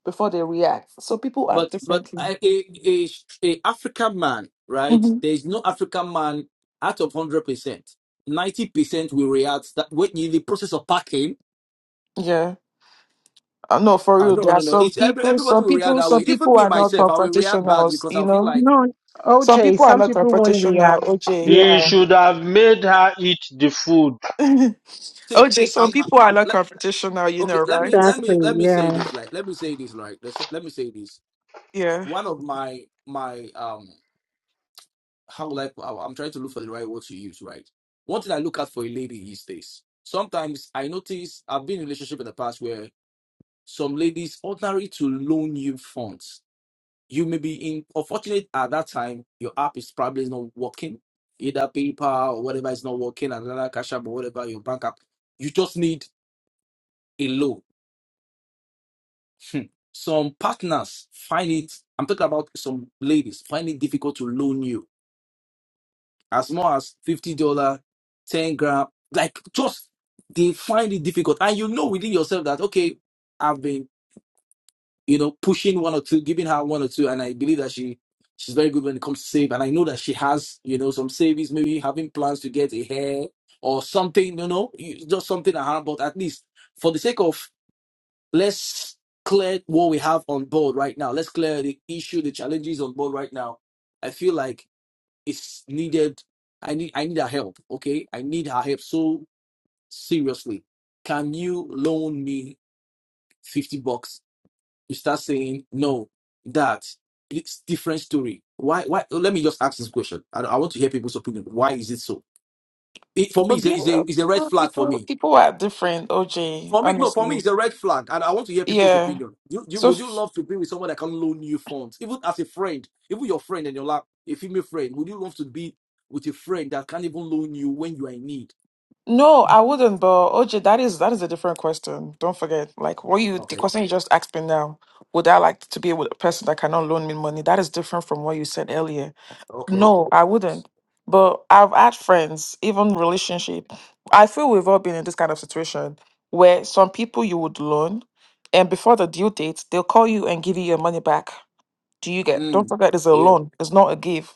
P: Before they react. So people act
A: but but
P: differently.
A: I- a a a African man, right?
P: Mhm.
A: There is no African man out of hundred percent. Ninety percent will react that when in the process of packing.
P: I know for
A: Ah,
P: real,
A: no,
P: there
A: no,
P: are
A: no.
P: some
A: It's every
P: people,
A: everybody
P: some
A: will react
P: people,
A: that way.
P: some
A: Even
P: people
A: me
P: are not
A: myself, I will react bad
P: confrontational,
A: because
P: you
A: I feel
P: know.
A: like
N: No,
P: Some
N: OJ,
P: people are
N: some
P: not
N: people won't
P: confrontational,
N: react.
P: OJ.
H: He
N: Yeah,
H: should have made her eat the food.
A: see
P: OJ,
A: see. I,
P: some
A: I,
P: people are not
A: let,
P: confrontational, you know,
A: okay, let
P: right?
A: me let
N: exactly.
A: me let me say
N: Yeah.
A: this. Like let me say this. Right. Let's let me say this
P: Yeah.
A: one of my my um how will I put- I- I'm trying to look for the right word to use, right? One thing I look at for a lady is this. Sometimes I notice I've been in a relationship in the past where some ladies ordinary to loan you funds. You may be in unfortunate at that time, your app is probably not working. Either PayPal or whatever is not working, another cash app or whatever your bank app. You just need a loan. Hmm. Some partners find it, I'm talking about some ladies, find it difficult to loan you as small as fifty dollar, ten gram. Like just they find it difficult, and you know within yourself that okay, I've been you know pushing one or two, giving her one or two, and I believe that she she's very good when it comes to save, and I know that she has you know some savings, maybe having plans to get a hair or something, you know, you- just something around. But at least for the sake of let's clear what we have on board right now. Let's clear the issue, the challenges on board right now. I feel like it's needed. I need I need her help. Okay, I need her help so seriously. Can you loan me fifty bucks? You start saying no. That it's different story. Why? Why? Let me just ask this question. I, I want to hear people's opinion. Why is it so? It, for me,
P: But
A: it's a,
P: you
A: it's a it's a red
P: know,
A: flag for
P: people
A: me
P: people are different, OJ,
A: For me, no, for me,
P: honestly.
A: it's a red flag, and I want to hear people's
P: Yeah.
A: opinion. You, you,
P: So
A: would you
P: f-
A: love to be with someone that can loan you funds, even as a friend, even your friend and your lap, a female friend? Would you love to be with a friend that can't even loan you when you are in need?
P: no, I wouldn't, but OJ, that is that is a different question. Don't forget. Like what you the
A: Okay,
P: question you just asked me now, would I like to be with a person that cannot loan me money? That is different from what you said earlier
A: okay,
P: No, I wouldn't. But I've had friends, even relationship. I feel we've all been in this kind of situation where some people you would loan, and before the due date, they'll call you and give you your money back. Do you get? Don't
A: mm.
P: forget, it's a
A: yeah,
P: loan. It's not a give.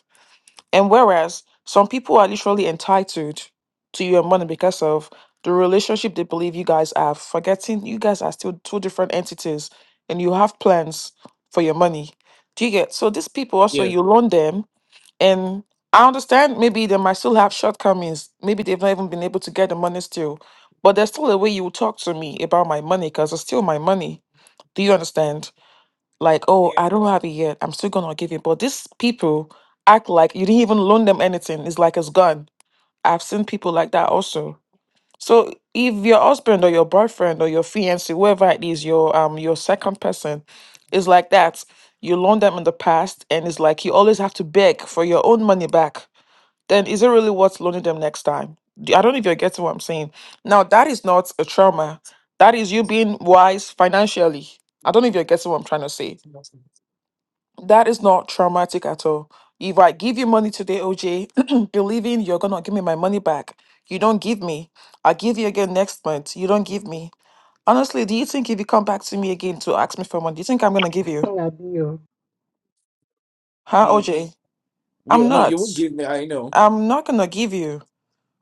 P: And whereas some people are literally entitled to your money because of the relationship they believe you guys have, forgetting you guys are still two different entities, and you have plans for your money. Do you get? So these people also,
A: yeah,
P: you loan them and I understand maybe they might still have shortcomings. Maybe they've not even been able to get the money still. But there's still a way you talk to me about my money because it's still my money. Do you understand? Like, oh,
A: yeah,
P: I don't have it yet. I'm still gonna give it. But these people act like you didn't even loan them anything. It's like it's gone. I've seen people like that also. So if your husband or your boyfriend or your fiance, whoever it is, your um your second person, is like that, you loan them in the past, and it's like you always have to beg for your own money back then is it really worth loaning them next time? Do- I don't know if you're getting what I'm saying. Now, that is not a trauma. That is you being wise financially. I don't know if you're getting what I'm trying to say. That is not traumatic at all. If I give you money today, OJ, believing you're going to give me my money back, you don't give me. I give you again next month. You don't give me. Honestly, do you think if you come back to me again to ask me for money, do you think I'm going to give you?
N: Abi o.
P: Huh,
A: mm.
P: OJ?
A: yeah.
P: I'm
A: No, you
P: not.
A: won't give me. I know.
P: I'm not going to give you.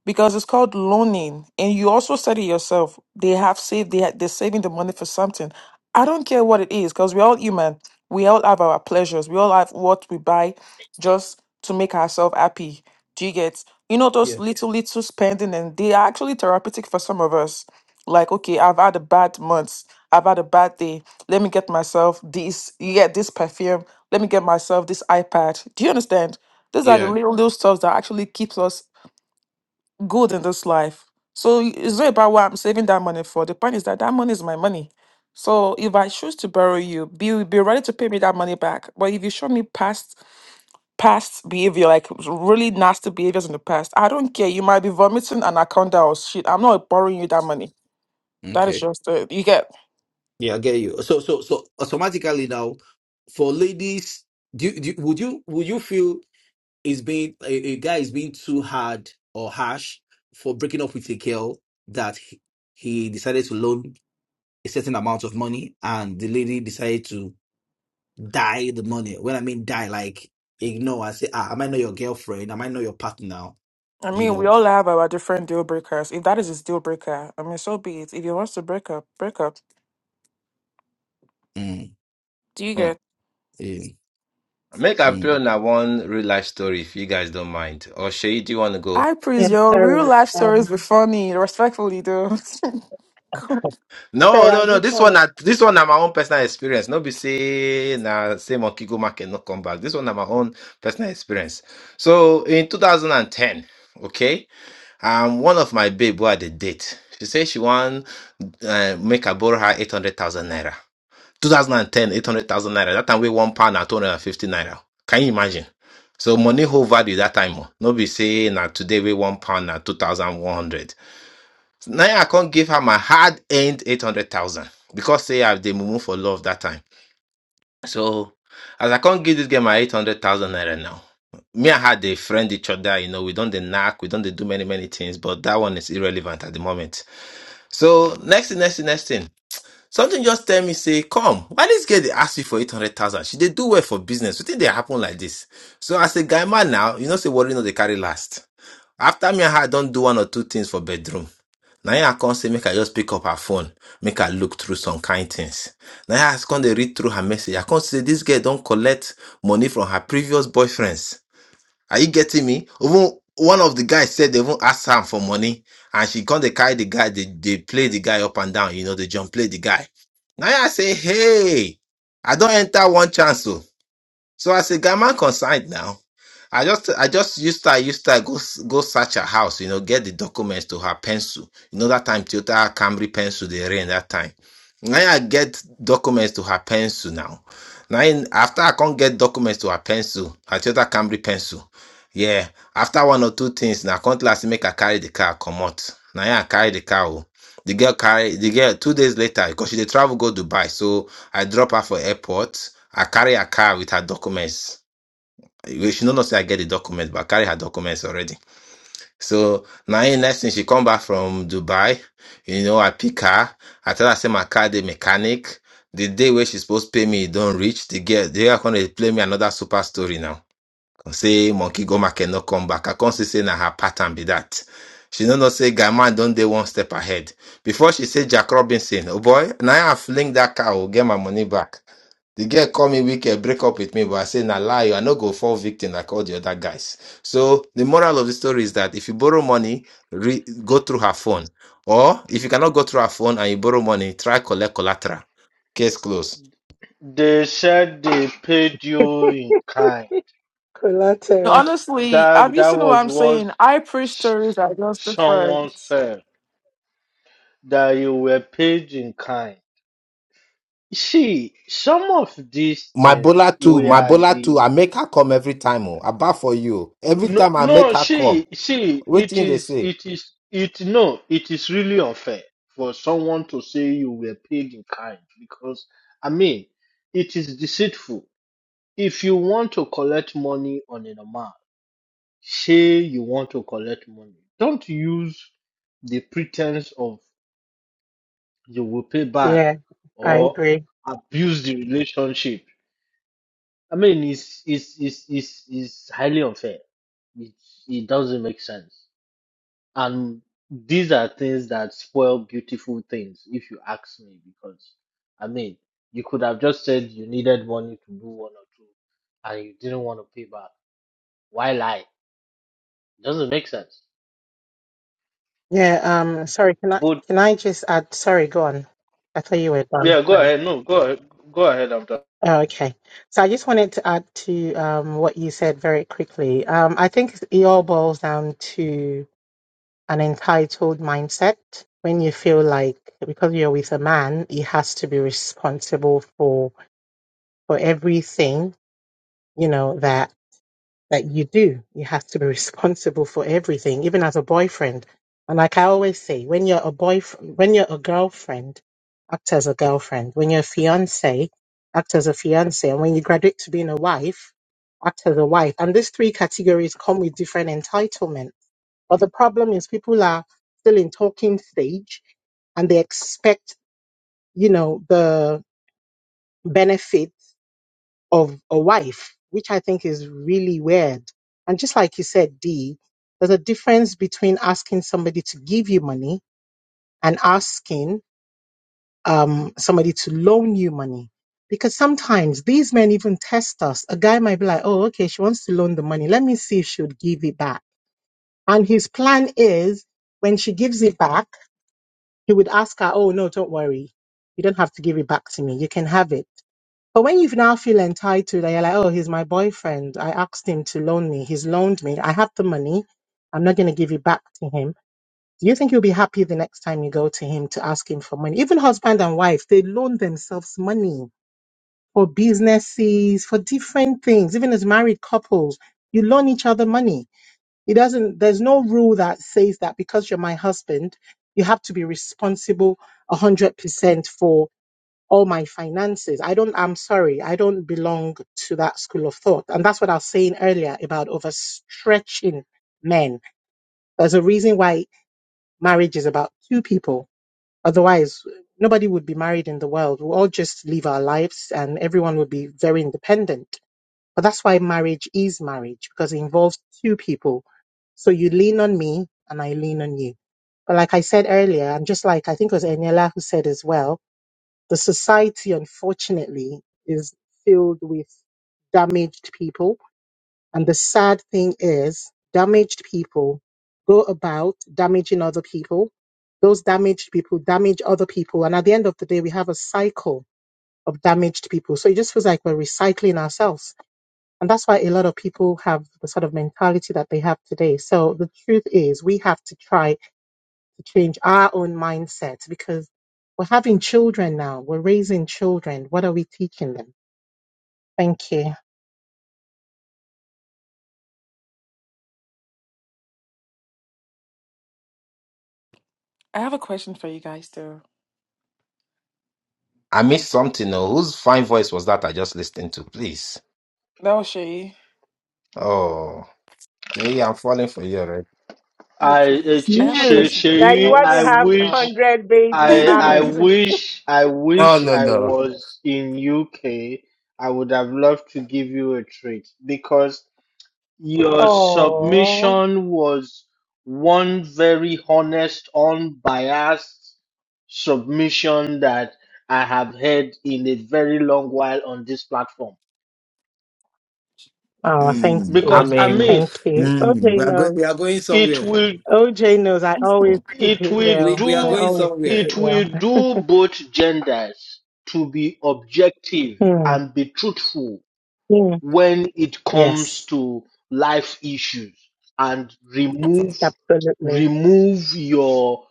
P: because it's called loaning and you also said it yourself they have saved they ha- they're saving the money for something i don't care what it is because we're all human we all have our pleasures we all have what we buy just to make ourselves happy do you get you know those
A: Yeah,
P: little little spending and they are actually therapeutic for some of us like okay i've had a bad month i've had a bad day let me get myself this you get this perfume let me get myself this ipad do you understand these are the
A: Yeah.
P: little little stuff that actually keeps us good in this life. So it's not about what I'm saving that money for. The point is that that money is my money. So if I choose to borrow you, be be ready to pay me that money back. But if you show me past past behavior, like really nasty behaviors in the past, I don't care. You might be vomiting an anaconda or shit. I'm not borrowing you that money. That is
A: Okay.
P: just it. You get.
A: Yeah, I get you. So so so automatically now, for ladies, do, you- do you- would you would you feel? is being a, a guy is being too hard or harsh for breaking up with a girl that he, he decided to loan a certain amount of money and the lady decided to die the money. When I mean die, like ignore and say, ah, am I not your girlfriend? Am I not your partner?
P: I
A: You
P: mean, we
A: know.
P: all have our different deal breakers. If that is his deal breaker, I mean, so be it. If he wants to break up, break up.
A: Mm,
P: Do you get?
A: mm,
L: Make I play
A: mm.
L: on one real life story if you guys don't mind. Or Shay, do you want to go?
P: I
N: Yeah,
P: praise your real
N: sorry.
P: life stories
N: Um,
P: be funny, respectfully though.
N: sorry,
L: No,
N: I
L: no, no.
N: just
L: This
N: want
L: one,
N: to.
L: na- this one, na my own personal experience. No, be say na say monkey go market no come back. This one, na my own personal experience. So in 2010, okay, um, one of my babe who had a date. She said she want uh, make her borrow her 800,000 naira. 2010, 800,000 naira. That time we one pound at 250 naira. Can you imagine? So money whole value that time. oh. No be say now today we one pound at 2,100. Now I can't give her my hard earned 800,000 because say I have the mumu for love that time. So as I can't give this girl my 800,000 naira now. Me and her they friend each other, you know, we don't the knack, we don't they do many, many things, but that one is irrelevant at the moment. So next thing, next thing, next thing. Something just tell me, say, come, why this girl they ask you for 800,000? She they do well for business. You think they happen like this? So as a guy man now, you know, say, worry, no, they carry last. After me, and her don't do one or two things for bedroom. Now I can't say, make her just pick up her phone, make her look through some kind things. Now I can't they read through her message. I can't say, this girl don't collect money from her previous boyfriends. Are you getting me? Even one of the guys said they even asked her for money, and she come they carry the guy. They they play the guy up and down. You know they jump play the guy. Now I say, hey, I don't enter one chance so. So I say, guy man consigned now. I just I just used to I used to go s- go search her house, you know, get the documents to her pencil. You know that time Toyota Camry pencil they ran that time. Now I get documents to her pencil now. Now in, after I can't get documents to her pencil, her Toyota Camry pencil. Yeah, after one or two things, now I can't last make her carry the car come out. Now I carry the car. oh. The girl carry the girl two days later because she dey travel go Dubai. So I drop her for airport. I carry her car with her documents well, She don't know say I get the document, but I carry her documents already. So now in next thing she come back from Dubai. You know, I pick her. I tell her say my car the mechanic. The day where she supposed to pay me, it don't reach. The girl they are gonna play me another super story now. Come Say monkey go market no come back. I can't see say na her pattern be that. She don't know say guy man don't they one step ahead. Before she say Jack Robinson, oh boy, now I fling that car, will get my money back. The girl call me wicked, break up with me, but I say, nah, lie, you. I no go fall victim like all the other guys. So the moral of the story is that if you borrow money, re- go through her phone. Or if you cannot go through her phone and you borrow money, try collect collateral. Case closed.
H: They said they paid you in kind.
P: No,
N: Collateral.
P: Honestly, I'm
H: That
P: used
H: that
P: to know what
H: was
P: I'm
H: what
P: saying. I preach
H: s-
P: stories are just
H: someone
P: different.
H: said that you were paid in kind. See, some of these
L: My
H: things
L: bola too,
H: we
L: my
H: are
L: bola too. I
H: the
L: make her come every time. Oh, I bar for you. oh. Every
H: no
L: time I make
H: no.
L: her come.
H: See, see,
L: What
H: it
L: thing they
H: is
L: say?
H: it is it no. It is really unfair for someone to say you were paid in kind because I mean it is deceitful. If you want to collect money on an amount. say you want to collect money. Don't use the pretense of you will pay back
N: Yeah, I
H: or
N: agree.
H: abuse the relationship. I mean, it's it's it's it's, it's highly unfair. It it doesn't make sense. And these are things that spoil beautiful things, if you ask me. Because I mean, you could have just said you needed money to do one or two, and you didn't want to pay back. Why lie? It doesn't make sense
N: Yeah, um, sorry, can I
H: Both
N: can I just add, sorry, go on. I thought you were done.
H: Yeah, go
N: Sorry.
H: ahead. No, go ahead. Go ahead after.
N: Oh, okay. So I just wanted to add to um what you said very quickly. Um, I think it all boils down to an entitled mindset when you feel like because you're with a man, he has to be responsible for for everything, you know, that that you do. You have to be responsible for everything, even as a boyfriend. And like I always say, when you're a boyfriend, when you're a girlfriend, act as a girlfriend. When you're a fiance, act as a fiance. And when you graduate to being a wife, act as a wife. And these three categories come with different entitlement. But the problem is people are still in talking stage and they expect, you know, the benefits of a wife, which I think is really weird. And just like you said, Dee, there's a difference between asking somebody to give you money and asking um, somebody to loan you money. Because sometimes these men even test us. A guy might be like, oh, okay, she wants to loan the money. Let me see if she would give it back. And his plan is when she gives it back, he would ask her, oh, no, don't worry. You don't have to give it back to me. You can have it. But when you now feel entitled and you're like, oh, he's my boyfriend. I asked him to loan me. He's loaned me. I have the money. I'm not going to give it back to him. Do you think you'll be happy the next time you go to him to ask him for money? Even husband and wife, they loan themselves money for businesses, for different things. Even as married couples, you loan each other money. It doesn't, there's no rule that says that because you're my husband, you have to be responsible 100% for all my finances. I don't, I'm sorry, I don't belong to that school of thought. And that's what I was saying earlier about overstretching men. There's a reason why marriage is about two people. Otherwise, nobody would be married in the world. We'll all just live our lives and everyone would be very independent. But that's why marriage is marriage because it involves two people. So you lean on me and I lean on you. But like I said earlier, and just like I think it was Eniela who said as well, the society, unfortunately, is filled with damaged people. And the sad thing is, damaged people go about damaging other people. Those damaged people damage other people. And at the end of the day, we have a cycle of damaged people. So it just feels like we're recycling ourselves. And that's why a lot of people have the sort of mentality that they have today. So the truth is, we have to try to change our own mindsets because we're having children now. We're raising children. What are we teaching them? Thank you.
P: I have a question for you guys though.
L: I missed something. Oh, whose fine voice was that I just listened to? Please.
P: No, Shay.
L: Oh, Jay, I'm falling for you already.
P: Oh
H: I uh,
P: please. I
H: Ch-
P: have a
H: Ch-
N: You
P: question for you
N: now you
H: Cheyi,
N: want to
H: I
P: guys.
N: have
P: Oh.
H: wish
N: hundred baby
H: I
P: yeah,
H: I
N: mamas.
H: wish I
L: No,
H: wish
L: no,
H: I
L: no.
H: was in UK. I would have loved to give you a treat because your
N: Oh,
H: submission was one very honest, unbiased submission that I have heard in a very long while on this platform.
N: Oh, thank
A: Mm.
L: I
N: you.
H: Because I
L: mean,
H: mean,
N: Thank you.
A: Mm.
N: okay,
A: We are going.
N: no.
A: We are going
H: it
A: somewhere.
H: will.
N: OJ knows I
L: Oh.
N: always keep
H: It
N: it
H: will
A: We
N: real.
A: we are
N: I
H: do
A: going
N: always keep it
A: somewhere.
H: it will
N: real.
H: do both genders to be objective
N: Hmm.
H: and be truthful
N: Hmm.
H: when it comes
N: Yes,
H: to life issues and remove
N: absolutely.
H: remove your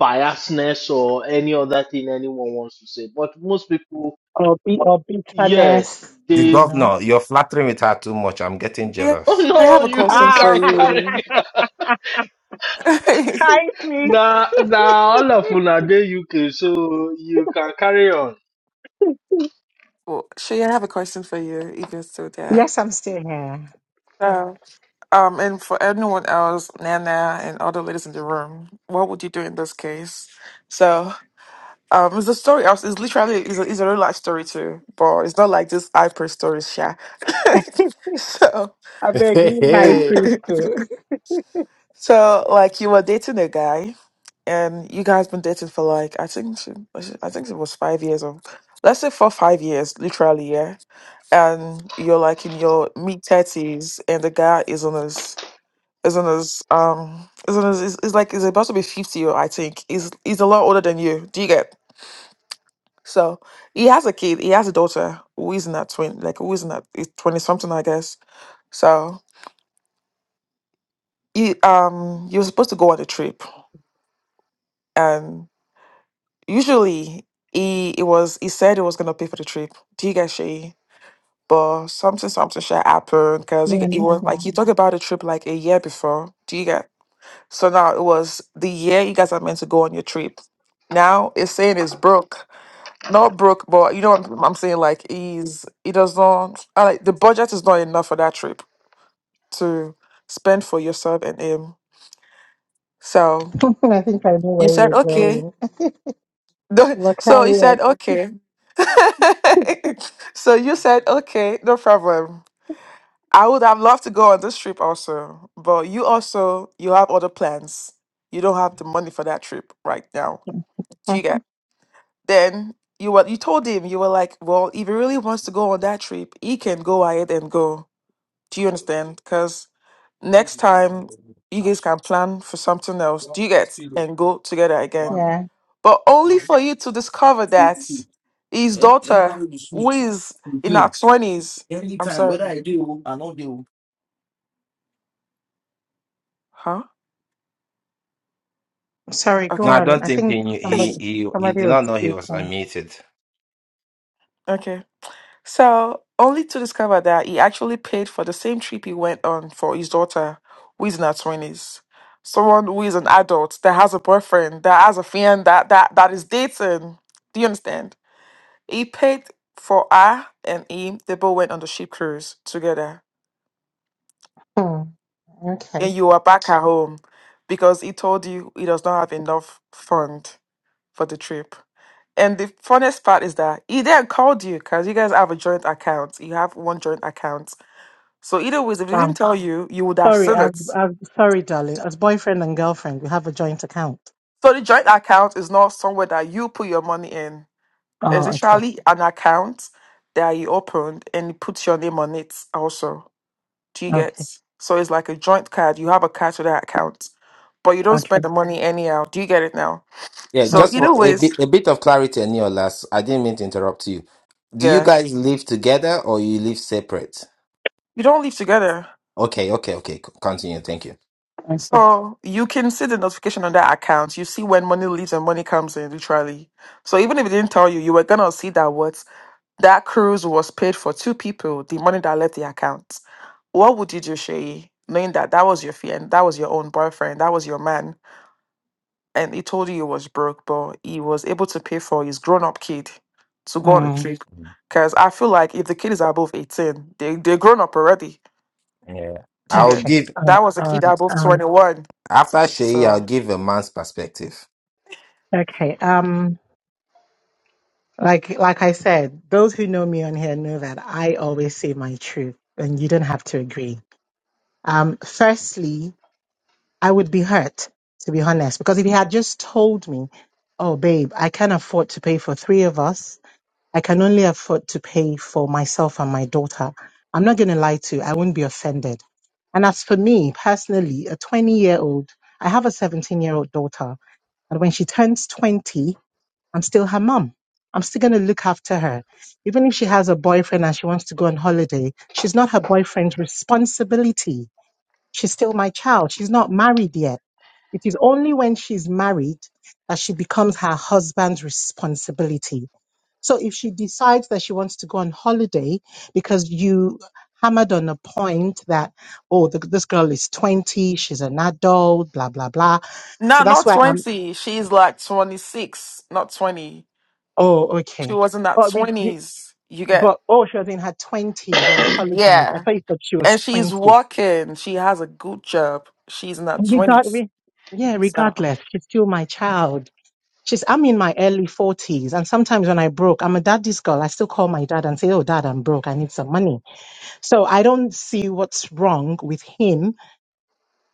H: biasness or any other thing anyone wants to say. But most people,
N: Or be or
H: yes,
N: bitterness,
L: The
H: they
N: you know.
L: governor, you're flattering with her too much. I'm getting
H: oh
L: jealous.
P: I
H: no,
P: have a
H: you
P: question
N: Ah,
P: for
H: can carry
P: you.
N: high priest.
H: now now all of una dey UK so you can carry on.
P: well, Shay, I have a question for you if you're still there.
N: Yes, I'm still here.
P: So, um, and for anyone else, Nana and all the ladies in the room, what would you do in this case? So. Um, it's a story. It's it's literally it's a, it's a real life story too, but it's not like this hyper stories, yeah. so,
N: I beg leave high priest too.
P: so like you were dating a guy, and you guys been dating for like I think she- I think it was five years or let's say for five years, literally, yeah. And you're like in your mid thirties, and the guy is on his is on his um is on his is, is like is about to be fifty, or I think is he's he's a lot older than you. Do you get? So he has a kid. He has a daughter who is not twenty, like who is not twenty something, I guess. So he um he was supposed to go on a trip, and usually he it was he said he was gonna pay for the trip. Do you get she? But something something shit happened because he,
N: Yeah,
P: he was Mhm. like
N: yeah.
P: he talked about the trip like a year before. Do you get? So now it was the year you guys are meant to go on your trip. Now it's saying it's broke No, Brooke, but you know what I'm I'm saying? Like, he's he does not. I like the budget is not enough for that trip to spend for yourself and him. So
N: I think I know
P: you
N: where
P: said
N: you're
P: Mhm. okay.
N: going.
P: No,
N: But
P: So
N: carry
P: you said
N: on.
P: okay. so you said okay, no problem. I would have loved to go on this trip also, but you also you have other plans. You don't have the money for that trip right now. Do you get?
N: Mhm.
P: Then you were you told him you were like, well, if he really wants to go on that trip, he can go ahead and go. Do you understand? Because next time you guys can plan for something else. Do you get and go together again?
N: Yeah.
P: But only for you to discover that his
A: Eh?
P: daughter, who is in her twenties, I'm
A: Anytime,
P: sorry,
A: whether I do or not do.
P: huh?
N: Sorry, go
L: No,
P: Okay,
L: I
N: on.
L: don't
N: I
L: think
N: think
L: he knew, he
N: somebody
L: he he
N: somebody
L: did
N: was
L: not know he was
N: speaking.
L: unmuted.
P: okay. So, only to discover that he actually paid for the same trip he went on for his daughter, who is in her 20s. Someone who is an adult, that has a boyfriend, that has a friend, that, that, that is dating. Do you understand? He paid for her and him. They both went on the ship cruise together.
N: Hmm.
P: And
N: Okay.
P: you are back at home because he told you he does not have enough fund for the trip. And the funniest part is that he then called you because you guys have a joint account. You have one joint account So either way, if they
N: Wow.
P: didn't tell you, you would have
N: Sorry,
P: seen
N: as
P: it.
N: as sorry, darling. As boyfriend and girlfriend, we have a joint account.
P: So the joint account is not somewhere that you put your money in. It's
N: Oh, okay,
P: literally an account that you opened and you put your name on it also. Do you get?
N: okay,
P: So it's like a joint card. You have a card to that account, but you don't
N: okay,
P: spend the money anyhow. Do you get it now?
L: Yeah,
N: okay,
P: So
L: just
P: either
L: for a
P: ways,
L: bit, a bit of clarity, Neolas. I didn't mean to interrupt you. Do you
P: yeah,
L: guys live together or you live separate?
P: you don't live together.
L: Okay, okay, okay. c- Continue. Thank you.
N: okay.
P: So you can see the notification on that account. You see when money leaves and money comes in, literally. So even if it didn't tell you, you were gonna see that what That cruise was paid for two people, the money that left the account. What would you do, Shay, knowing that that was your fian, that was your own boyfriend, that was your man, and he told you he was broke, but he was able to pay for his grown up kid to go on a
N: Mm,
P: trip? Because I feel like if the kid is above 18, they, they're grown up already.
L: Yeah.
P: Do you
L: I'll
P: get
N: okay,
L: give
N: uh,
P: that? Was a
N: all
P: kid
N: right.
P: above
N: Um,
P: 21.
L: after Shay. I'll
P: So,
L: give a man's perspective.
N: okay. Um, like like I said, those who know me on here know that I always say my truth, and you don't have to agree. Um, firstly, I would be hurt to be honest, because if he had just told me, "Oh, babe, I can't afford to pay for three of us," I can only afford to pay for myself and my daughter. I'm not going to lie to you, I won't be offended. And as for me personally, a 20 year old, I have a 17 year old daughter. And when she turns 20, I'm still her mum. I'm still going to look after her. Even if she has a boyfriend and she wants to go on holiday, she's not her boyfriend's responsibility. She's still my child. She's not married yet. It is only when she's married that she becomes her husband's responsibility so if she decides that she wants to go on holiday because you hammered on a point that, oh, the, this girl is 20, she's an adult, blah, blah, blah. So
P: no,
N: that's
P: not
N: why I'm,
P: 20. She's like 26, not 20.
N: oh,
P: She
N: okay.
P: was in that
N: But we, we
P: 20s. You get,
N: but oh, she was in her 20s. Oh, I apologize.
P: yeah.
N: I thought you said she was
P: And
N: 20.
P: she's working. She has a good job. She's in her
N: And we
P: 20s.
N: yeah,
P: So
N: regardless, she's still my child. She's, I'm in my early 40s. And sometimes when I broke, I'm a daddy's girl. I still call my dad and say, oh, dad, I'm broke. I need some money So I don't see what's wrong with him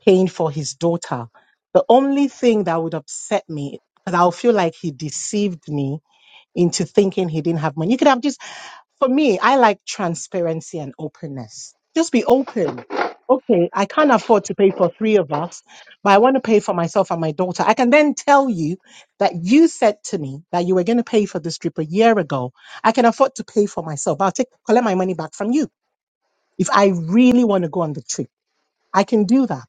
N: paying for his daughter. The only thing that would upset me, because I'll feel like he deceived me into thinking he didn't have money. You could have just, for me, I like transparency and openness. Just be open. Okay, I can't afford to pay for three of us, but I want to pay for myself and my daughter. I can then tell you that you said to me that you were going to pay for this trip a year ago. I can afford to pay for myself. but I'll take collect my money back from you if I really want to go on the trip, I can do that.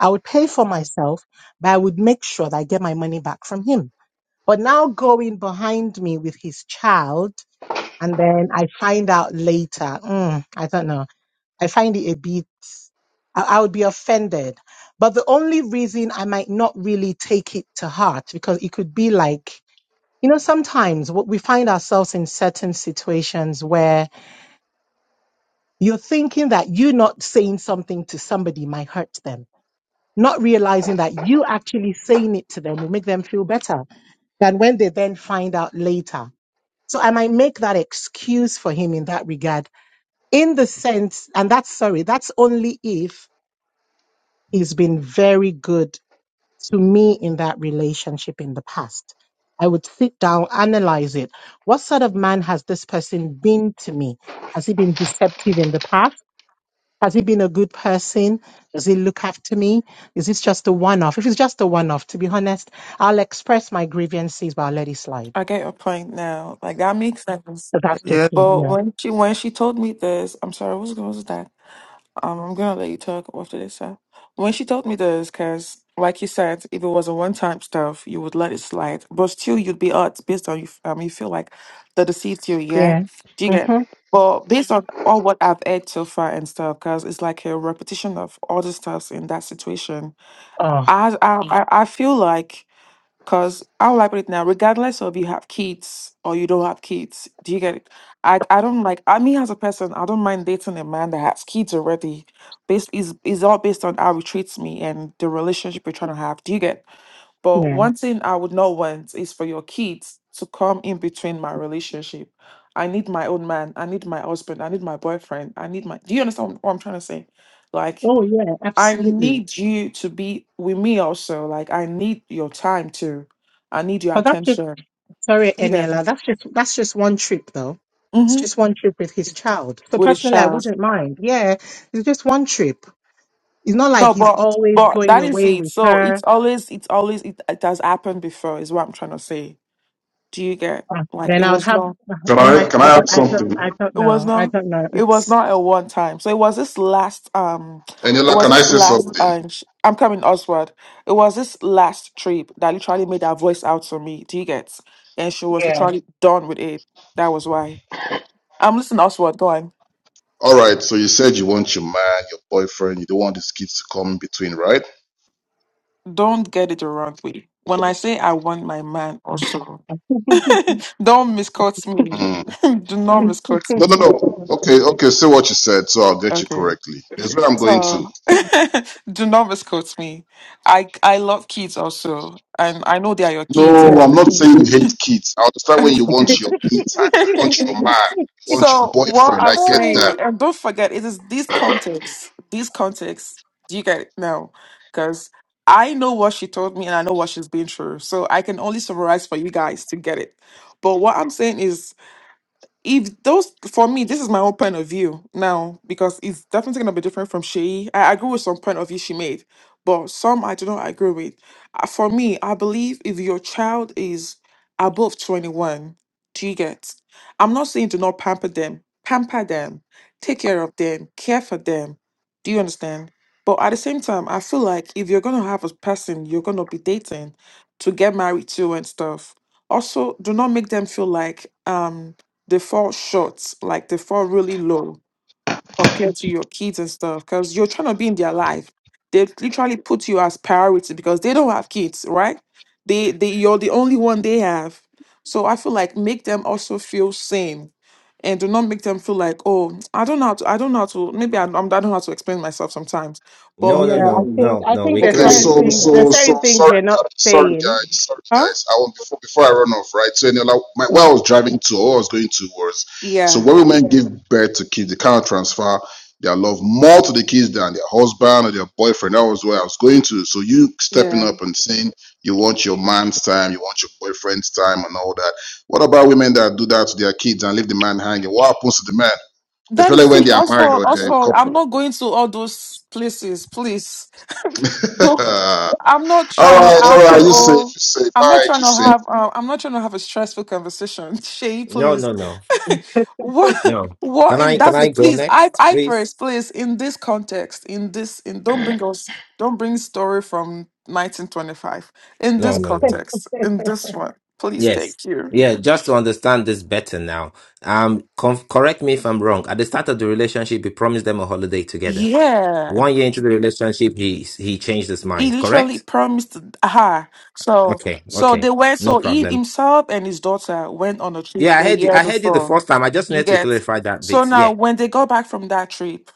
N: I would pay for myself, but I would make sure that I get my money back from him. But now going behind me with his child, and then I find out later, mm, I don't know. I find it a bit, I, I would be offended. But the only reason I might not really take it to heart, because it could be like, you know, sometimes what we find ourselves in certain situations where You're thinking that you not saying something to somebody might hurt them, not realizing that you actually saying it to them will make them feel better than when they then find out later. So I might make that excuse for him in that regard, in the sense, and that's sorry, that's only if he's been very good to me in that relationship in the past. I would sit down, analyze it. What sort of man has this person been to me? Has he been deceptive in the past? Has he been a good person? Does he look after me? Is this just a one off? If it's just a one off, to be honest, I'll express my grievances, but I'll let it slide.
P: I get your point now. Like that makes sense.
N: But that's just
Q: Yeah,
N: me.
P: But
N: Yeah.
P: when she when she told me this, I'm sorry, what's going on with that? Um, I'm gonna let you talk after this, sir. When she told me this, because like you said, if it was a one-time stuff, you would let it slide, but still you'd be hurt based on you. f- Um, you feel like they deceived you, yeah.
N: Yeah.
P: Do you get?
N: Mm-hmm.
P: But based on all what I've heard so far and stuff, because it's like a repetition of all the stuffs in that situation.
N: Oh,
P: I I I I feel like because I like it now, regardless of you have kids or you don't have kids. Do you get it? I I don't like I mean as a person, I don't mind dating a man that has kids already. Based is is all based on how he treats me and the relationship we're trying to have. Do you get? But
N: yeah.
P: one thing I would not want is for your kids to come in between my relationship. I need my own man. I need my husband. I need my boyfriend. I need my. Do you understand what I'm trying to say? Like
N: Oh, yeah.
P: I
N: Absolutely.
P: need you to be with me also. Like I need your time too. I need your
N: But that's just,
P: attention.
N: sorry,
P: You get
N: Eniela. That's just, that's just one trip though. It's
P: mm-hmm.
N: just one trip with his child. So
P: with a
N: personally, I
P: child.
N: wouldn't mind. Yeah. It's just one trip. It's not like
P: No,
N: he's
P: but
N: always
P: but
N: going
P: that is
N: away
P: it.
N: with
P: So
N: her
P: it's always it's always it, it has happened before. Is what I'm trying to say. Do you get
N: Uh,
P: like
N: Then
P: it
N: I would
P: was
N: have.
P: not?
O: Can
N: I
O: I
N: might.
O: can
N: I
O: I add
N: don't. I don't.
O: something?
N: I don't
P: It was
N: know. I
P: not.
N: don't know.
P: It was
N: It's
P: not a one time. So it was this last. Um, it
O: Eniola,
P: was
O: can I
P: this
O: say
P: last.
O: something?
P: Um, sh- I'm coming, Oswald. It was this last trip that literally made her voice out to me. Do you get? And she was
N: yeah.
P: literally done with it. That was why. I'm listening, Oswald. Go on.
O: All right. So you said you want your man, your boyfriend. You don't want these kids to come in between, right?
P: Don't get it the wrong way. When I say I want my man, also, don't misquote me.
O: Mm.
P: Do not misquote
O: No,
P: me.
O: no, no. Okay, okay. Say what you said, so I'll get you
P: Okay.
O: correctly. That's where I'm going
P: So
O: to.
P: do not misquote me. I I love kids also. and I know they are your kids.
O: No, I'm not saying you hate kids. I understand when you want your me time, you want your man, you want your
P: so what
O: boyfriend. I
P: I'm
O: get that.
P: saying, and don't forget, it is this context. This context. Do you get it now? Because I know what she told me, and I know what she's been through. So I can only summarize for you guys to get it. But what I'm saying is, if those for me this is my own point of view now because it's definitely going to be different from she i agree with some point of view she made but some i do not agree with Uh, for me i believe if your child is above 21 do you get i'm not saying do not pamper them pamper them take care of them care for them do you understand but at the same time i feel like if you're going to have a person you're going to be dating to get married to and stuff also do not make them feel like um they fall short, like they fall really low compared to your kids and stuff, because you're trying to be in their life. They literally put you as priority because they don't have kids, right? They they you're the only one they have. So I feel like make them also feel same. And do not make them feel like, oh, I don't know how to, I don't know how to, maybe I, I'm, I don't know how to explain myself sometimes. But,
L: No, no,
N: yeah. I
L: no,
N: think.
L: no,
N: I
L: no.
N: think
L: We
N: there's
O: Okay,
L: clearly
N: certain
O: so
N: things. There's
O: so
N: certain
O: so
N: things
O: sorry,
N: you're not
O: guys, sorry
N: saying.
O: guys, sorry
P: huh?
O: guys. I want before before I run off, right? So Eniola, my,
N: Yeah.
O: where I was driving to, or I was going to was, so
P: Yeah,
O: when women give birth to kids, they cannot transfer their love more to the kids than their husband or their boyfriend. That was where I was going to. So you stepping
P: yeah.
O: up and saying you want your man's time, you want your boyfriend's time, and all that. What about women that do that to their kids and leave the man hanging? What happens to the man,
P: That
O: especially
P: is,
O: when
P: see,
O: they are married
P: Oxford,
O: or they're a
P: Oxford, I'm
O: couple?
P: not going to all those places, please. I'm not
O: All
P: trying to
O: right, all
P: have
O: right.
P: a
O: You safe, you
P: oh,
O: safe. All
P: I'm not
O: right,
P: trying
O: you
P: to
O: safe.
P: have uh, I'm not trying to have a stressful conversation. Shay,
L: no,
P: please.
L: no, no,
P: what
L: no.
P: what
L: Can
P: in
L: I? Can I
P: that's
L: go
P: please I
L: next,
P: I
L: please?
P: first please in this context in this in don't bring us don't bring story from 1925 in
L: No,
P: this
L: no, no.
P: context in this one please
L: Yes.
P: thank you
L: Yeah, just to understand this better now. Um, conf- correct me if I'm wrong. At the start of the relationship, he promised them a holiday together.
P: yeah
L: One year into the relationship, he he changed his
P: He
L: mind.
P: literally
L: Correct?
P: promised her. So
L: Okay.
P: so
L: Okay.
P: they went
L: No
P: so he
L: problem.
P: himself and his daughter went on a trip
L: Yeah, I
P: a
L: heard you.
P: year
L: I heard you the
P: before.
L: first time. I just
P: You
L: need to
P: get
L: clarify that
P: so
L: bit.
P: now
L: Yeah.
P: when they go back from that trip,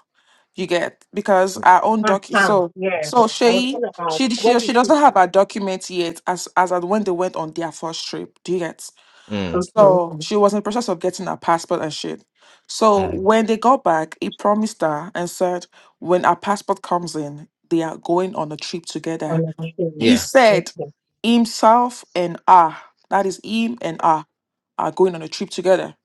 P: you get because our own docu
N: Uh-huh.
P: so
N: Yeah.
P: so
N: I was
P: she
N: gonna ask.
P: she
N: What
P: she
N: do you
P: she
N: think?
P: doesn't
N: it
P: have
N: is?
P: her documents yet as as at when they went on their first trip. Do you get?
L: Mm,
N: Okay.
P: So she was in the process of getting her passport and shit. So
L: mm.
P: when they got back, he promised her and said when her passport comes in, they are going on a trip together
N: I'm not sure.
P: he
L: Yeah.
P: said
N: Okay.
P: himself and I, that is him and I, are going on a trip together.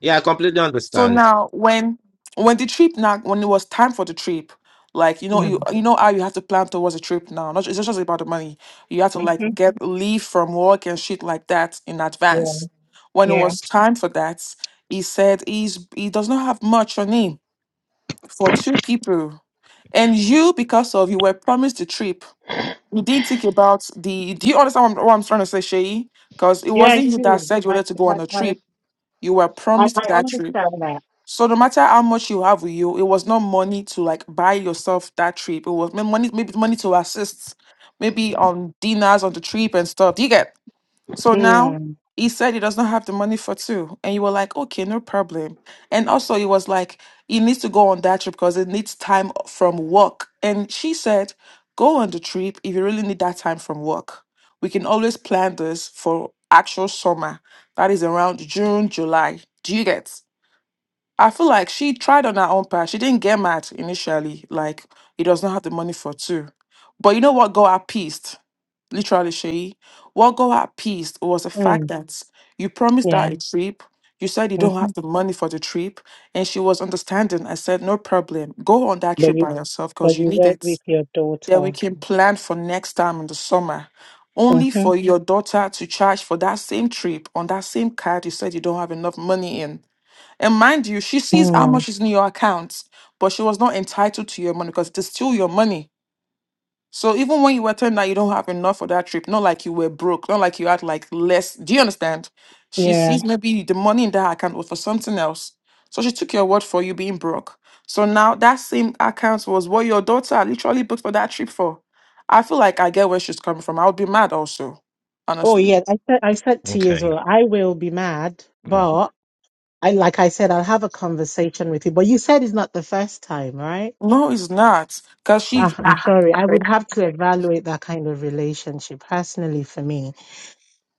L: Yeah, I completely
P: So
L: understand.
P: now when when the trip now when it was time for the trip, like you know you
N: Hmm,
P: you know how you have to plan towards a trip now. Not ju- it's not just about the money. You have to like
N: Mm-hmm.
P: get leave from work and shit like that in
N: Yeah.
P: advance. When it
N: Yeah.
P: was time for that, he said he's he does not have much on him for two people. And you, because of you were promised the trip we did think about the. Do you understand what I'm, what I'm trying to say, Shay? Because it
N: Yeah. I
P: wasn't you that
N: do.
P: said you
N: I.
P: wanted to go
N: I.
P: on a
N: I,
P: trip. You were
N: I
P: promised
N: I
P: that trip.
N: understand that.
P: So no matter how much you have with you, it was not money to like buy yourself that trip. It was ma- money, maybe money to assist, maybe on dinners on the trip and stuff. Do you get? So now
N: Mm.
P: he said he does not have the money for two. And you were like, okay, no problem. And also he was like, he needs to go on that trip because it needs time from work. And she said, go on the trip if you really need that time from work. We can always plan this for actual summer. That is around June, July. Do you get? I feel like she tried on her own part. She didn't get mad initially, like he does not have the money for two. But you know what got her pissed? literally Shay, what got her pissed was the fact
N: Mm.
P: that you promised her
N: Yeah.
P: a trip. You said you don't
N: Mm-hmm.
P: have the money for the trip, and she was understanding. I said, no problem. Go on that
N: But
P: trip
N: you.
P: by yourself
N: But
P: because you
N: you
P: need
N: work
P: it.
N: with your
P: Then we
N: daughter.
P: can plan for next time in the summer. Only
N: Mm-hmm.
P: for your daughter to charge for that same trip on that same card you said you don't have enough money in. And mind you, she sees how
N: Mm.
P: much is in your account, but she was not entitled to your money because it is still your money so even when you were telling that you don't have enough for that trip, not like you were broke, not like you had like less. Do you understand? She
N: Yeah.
P: sees maybe the money in that account was for something else. So she took your word for you being broke. So now that same account was what your daughter literally booked for that trip for. I feel like I get where she's coming from. I would be mad also,
N: Oh
P: honestly.
N: yeah, I said I said to you as
L: Okay.
N: well. I will be mad,
L: Mm,
N: but I like I said, I'll have a conversation with you. But you said it's not the first time, right?
P: No, it's not. Because she
N: Ah,
L: okay.
N: I'm sorry. I would have to evaluate that kind of relationship personally. For me,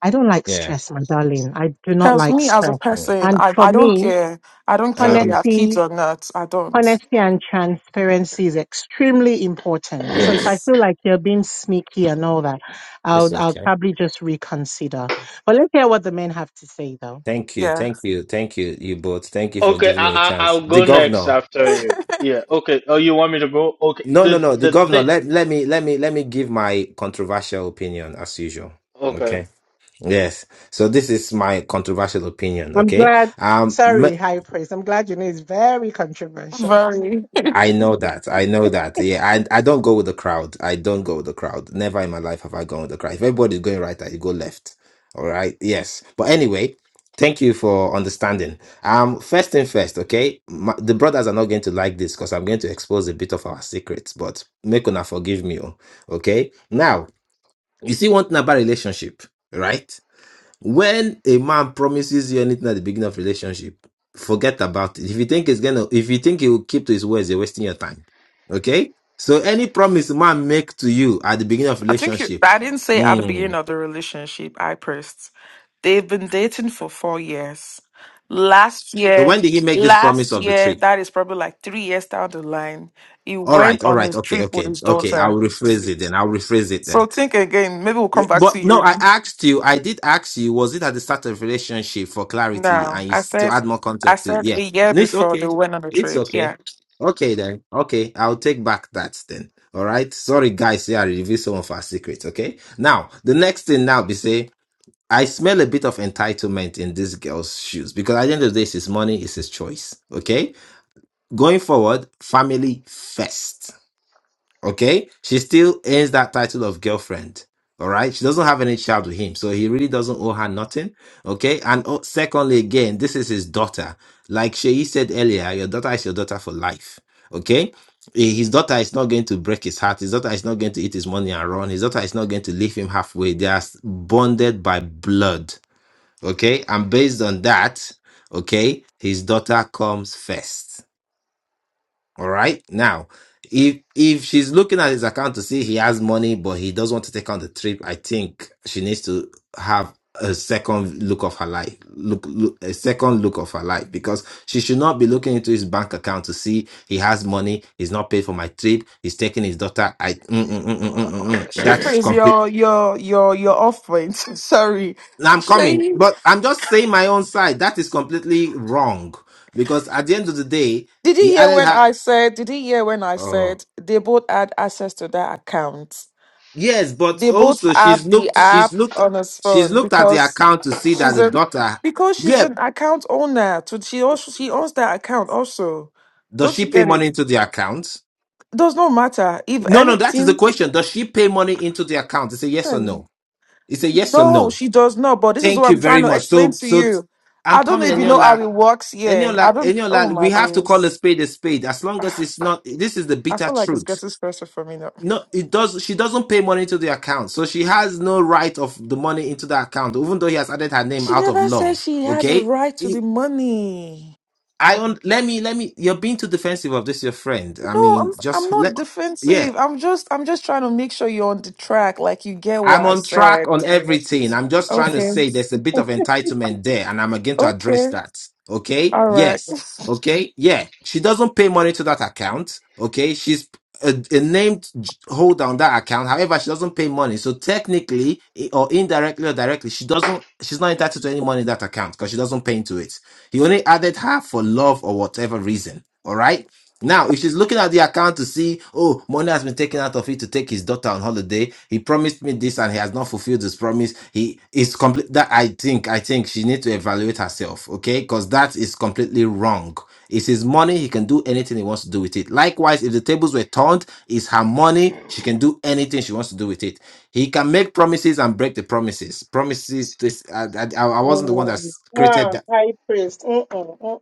N: I don't like
L: Yeah.
N: stress, my darling. I do not
P: tells
N: like
P: me as a
N: stress,
L: Mm.
P: person,
N: and
P: I,
N: for
P: I don't
N: me,
P: care. I don't care if you
L: Um.
P: have kids
N: honesty,
P: or not. I don't.
N: honesty, and transparency is extremely important. So if I
L: Yes.
N: feel like you're being sneaky and all that,
L: It's
N: I'll I'll
L: okay.
N: probably just reconsider. But let's hear what the men have to say, though.
L: Thank you.
P: Yeah.
L: Thank you. Thank you. You both. Thank you for
H: Okay,
L: giving
H: I,
L: me a
H: I
L: chance.
H: I'll
L: The
H: go next
L: governor.
H: after you. Yeah. Okay. Oh, you want me to go? Okay.
L: No, no,
H: The
L: no. The
H: the
L: governor,
H: thing.
L: let let me let me let me give my controversial opinion as usual.
H: Okay.
L: Okay. Yes. So this is my controversial opinion,
N: I'm
L: okay?
N: glad.
L: Um m-
N: Sorry, high praise. I'm glad you know it's very controversial.
P: Very.
L: I know that. I know that. Yeah, I I don't go with the crowd. I don't go with the crowd. Never in my life have I gone with the crowd. If everybody's going right, I go left. All right. Yes. But anyway, thank you for understanding. Um first thing first, okay? My, the brothers are not going to like this because I'm going to expose a bit of our secrets, but make una forgive me. oh, Okay? Now, You see one thing about relationship, right? When a man promises you anything at the beginning of relationship, forget about it. If you think it's gonna, if you think he will keep to his words, you're wasting your time. Okay. So any promise a man make to you at the beginning of
P: I think you,
L: relationship.
P: I didn't say at the beginning
L: mm.
P: of the relationship, I pressed. They've been dating for four years. Last
L: So
P: year,
L: when did he make this promise
P: last
L: of the
P: year,
L: tree?
P: that is probably like three years down the line, he
L: All right,
P: went
L: all
P: on
L: right,
P: his
L: okay,
P: trip with
L: okay,
P: his
L: okay. I'll
P: daughter.
L: rephrase it then. I'll rephrase it then.
P: So think again, maybe we'll
L: Yeah,
P: come back to
L: But no,
P: you.
L: I asked you. I did ask you. Was it at the start of relationship for clarity
P: No,
L: and you
P: I
L: s- to
P: said
L: add more
P: I
L: context to it?
P: said
L: Yeah,
P: a year
L: No, it's
P: before they
L: okay.
P: went on the
L: It's
P: trip.
L: okay.
P: Yeah.
L: Okay then. Okay, I'll take back that then. All right. Sorry, guys. Yeah, I revealed some of our secrets. Okay. Now the next thing now be say I smell a bit of entitlement in this girl's shoes because at the end of the day, it's his money, it's his choice. Okay. Going forward, family first. Okay, she still earns that title of girlfriend. All right, she doesn't have any child with him, so he really doesn't owe her nothing. Okay, and oh, secondly, again, this is his daughter. Like Sheyi said earlier, your daughter is your daughter for life. Okay, Eh, his daughter is not going to break his heart. His daughter is not going to eat his money and run. His daughter is not going to leave him halfway. They are s- bonded by blood. Okay, and based on that, okay, his daughter comes first. All right. Now, if if she's looking at his account to see he has money, but he doesn't want to take on the trip, I think she needs to have a second look of her life, look, look a second look of her life, because she should not be looking into his bank account to see he has money. He's not paid for my trip. He's taking his daughter. I mm, mm, mm, mm, mm, mm, mm.
P: Shifra
L: that's
P: is
L: complete.
P: your your your your off point. Sorry.
L: Now I'm coming,
P: Shay,
L: but I'm just saying my own side. That is completely wrong because at the end of the day,
P: did you
L: he
P: hear
L: added
P: when
L: her.
P: I said did you hear when I
L: oh,
P: said they both had access to that account?
L: Yes, but
P: They both
L: also she's
P: have the
L: looked she's
P: app
L: looked
P: on his
L: she's
P: phone
L: looked at the
P: because
L: account to see that
P: she's
L: the
P: a
L: daughter
P: because she's
L: yeah,
P: an account owner. So she also she owns that account also.
L: does
P: Don't
L: she
P: you
L: pay
P: get it?
L: money into the account?
P: Does not matter if
L: No, no, that is the
P: anything.
L: question. Does she pay money into the account? It's a yes or no. It's a yes or
P: No,
L: no.
P: she does not. But this is
L: Thank
P: what
L: you
P: I'm trying
L: very
P: to
L: much.
P: explain
L: So
P: to
L: so t-
P: you.
L: I'm
P: I don't know
L: coming,
P: if you know how
L: Eniola.
P: it works. Yeah, I
L: Eniola,
P: don't. Oh
L: Eniola,
P: my
L: we have to call a
P: days.
L: spade a spade. As long as
P: Ah,
L: it's not this is the
P: I
L: bitter
P: feel like it's
L: truth.
P: getting stressful for me now.
L: No, it does she doesn't pay money into the account. So she has no right of the money into the account, even though he has added her name
P: She
L: out of
P: never said
L: love.
P: she had a
L: Okay?
P: right to the money.
L: I on let me let me you're being too defensive of this your friend. I
P: No, I'm
L: mean,
P: I'm
L: just let
P: not
L: yeah.
P: defensive. I'm just I'm just trying to make sure you're on the track, like you get what
L: I'm
P: I
L: on track
P: said.
L: on everything. I'm just trying to
P: Okay.
L: say there's a bit of entitlement there, and I'm again to
P: Okay.
L: address that. Okay?
P: All right.
L: Yes. Okay? Yeah. She doesn't pay money to that account. Okay? She's a, a named j- holder on that account. However, she doesn't pay money. So technically, i- or indirectly or directly, she doesn't. She's not entitled to any money in that account because she doesn't pay into it. He only added her for love or whatever reason. All right? Now, if she's looking at the account to see, oh, money has been taken out of it to take his daughter on holiday. He promised me this and he has not fulfilled his promise. He is complete that I think, I think she needs to evaluate herself, okay? Because that is completely wrong. It's his money, he can do anything he wants to do with it. Likewise, if the tables were turned, it's her money, she can do anything she wants to do with it. He can make promises and break the promises. Promises, this, I, I, I wasn't the one
N: Mm,
L: that's created
N: ah,
L: that.
N: high priest. Mm-mm,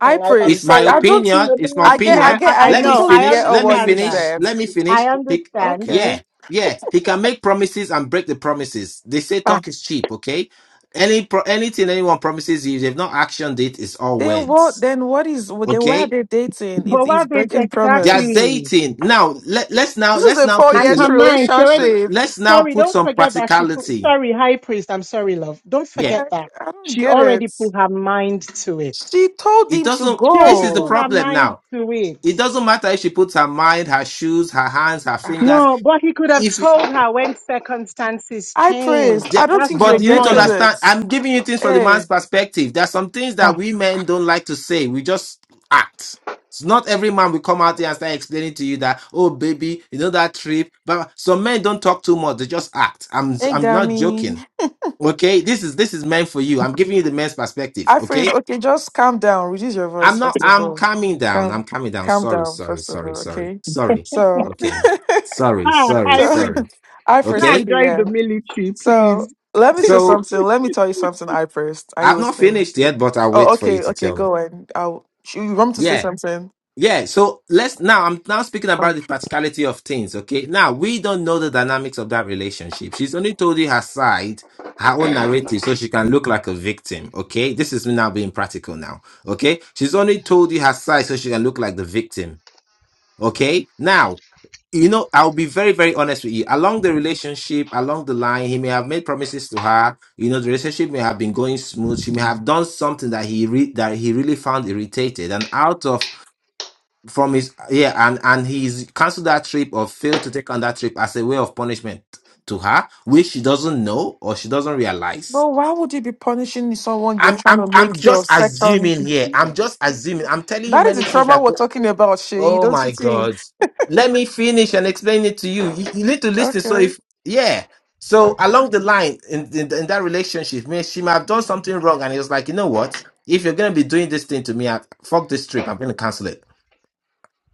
P: I
N: I, I'm
L: It's
P: praise.
L: my
P: I
N: sorry.
P: don't think
L: opinion.
N: I
L: It's my
P: I
N: mean,
P: get I
N: yeah,
L: opinion.
N: I,
P: get
N: I
P: I
L: Let me
N: know.
P: totally
N: I
P: get
L: finish.
P: all
L: Let me
P: what you've
N: understand that.
L: finish.
P: said.
L: Let me finish.
N: I
L: He,
N: understand.
P: Okay.
L: yeah, yeah. He can make promises and break the promises. They say talk is cheap. Okay. Any pro, anything anyone promises you, if they've not actioned it. It's all
P: Then what
L: words.
P: then what is what- then why are
L: Okay.
P: they dating
N: But
P: if it's
N: what did
P: breaking
L: They are
P: promise?
N: exactly?
L: dating now. Let, let's now
P: This is
L: let's
P: a
L: now
P: four
L: put
N: And
L: a
P: years
N: her
L: lo-
N: mind, she already,
P: relationship.
L: let's now
N: sorry,
L: put
N: don't
L: some
N: forget that she put,
L: practicality.
N: sorry, high priest, I'm sorry, love. Don't
L: Yeah.
N: forget
P: Like
N: that
P: I don't
N: she
P: get
N: already
P: it.
N: put her mind to it.
P: She told
L: It
P: him to
L: doesn't.
N: She
L: This
N: already
L: is the
N: put
P: go.
N: her
L: problem
N: mind
L: now.
N: to it.
L: It doesn't matter if she puts her mind, her shoes, her hands, her fingers.
N: No, but he could have
L: If
N: told her when circumstances
P: I praised.
N: changed.
L: Yeah,
P: I don't
N: That's
P: think you're
L: but
N: my
L: you need to
P: getting
N: point.
L: understand.
P: it.
L: I'm giving you things from the
P: Hey,
L: man's perspective. There are some things that
N: Ah,
L: we men don't like to say. We just act. It's not every man will come out here and start explaining to you that, oh baby, you know that trip. But some men don't talk too much. They just act. I'm
P: hey,
L: I'm not
P: Gami.
L: joking. Okay, this is this is meant for you. I'm giving you the men's perspective.
P: I freeze.
L: Okay,
P: Okay, just calm down. Reduce your
L: I'm
P: voice
L: not.
P: first of
L: I'm
P: all.
L: calming down.
P: Calm,
L: I'm calming down.
P: calm
L: Sorry,
P: down
L: sorry,
P: first of
L: sorry,
P: all.
L: sorry,
P: Okay.
L: sorry.
P: So,
L: Okay, sorry,
N: ah,
L: sorry,
N: high
P: so
N: priest,
L: sorry.
P: I
N: go
P: first.
N: and
L: Okay,
P: Okay,
N: join
P: yeah.
N: the military,
P: So
N: please.
P: let me say
L: so
P: something. Let me tell you something. I first. Are you
L: I've not
P: listening?
L: finished yet, but I'll
P: Oh,
L: wait for you
P: okay,
L: to
P: okay.
L: tell me.
P: Go on. I'll. You want me to say
L: Yeah.
P: something?
L: Yeah. So let's now I'm now speaking about the
P: Okay.
L: practicality of things. Okay. Now we don't know the dynamics of that relationship. She's only told you her side, her own narrative, so she can look like a victim. Okay. This is me now being practical now. Okay. She's only told you her side so she can look like the victim. Okay. Now you know, I'll be very, very honest with you. Along the relationship, along the line, he may have made promises to her. You know, the relationship may have been going smooth. She may have done something that he re- that he really found irritated, and out of from his yeah, and and he's cancelled that trip or failed to take on that trip as a way of punishment to her, which she doesn't know or she doesn't realize.
P: Bro, why would you be punishing someone you're
L: I'm
P: trying
L: I'm
P: to
L: I'm
P: make your
L: just assuming
P: second?
L: here. I'm just assuming. I'm telling you
P: That is the
L: many things
P: trauma
L: that.
P: we're
L: go.
P: talking about, Shay.
L: Oh
P: Don't you
L: my
P: think?
L: God. Let me finish and explain it to you. You, you need to listen. So
P: Okay.
L: if yeah. So
P: Okay.
L: along the line in, in in that relationship, me she might have done something wrong, and he was like, you know what? If you're gonna be doing this thing to me, I, fuck this trip. I'm gonna cancel it,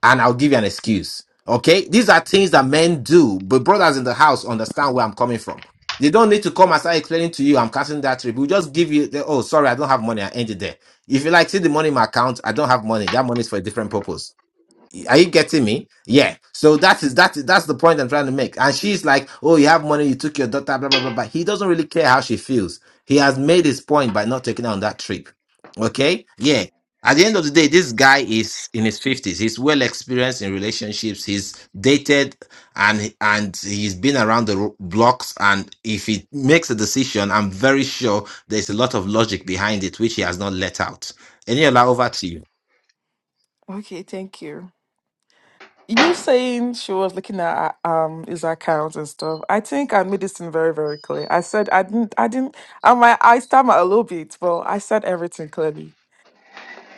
L: and I'll give you an excuse. Okay, these are things that men do, but brothers in the house understand where I'm coming from. They don't need to come and start explaining to you I'm canceling that trip. We'll just give you the oh sorry, I don't have money. I ended there. If you like see the money in my account, I don't have money. That money is for a different purpose. Are you getting me? Yeah. So that is that is that's the point I'm trying to make. And she's like, "Oh, you have money. You took your daughter. Blah blah blah." blah. He doesn't really care how she feels. He has made his point by not taking her on that trip. Okay. Yeah. At the end of the day, this guy is in his fifties. He's well experienced in relationships. He's dated, and and he's been around the ro- blocks. And if he makes a decision, I'm very sure there's a lot of logic behind it, which he has not let out. Eniola, over to you.
P: Okay, thank you. You saying she was looking at uh, um his accounts and stuff. I think I made this thing very, very clear. I said I didn't I didn't I might I stammer a little bit, but I said everything clearly.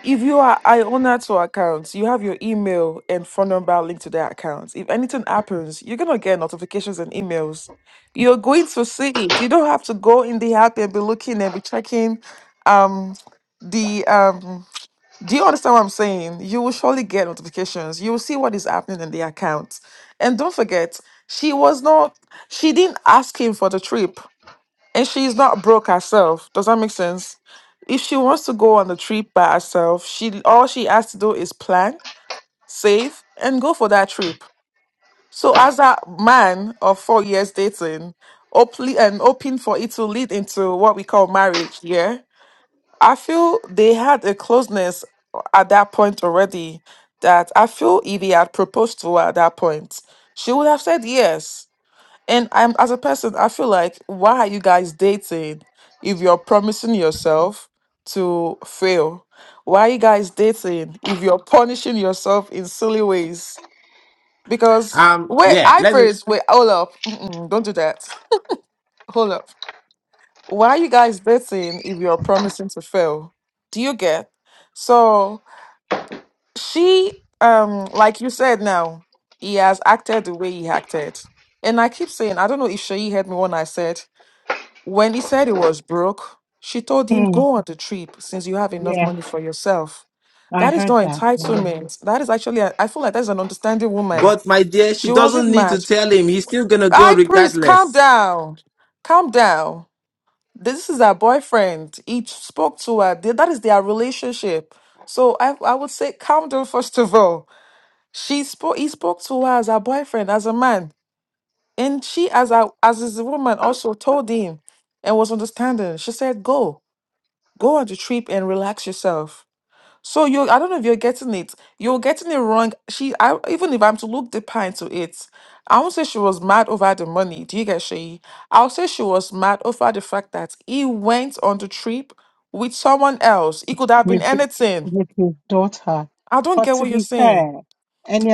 P: If you are I owner to accounts, you have your email and phone number linked to their accounts. If anything happens, you're gonna get notifications and emails. You're going to see it. You don't have to go in the app and be looking and be checking um the um do you understand what I'm saying? You will surely get notifications. You will see what is happening in the account. And don't forget, she was not, she didn't ask him for the trip. And she's not broke herself. Does that make sense? If she wants to go on the trip by herself, she all she has to do is plan, save, and go for that trip. So as a man of four years dating, hopefully and hoping for it to lead into what we call marriage, yeah. I feel they had a closeness at that point already that I feel if he had proposed to her at that point, she would have said yes. And I'm as a person, I feel like why are you guys dating if you're promising yourself to fail? Why are you guys dating if you're punishing yourself in silly ways? Because
L: Um,
P: wait,
L: yeah.
P: I
L: Let me.
P: first wait, hold up, Mm-mm, don't do that. Hold up. Why are you guys dating if you're promising to fail? Do you get? So she, um, like you said now, he has acted the way he acted. And I keep saying, I don't know if Shayi heard me when I said, when he said he was broke, she told him,
N: Hmm,
P: go on the trip since you have enough
N: yeah,
P: money for yourself.
N: I
P: That is
N: heard
P: not
N: that.
P: entitlement. That is actually, a- I feel like that's an understanding woman.
L: But my dear, she
P: She wasn't
L: doesn't need to
P: mad.
L: tell him. He's still gonna go
P: High priest, calm
L: regardless.
P: down. Calm down This is her boyfriend. He spoke to her. They- That is their relationship. So I, I would say calm down first of all. She spoke. He spoke to her as her boyfriend, as a man, and she, as a as is a woman, also told him and was understanding. She said, "Go, go on the trip and relax yourself." So you, I don't know if you're getting it. You're getting it wrong. She, I even if I'm to look deeper into it, I won't say she was mad over the money. Do you get she? I'll say she was mad over the fact that he went on the trip with someone else. It could have been
N: with his,
P: anything.
N: with his daughter.
P: I don't
N: But
P: get
N: to
P: what you're
N: be
P: saying.
N: fair,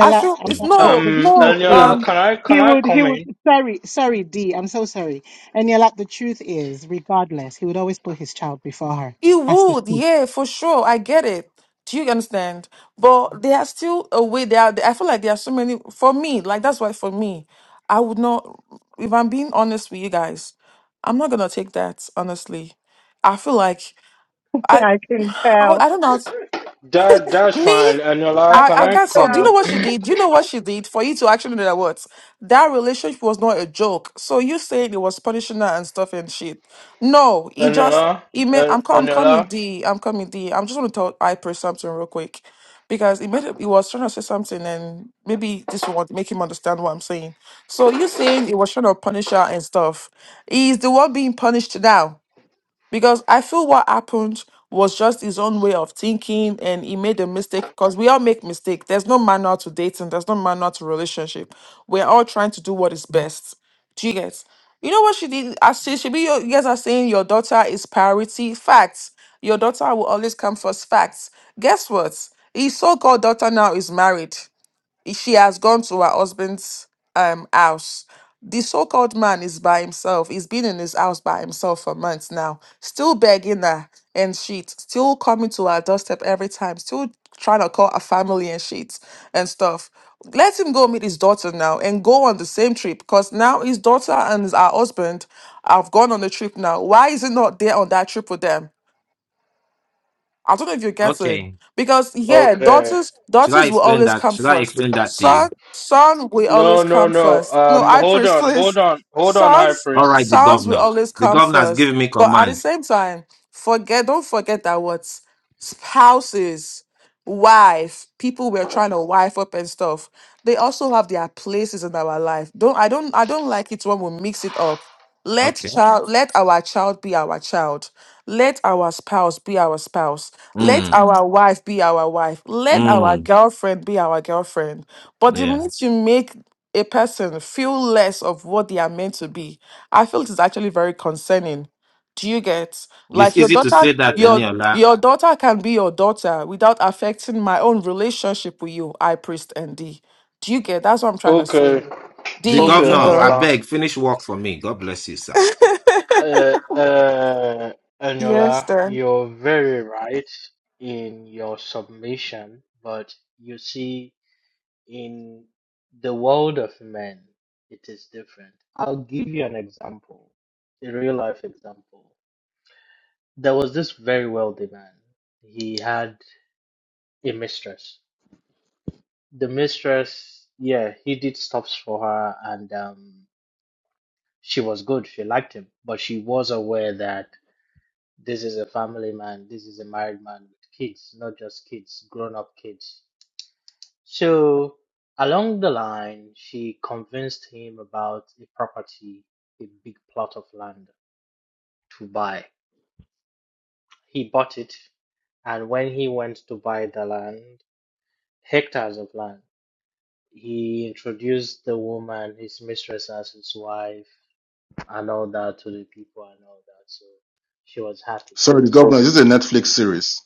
P: I feel
N: I'm,
P: it's
L: Mm.
N: not- the,
P: no,
N: the
H: Um,
N: truth
P: no.
N: is,
H: Anila,
P: um.
H: can I
N: he
H: can I
N: would, he
H: come
N: would,
H: in?
N: sorry, sorry, D, I'm so sorry. Eniola, the truth is, regardless, he would always put his child before her.
P: It
N: That's the
P: would,
N: truth.
P: yeah, for sure. I get it. Do you understand? But there are still a way. There are. I feel like there are so many. For me, like that's why for me, I would not. If I'm being honest with you guys, I'm not gonna take that honestly. I feel like I,
N: I can
P: I,
N: tell.
P: I don't know.
H: That that's
P: Me,
H: fine. Anila,
N: I
P: I,
H: can
P: I
H: I
N: can
P: can't. So,
H: come
P: do you
N: tell.
H: in?
P: know what she did? Do you know what she did for you to actually know that what that relationship was not a joke? So you saying it was punishing her and stuff and shit. No, he just
H: Anila,
P: he made.
H: An-
P: I'm co- I'm coming
H: Anila.
P: D. I'm coming D. I'm just gonna tell Hyper something real quick because he made it. He was trying to say something and maybe this will make him understand what I'm saying. So you saying it was trying to punish her and stuff. He's the one being punished now because I feel what happened was just his own way of thinking and he made a mistake because we all make mistakes. There's no manual to dating, there's no manual to relationship. We're all trying to do what is best. Do you get? You know what she did? I see Should be your, you guys are saying your daughter is priority. Facts. Your daughter will always come first. Facts. Guess what? His so-called daughter now is married she has gone to her husband's um house. The so-called man is by himself. He's been in his house by himself for months now, still begging her and shit, still coming to her doorstep every time, still trying to call her family and shit and stuff. Let him go meet his daughter now and go on the same trip because now his daughter and his- her husband have gone on the trip now. Why is he not there on that trip with them? I don't know if you are getting
L: Okay.
P: Because yeah,
H: Okay.
P: daughters
L: Should I
P: daughters will
L: explain
P: always
L: that?
P: come
L: Should I
P: first.
L: explain that to you?
P: Son son will
H: No,
P: always
H: no,
P: come
H: no.
P: first. No,
H: Um,
P: I
H: hold
P: first
H: on, hold
P: please.
H: on, hold on, High
P: Sons
L: All
H: Priest.
L: right, the
P: sons will
L: governor.
P: always
L: The
P: come
L: governor has
P: first.
L: given me
P: But at the
L: command.
P: same time, forget don't forget that what spouses, wife, people we're trying to wife up and stuff, they also have their places in our life. Don't I don't I don't like it when we mix it up. Let
L: Okay.
P: child let our child be our child. Let our spouse be our spouse let Mm.
L: Mm,
P: our wife be our wife. Let our
L: mm,
P: girlfriend be our girlfriend. But the
L: yeah.
P: minute you make a person feel less of what they are meant to be, I feel it is actually very concerning. Do you get like
L: It's
P: your
L: easy to
P: daughter
L: say that,
P: your
L: Eniola.
P: your daughter can be your daughter without affecting my own relationship with you, I priest and D. Do you get that's what I'm trying to say?
H: Okay,
L: The
P: D you
H: okay,
P: can
L: governor, I
P: go.
H: Anila.
L: beg, finish work for me. God bless you, sir.
H: Uh, uh,
P: yes,
H: Enola,
P: sir.
H: you're very right in your submission, but you see, in the world of men, it is different. I'll give you an example, a real life example. There was this very wealthy man. He had a mistress. The mistress, yeah, he did stops for her, and um, she was good. She liked him, but she was aware that This is a family man. This is a married man with kids, not just kids, grown up kids. So, along the line, she convinced him about a property, a big plot of land to buy. He bought it, and when he went to buy the land, hectares of land, he introduced the woman, his mistress, as his wife, and all that to the people and all that. So, she was happy.
O: Sorry, the governor. This is a Netflix series.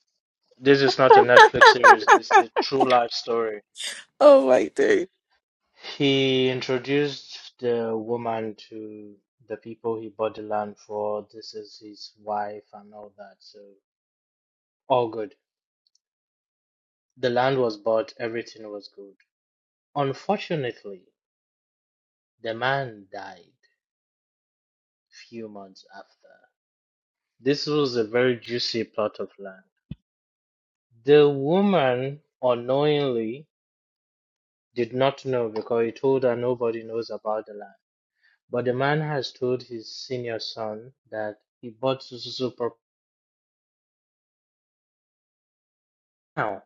H: This is not a Netflix series, it's a true life story.
P: Oh my god.
H: He introduced the woman to the people he bought the land for. This is his wife and all that. So, all good. The land was bought, everything was good. Unfortunately, the man died few months after. This was a very juicy plot of land. The woman unknowingly did not know because he told her nobody knows about the land. But the man has told his senior son that he bought so so so per pound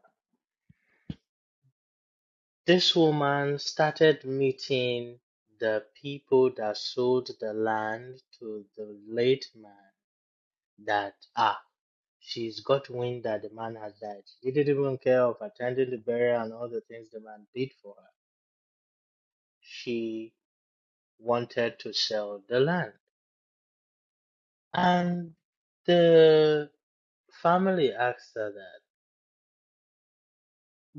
H: This woman started meeting the people that sold the land to the late man that ah she's got wind that the man has died. She didn't even care of attending the burial and all the things the man did for her. She wanted to sell the land. And the family asked her that,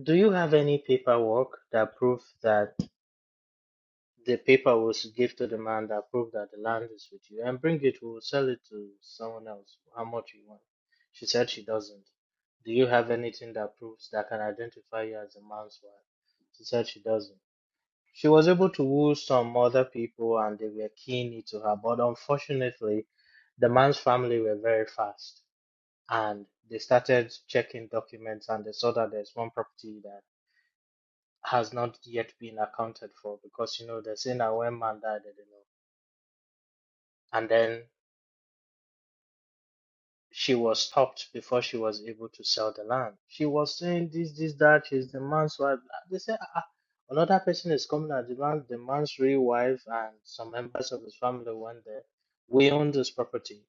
H: do you have any paperwork that proves that The paper was to give to the man that prove that the land is with you and bring it. We will sell it to someone else. How much you want? She said she doesn't. Do you have anything that proves that can identify you as the man's wife? She said she doesn't. She was able to woo some other people and they were keen into her, but unfortunately, the man's family were very fast and they started checking documents and they saw that there's one property that has not yet been accounted for because you know they're saying that when man died, they didn't know. and then she was stopped before she was able to sell the land. She was saying this, this, that. She's the man's wife. They say "Ah, ah, another person is coming as the man, the man's real wife, and some members of his family went there. We own this property.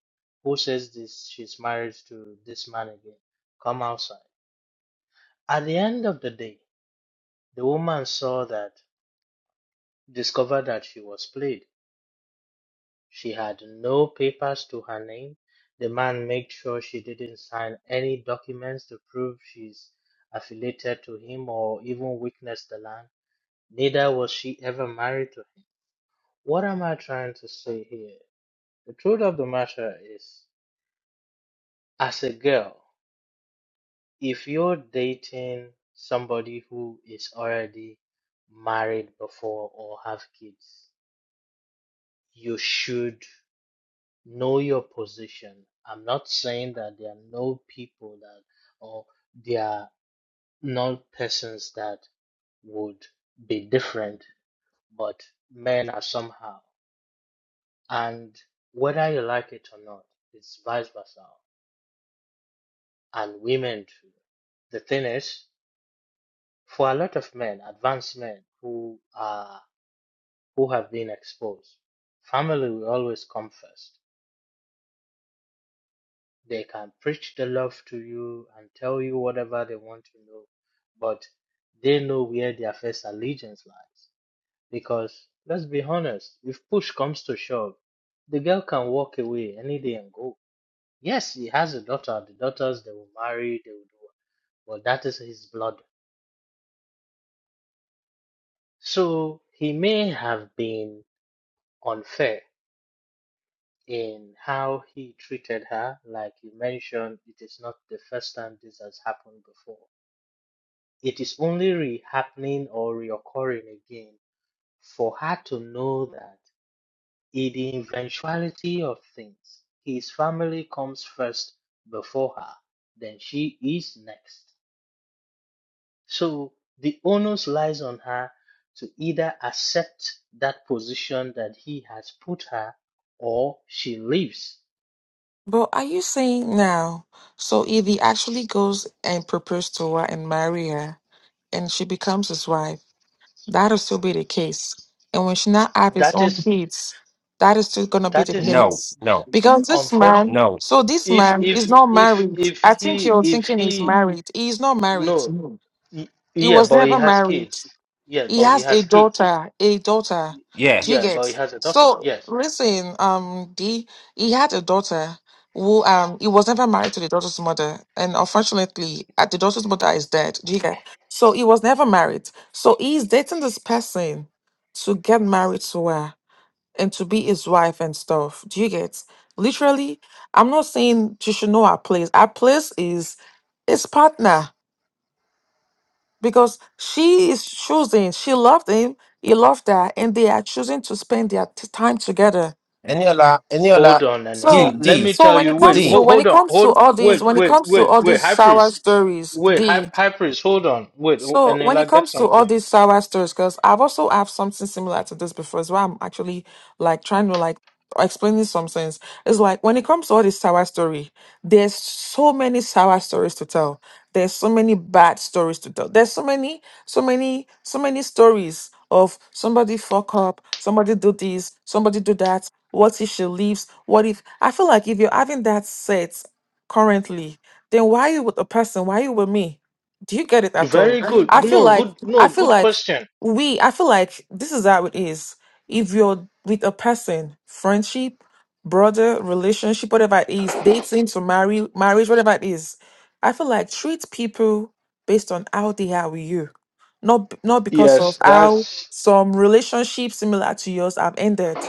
H: Who says this? She's married to this man again. Come outside. At the end of the day, the woman saw that, discovered that she was played She had no papers to her name. The man made sure she didn't sign any documents to prove she's affiliated to him or even witnessed the land. Neither was she ever married to him. What am I trying to say here? The truth of the matter is, as a girl, if you're dating somebody who is already married before or have kids, you should know your position. I'm not saying that there are no people that or there are not persons that would be different, but men are somehow. And whether you like it or not, it's vice versa. And women too. The thing is, for a lot of men, advanced men who are who have been exposed, family will always come first They can preach the love to you and tell you whatever they want to know, but they know where their first allegiance lies. Because let's be honest, if push comes to shove, the girl can walk away any day and go. Yes, he has a daughter. The daughters they will marry, they will do but that is his blood. So he may have been unfair in how he treated her. Like you mentioned, it is not the first time this has happened before. It is only re-happening or reoccurring again for her to know that in the eventuality of things, his family comes first before her, then she is next. So the onus lies on her to either accept that position that he has put her or she leaves.
P: But are you saying now? So if he actually goes and proposes to her and marry her, and she becomes his wife, that'll still be the case. And when she not have his
H: That
P: own
H: is
P: kids, that is still gonna be
H: that
P: the
H: is
L: No,
P: case.
L: no,
P: Because this
H: unfortunate.
P: man,
L: no.
P: so this
H: If
P: man is
H: if
P: not
H: if
P: married.
H: if
P: I think
H: he
P: you're
H: if
P: thinking he's
H: he
P: married. He is not married.
H: no Y-
P: He
H: Yeah,
P: was
H: but he
P: never
H: has
P: married.
H: kids. Yeah,
P: He
H: but he
P: has a
H: has kids.
P: daughter, a daughter.
L: Yeah.
P: Do you
H: Yeah, but
P: get?
H: he has a daughter.
P: So
H: Yes.
P: listen, um, D, he had a daughter who um he was never married to the daughter's mother, and unfortunately, uh, the daughter's mother is dead. Do you get? So he was never married. So he's dating this person to get married to her and to be his wife and stuff. Do you get? Literally, I'm not saying you should know our place. Our place is his partner because she is choosing she loved him he loved her and they are choosing to spend their t- time together
L: Eniola, Eniola,
H: Hold on, Daniela.
P: so
L: D,
H: Let
L: D,
H: me
P: so
H: tell
P: when
H: you.
P: it
H: Wait.
P: comes to
L: D.
H: Hold,
P: when
H: hold
P: it
H: on.
P: comes to
H: Hold.
P: all these
H: Wait.
P: when it
H: Wait.
P: comes to
H: Wait.
P: all
H: Wait.
P: these
H: High
P: sour
H: priest.
P: stories
H: Wait.
P: the.
H: High, high priest. Hold on. Wait. ho-
P: So when it
H: Daniela, get
P: comes to all
H: something.
P: these sour stories, because I've also have something similar to this before as well. I'm actually like trying to like explaining some things. It's like when it comes to all this sour story, there's so many sour stories to tell. There's so many bad stories to tell. There's so many, so many, so many stories of somebody fuck up, somebody do this, somebody do that. What if she leaves? What if I feel like if you're having that set currently, then why you with a person? Why you with me? Do you get it at all?
H: Very
P: Mhm.
H: good.
P: I feel
H: No.
P: like
H: Good.
P: I
H: No.
P: feel
H: Good
P: like
H: question.
P: we I feel like this is how it is. If you're with a person, friendship, brother, relationship, whatever it is, dating to marry marriage, whatever it is, I feel like treat people based on how they are with you. Not b- not because of
H: Yes.
P: how
H: That's
P: some relationships similar to yours have ended.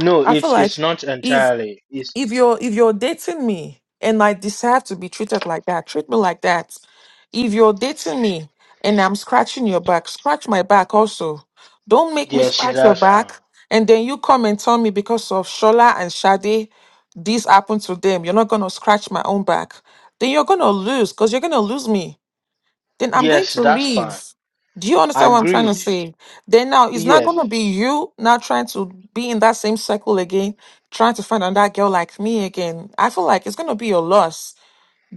H: no.
P: I feel
H: It's
P: like
H: it's not entirely. It's
P: if you're if you're dating me and I deserve to be treated like that, treat me like that. If you're dating me and I'm scratching your back, scratch my back also. Don't make me
H: yes.
P: scratch your
H: That's fine.
P: back and then you come and tell me because of Shola and Shade, this happened to them. You're not gonna scratch my own back. Then you're gonna lose because you're gonna lose me then I'm going
H: Yes.
P: to
H: That's
P: leave.
H: fine.
P: Do you understand what I'm trying to
H: Agreed.
P: say? Then now it's not
H: Yes.
P: going to be you now trying to be in that same circle again, trying to find another girl like me again. I feel like it's going to be your loss.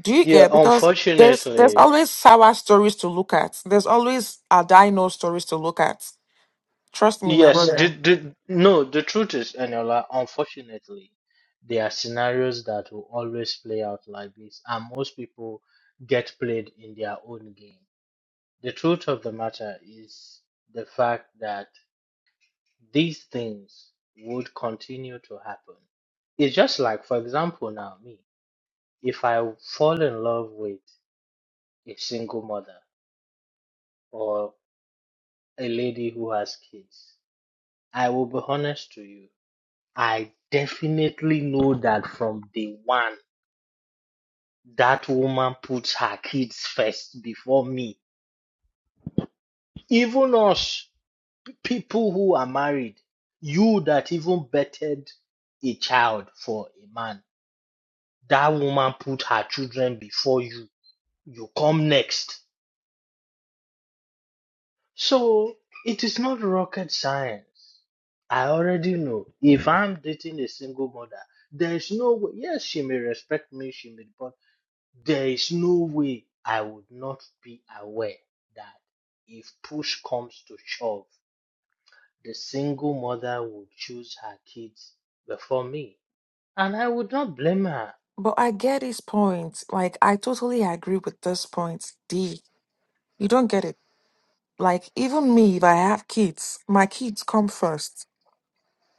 P: Do you
H: Yeah.
P: get? Because there's there's
H: Unfortunately.
P: always sour stories to look at. There's always a dino stories to look at. Trust me, my Yeah.
H: Yes,
P: brother.
H: the,
P: Yeah.
H: the no, the truth is, Eniola, unfortunately, there are scenarios that will always play out like this, and most people get played in their own game. The truth of the matter is the fact that these things would continue to happen. It's just like, for example, now me, if I fall in love with a single mother or a lady who has kids, I will be honest to you. I definitely know that from day one, that woman puts her kids first before me. Even us, people who are married, you that even bettered a child for a man, that woman put her children before you. You come next. So it is not rocket science. I already know. If I'm dating a single mother, there's no way. Yes, she may respect me, she may, but there is no way I would not be aware that if push comes to shove, the single mother would choose her kids before me. And I would not blame her.
P: But I get his point. Like I totally agree with this point. D, you don't get it. Like even me, if I have kids, my kids come first.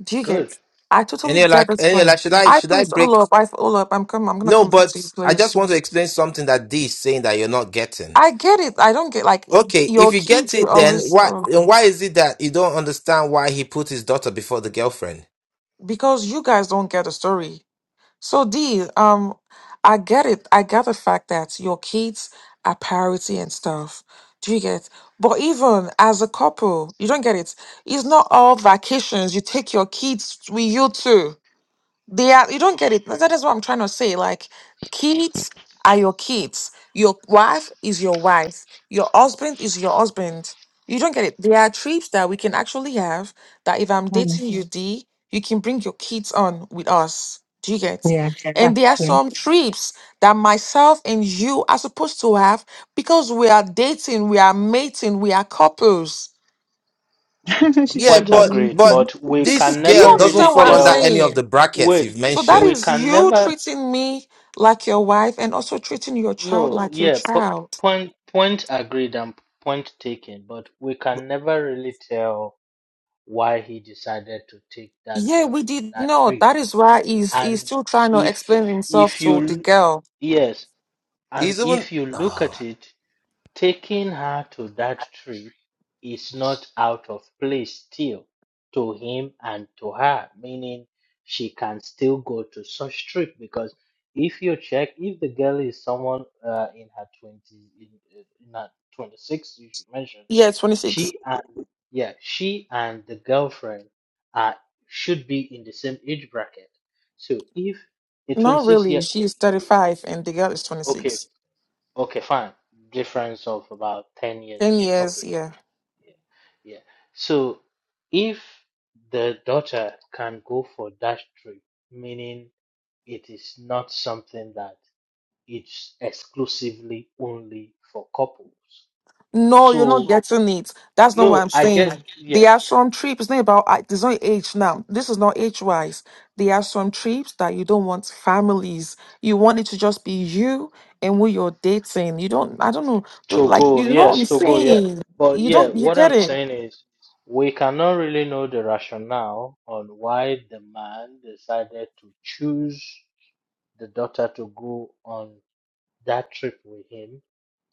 P: Do you get?
H: Good.
P: I totally get
L: Eniola,
P: this point.
L: Eniola, should I,
P: I
L: should I
P: please all
L: break?
P: up. I all up. I'm coming. I'm gonna
L: No,
P: come back
L: but
P: to you,
L: I
P: please.
L: just want to explain something that D is saying that you're not getting.
P: I get it. I don't get like y-
L: Okay, if
P: your
L: you get
P: kids. You
L: it, then
P: always
L: why
P: uh,
L: and why is it that you don't understand why he put his daughter before the girlfriend?
P: because you guys don't get the story. So D, um, I get it. I get the fact that your kids are priority and stuff. Do you get? But even as a couple, you don't get it. It's not all vacations. You take your kids with you too. They are you don't get it. That is what I'm trying to say. Like kids are your kids. Your wife is your wife. Your husband is your husband. You don't get it. There are trips that we can actually have that if I'm
N: Mm,
P: dating you, D, you can bring your kids on with us. Do you get?
N: yeah,
P: Yeah. And
N: that's
P: there are
N: true.
P: some trips that myself and you are supposed to have because we are dating, we are mating, we are couples.
N: she
L: Yeah,
N: said,
H: Point
N: well,
L: but
N: me
H: agreed.
L: but
N: too."
H: But we
L: this
H: can
P: Do you
L: girl
H: never
L: doesn't
H: really
P: understand what
L: fall
P: I'm
L: under
H: tell.
L: any
P: saying?
L: of the brackets
H: Wait,
L: you've
P: So that
H: we
L: mentioned.
P: is
H: can
P: you
H: never.
P: treating me like your wife and also treating your child
H: No,
P: like your
H: yeah, po-
P: child.
H: point, point agreed and point taken. But we can never really tell why he decided to take that
P: Yeah,
H: girl
P: we
H: on
P: did
H: that
P: not.
H: trip
P: That is why he's he's
H: And
P: still trying to
H: if
P: explain himself
H: if you
P: to the
H: l-
P: girl.
H: yes, and
L: He's even.
H: if you look
L: Oh,
H: at it, Taking her to that trip is not out of place still to him and to her, meaning she can still go to such trip because if you check, if the girl is someone uh, in her 20s, in, uh, in her 26, you should mention,
P: Yeah, 26.
H: she and yeah, she and the girlfriend are should be in the same age bracket. So if a
P: Not
H: 26
P: really.
H: year old,
P: She's 35 and the girl is
H: okay,
P: 26.
H: Okay, fine. Difference of about 10
P: 10
H: years.
P: years,
H: Okay.
P: yeah.
H: Yeah. Yeah. So if the daughter can go for that trip, meaning it is not something that it's exclusively only for couples.
P: No, you're not
H: So
P: getting it. That's not what
H: no,
P: I'm
H: I get
P: saying.
H: yeah,
P: There are some trips. It's not about I- there's no age now. This is not age wise. There are some trips that you don't want families. You want it to just be you and who you're dating. You don't. I don't know. Don't
H: to
P: like.
H: go,
P: You know what
H: yes,
P: I'm
H: to go, yeah.
P: saying.
H: But
P: You
H: yeah,
P: don't. You
H: what
P: get
H: I'm
P: it.
H: saying is we cannot really know the rationale on why the man decided to choose the daughter to go on that trip with him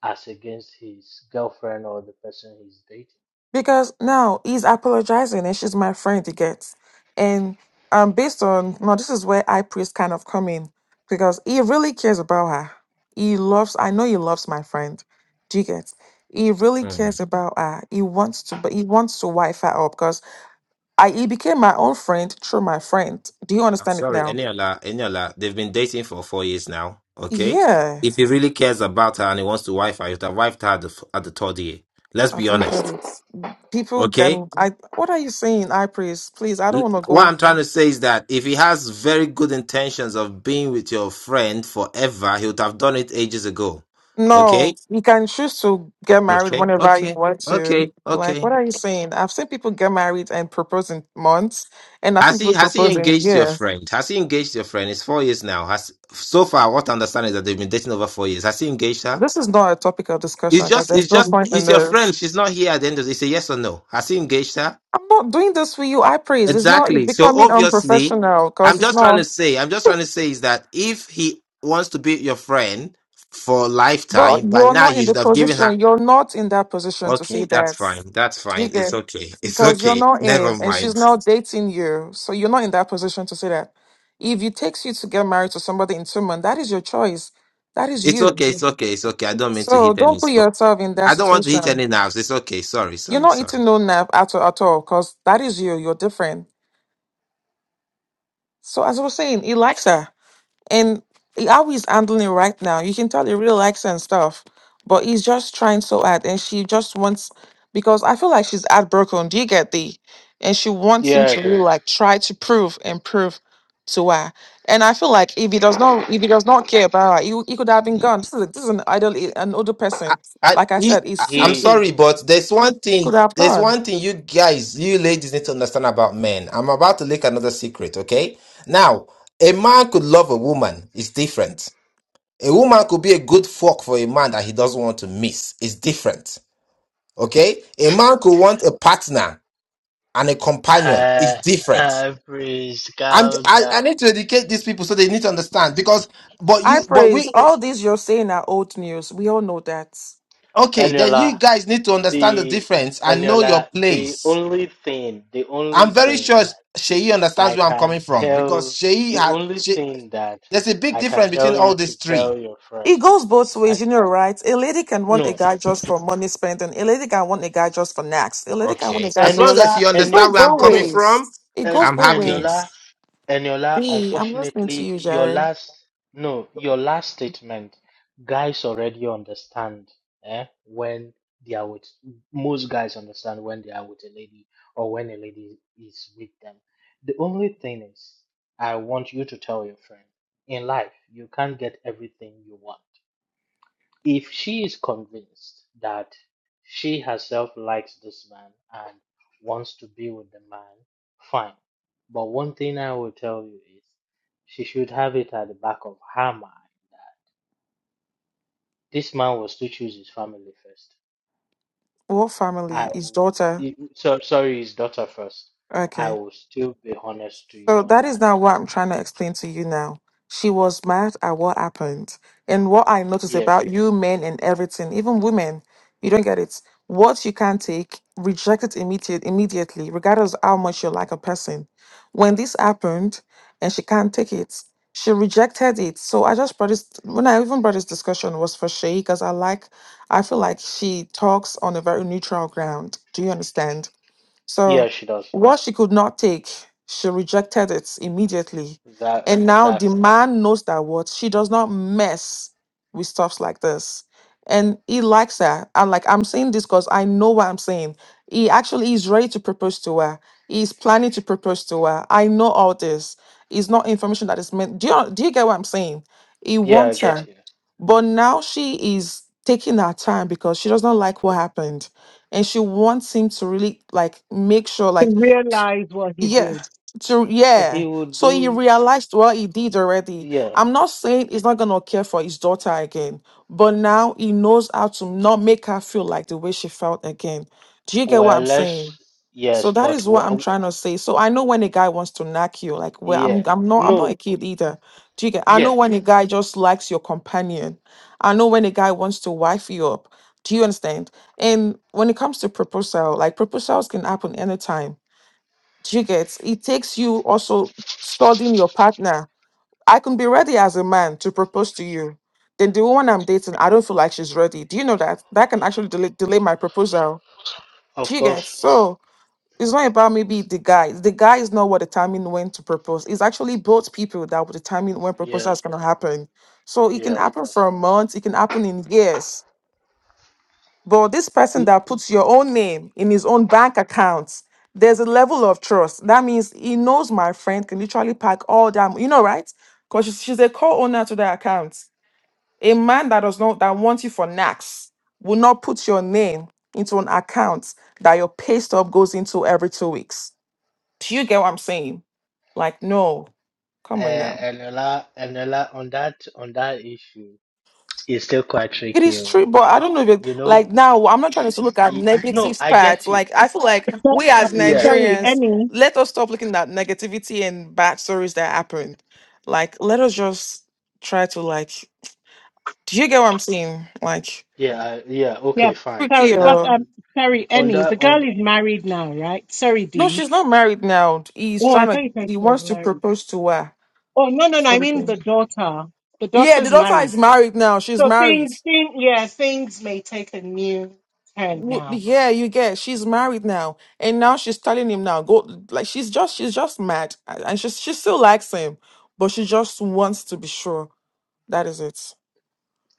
H: as against his girlfriend or the person he's dating.
P: Because now he's apologizing and she's my friend, he gets. And um based on now this is where I priest kind of come in because he really cares about her. He loves I know he loves my friend. Do you get? He really
L: mm,
P: cares about her. He wants to but he wants to wife her up because I he became my own friend through my friend. Do you
L: I'm
P: understand it
L: sorry,
P: now?
L: Eniola. Eniola, they've been dating for four years now. Okay,
P: Yeah.
L: if he really cares about her and he wants to wife her, he'd have wifed her at the, f- at the third year. Let's
P: I
L: be
P: don't get
L: honest.
P: it. People
L: Okay,
P: can I what are you saying, I priest? Please, I
L: L-
P: don't wanna
L: What
P: go
L: I'm trying to say is that if he has very good intentions of being with your friend forever, he would have done it ages ago.
P: No,
L: Okay?
P: you can choose to get married
L: Okay.
P: whenever you
L: Okay.
P: want to.
L: Okay.
P: Like,
L: Okay.
P: what are you saying? I've seen people get married and propose in months, and I've seen
L: Has
P: people
L: he has he
P: propose in
L: engaged your
P: years.
L: friend? Has he engaged your friend? It's four years now. Has so far what I understand is that they've been dating over four years. Has he engaged her?
P: This is not a topic of discussion
L: It's
P: because
L: just it's
P: there's no
L: just
P: point in
L: it's your
P: this.
L: friend. She's not here at the end of the It's a yes or no. Has he engaged her?
P: I'm not doing this for you. I praise. It's not. It's
L: Exactly. So
P: becoming
L: obviously,
P: unprofessional because
L: I'm
P: it's
L: just trying
P: not.
L: to say, I'm just trying to say is that if he wants to be your friend for a
P: But
L: lifetime, by
P: you're
L: now
P: not in
L: you
P: the
L: should have given her.
P: position, you're not in that position to say
L: Okay, that's
P: that.
L: fine. That's
P: You
L: fine. It's
P: get
L: okay. It's
P: because you're
L: okay.
P: not in
L: Never
P: and she's
L: mind.
P: not dating you. So you're not in that position to say that. If it takes you to get married to somebody in two months, that is your choice. That is
L: It's
P: you.
L: okay. It's
P: Mhm.
L: okay. It's okay. I don't mean to
P: So
L: hit any
P: don't put
L: spot.
P: yourself in that
L: I don't want to hit
P: situation.
L: any nerves. It's okay. Sorry.
P: You're
L: Sorry.
P: not
L: Sorry.
P: eating no nap at all at all, because that is you. You're different. So as I was saying, he likes her. And how he's handling it right now, you can tell he really likes her and stuff, but he's just trying so hard. And she just wants, because I feel like she's heartbroken. Do you get the? And she wants him
H: Yeah, I
P: to really
H: do.
P: like try to prove and prove to her. And I feel like if he does not, if he does not care about her, he, he could have been gone. This is a, this is an idol, eh, an older
L: I,
P: person.
L: I,
P: Like I
L: you-
P: said, he's
L: I- I'm
H: He
P: fifty.
L: sorry, but there's one
P: He
L: thing.
P: could have
L: There's
P: gone.
L: one thing you guys, you ladies, need to understand about men. I'm about to leak another secret. Okay. Now, a man could love a woman. It's different. A woman could be a good fuck for a man that he doesn't want to miss. It's different. Okay. A man could want a partner and a companion. It's
H: uh,
L: different.
H: uh, praise
L: I'm.
H: God.
L: I, I
H: down.
L: need to educate these people so they need to understand because. But
P: I
L: you. But
P: praise
L: we.
P: all these you're saying are old news. We all know that.
L: Okay. Then
H: Eniola,
L: you guys need to understand the
H: the
L: difference and know
H: Eniola,
L: your
H: the
L: place.
H: only thing, the
L: I'm
H: only
L: very
H: thing
L: sure
H: that
L: Sheyi understands
H: I
L: where I'm coming
H: can
L: from because
H: tell,
L: Sheyi
H: the
L: has.
H: only
L: She,
H: thing that
L: there's a big
H: I can
L: difference between
H: tell
L: all
H: you to
L: these
H: tell
L: three.
H: your friend,
P: It goes both ways,
H: I
P: you know, right? A lady can want a
H: no,
P: guy just for money spending. A lady can want a guy just for knacks. A lady can want a
L: Okay,
P: guy
L: as long as
H: Eniola,
L: you
P: just. It
H: Eni,
L: understand
P: goes
L: where I'm
P: both
L: coming
H: no,
L: from,
P: ways. It
H: En,
P: goes
L: I'm
P: both
L: happy.
P: ways.
H: Eniola. Eniola,
P: B, I'm listening to
H: unfortunately,
P: you,
H: your
P: Jerry.
H: last no, your last statement, guys already understand eh, when they are with most guys understand when they are with a lady or when a lady is with them. The only thing is, I want you to tell your friend in life you can't get everything you want. If she is convinced that she herself likes this man and wants to be with the man, fine. But one thing I will tell you is she should have it at the back of her mind that this man was to choose his family first.
P: What
H: I
P: family? His
H: will,
P: daughter.
H: i- so, sorry, his daughter first. I
P: Okay.
H: will still be honest to
P: So
H: you on
P: that is
H: that.
P: now what I'm trying to explain to you now. She was mad at what happened. And what I notice
H: Yes.
P: about you men and everything, even women, you don't get it. What you can't take, reject it immediate, immediately, regardless of how much you like a person. When this happened and she can't take it, she rejected it. So I just brought this when I even brought this discussion was for Shay, because I like I feel like she talks on a very neutral ground. Do you understand?
H: Yeah,
P: So,
H: she does.
P: what she could not take, she rejected it immediately.
H: That
P: And now the
H: exactly.
P: man knows that what she does not mess with stuffs like this. And he likes her. And like I'm saying this because I know what I'm saying. He actually is ready to propose to her. He's planning to propose to her. I know all this. It's not information that is meant. Do you do you get what I'm saying? He
H: Yeah, I
P: wants Yeah.
H: get
P: her.
H: you.
P: But now she is taking her time because she does not like what happened and she wants him to really like make sure
N: to
P: like
N: realize what he
P: yeah
N: did.
P: to
H: He
P: yeah
H: would
P: so he
H: do.
P: realized well he did already
H: Yeah.
P: i'm not saying he's not gonna care for his daughter again but now he knows how to not make her feel like the way she felt again do you get what
H: Well,
P: i'm saying
H: let's,
P: so
H: yes,
P: that
H: but
P: is
H: we,
P: what I'm
H: uh,
P: trying to say. So I know when a guy wants to knock you, like well,
H: yeah,
P: I'm I'm not I'm
H: no,
P: not a kid either. Do you get? I
H: yeah,
P: know when a guy just likes your companion. I know when a guy wants to wife you up. Do you understand? And when it comes to proposal, like proposals can happen anytime. Do you get? It takes you also studying your partner. I can be ready as a man to propose to you. Then the woman I'm dating, I don't feel like she's ready. Do you know that? That can actually delay delay my proposal.
H: of
P: Do you get?
H: course,
P: So it's not about maybe the guy. The guy is not what determine when to propose. It's actually both people that will determine when
H: yeah,
P: proposal is gonna happen. So it
H: yeah,
P: can
H: of
P: happen
H: course.
P: for a month, it can happen in years. But this person
H: Mm,
P: that puts your own name in his own bank account, there's a level of trust. That means he knows my friend can literally pack all that, you know, right? Because she's, she's a co-owner to the account. A man that does not that wants you for knacks will not put your name into an account that your pay stub goes into every two weeks do you get what I'm saying? Like, no,
H: Uh,
P: come on now.
H: and Ella, and Ella, on that, on that issue, it's still quite
P: It
H: tricky.
P: is
H: oh.
P: true, but I don't know if it,
H: You
P: like
H: know,
P: now I'm not trying to look at
H: y y- no,
P: negative
H: I
P: parts.
H: get you.
P: Like I feel like we
N: Uh,
P: as
H: Yeah,
N: sorry,
P: Nigerians,
N: Annie.
P: let us stop looking at negativity and bad stories that happened. Like let us just try to like do you get what I'm saying? Like
H: yeah, I- yeah. Okay,
N: Yeah,
H: fine.
P: tricky
H: On
N: sorry,
H: that,
N: but
P: or
H: on,
N: um, sorry,
H: on
N: Annie.
H: that,
N: The
H: on.
N: girl
H: th-
N: is married now, right? Sorry,
P: no,
N: D.
P: she's not married now. He's
N: Oh, I
P: trying to
N: thought you said
P: he
N: she
P: wants
N: was
P: to
N: married.
P: propose to her.
N: Oh, no, no, no. I
P: Sort of
N: mean the
P: thing.
N: daughter. The
P: Yeah, the
N: daughter's
P: daughter
N: married.
P: is married now. She's
N: So
P: married.
N: things, things, yeah, things may take a new turn
P: Well,
N: now.
P: yeah, you get. She's married now, and now she's telling him now go. Like she's just she's just mad, a- and she she still likes him, but she just wants to be sure. That is it.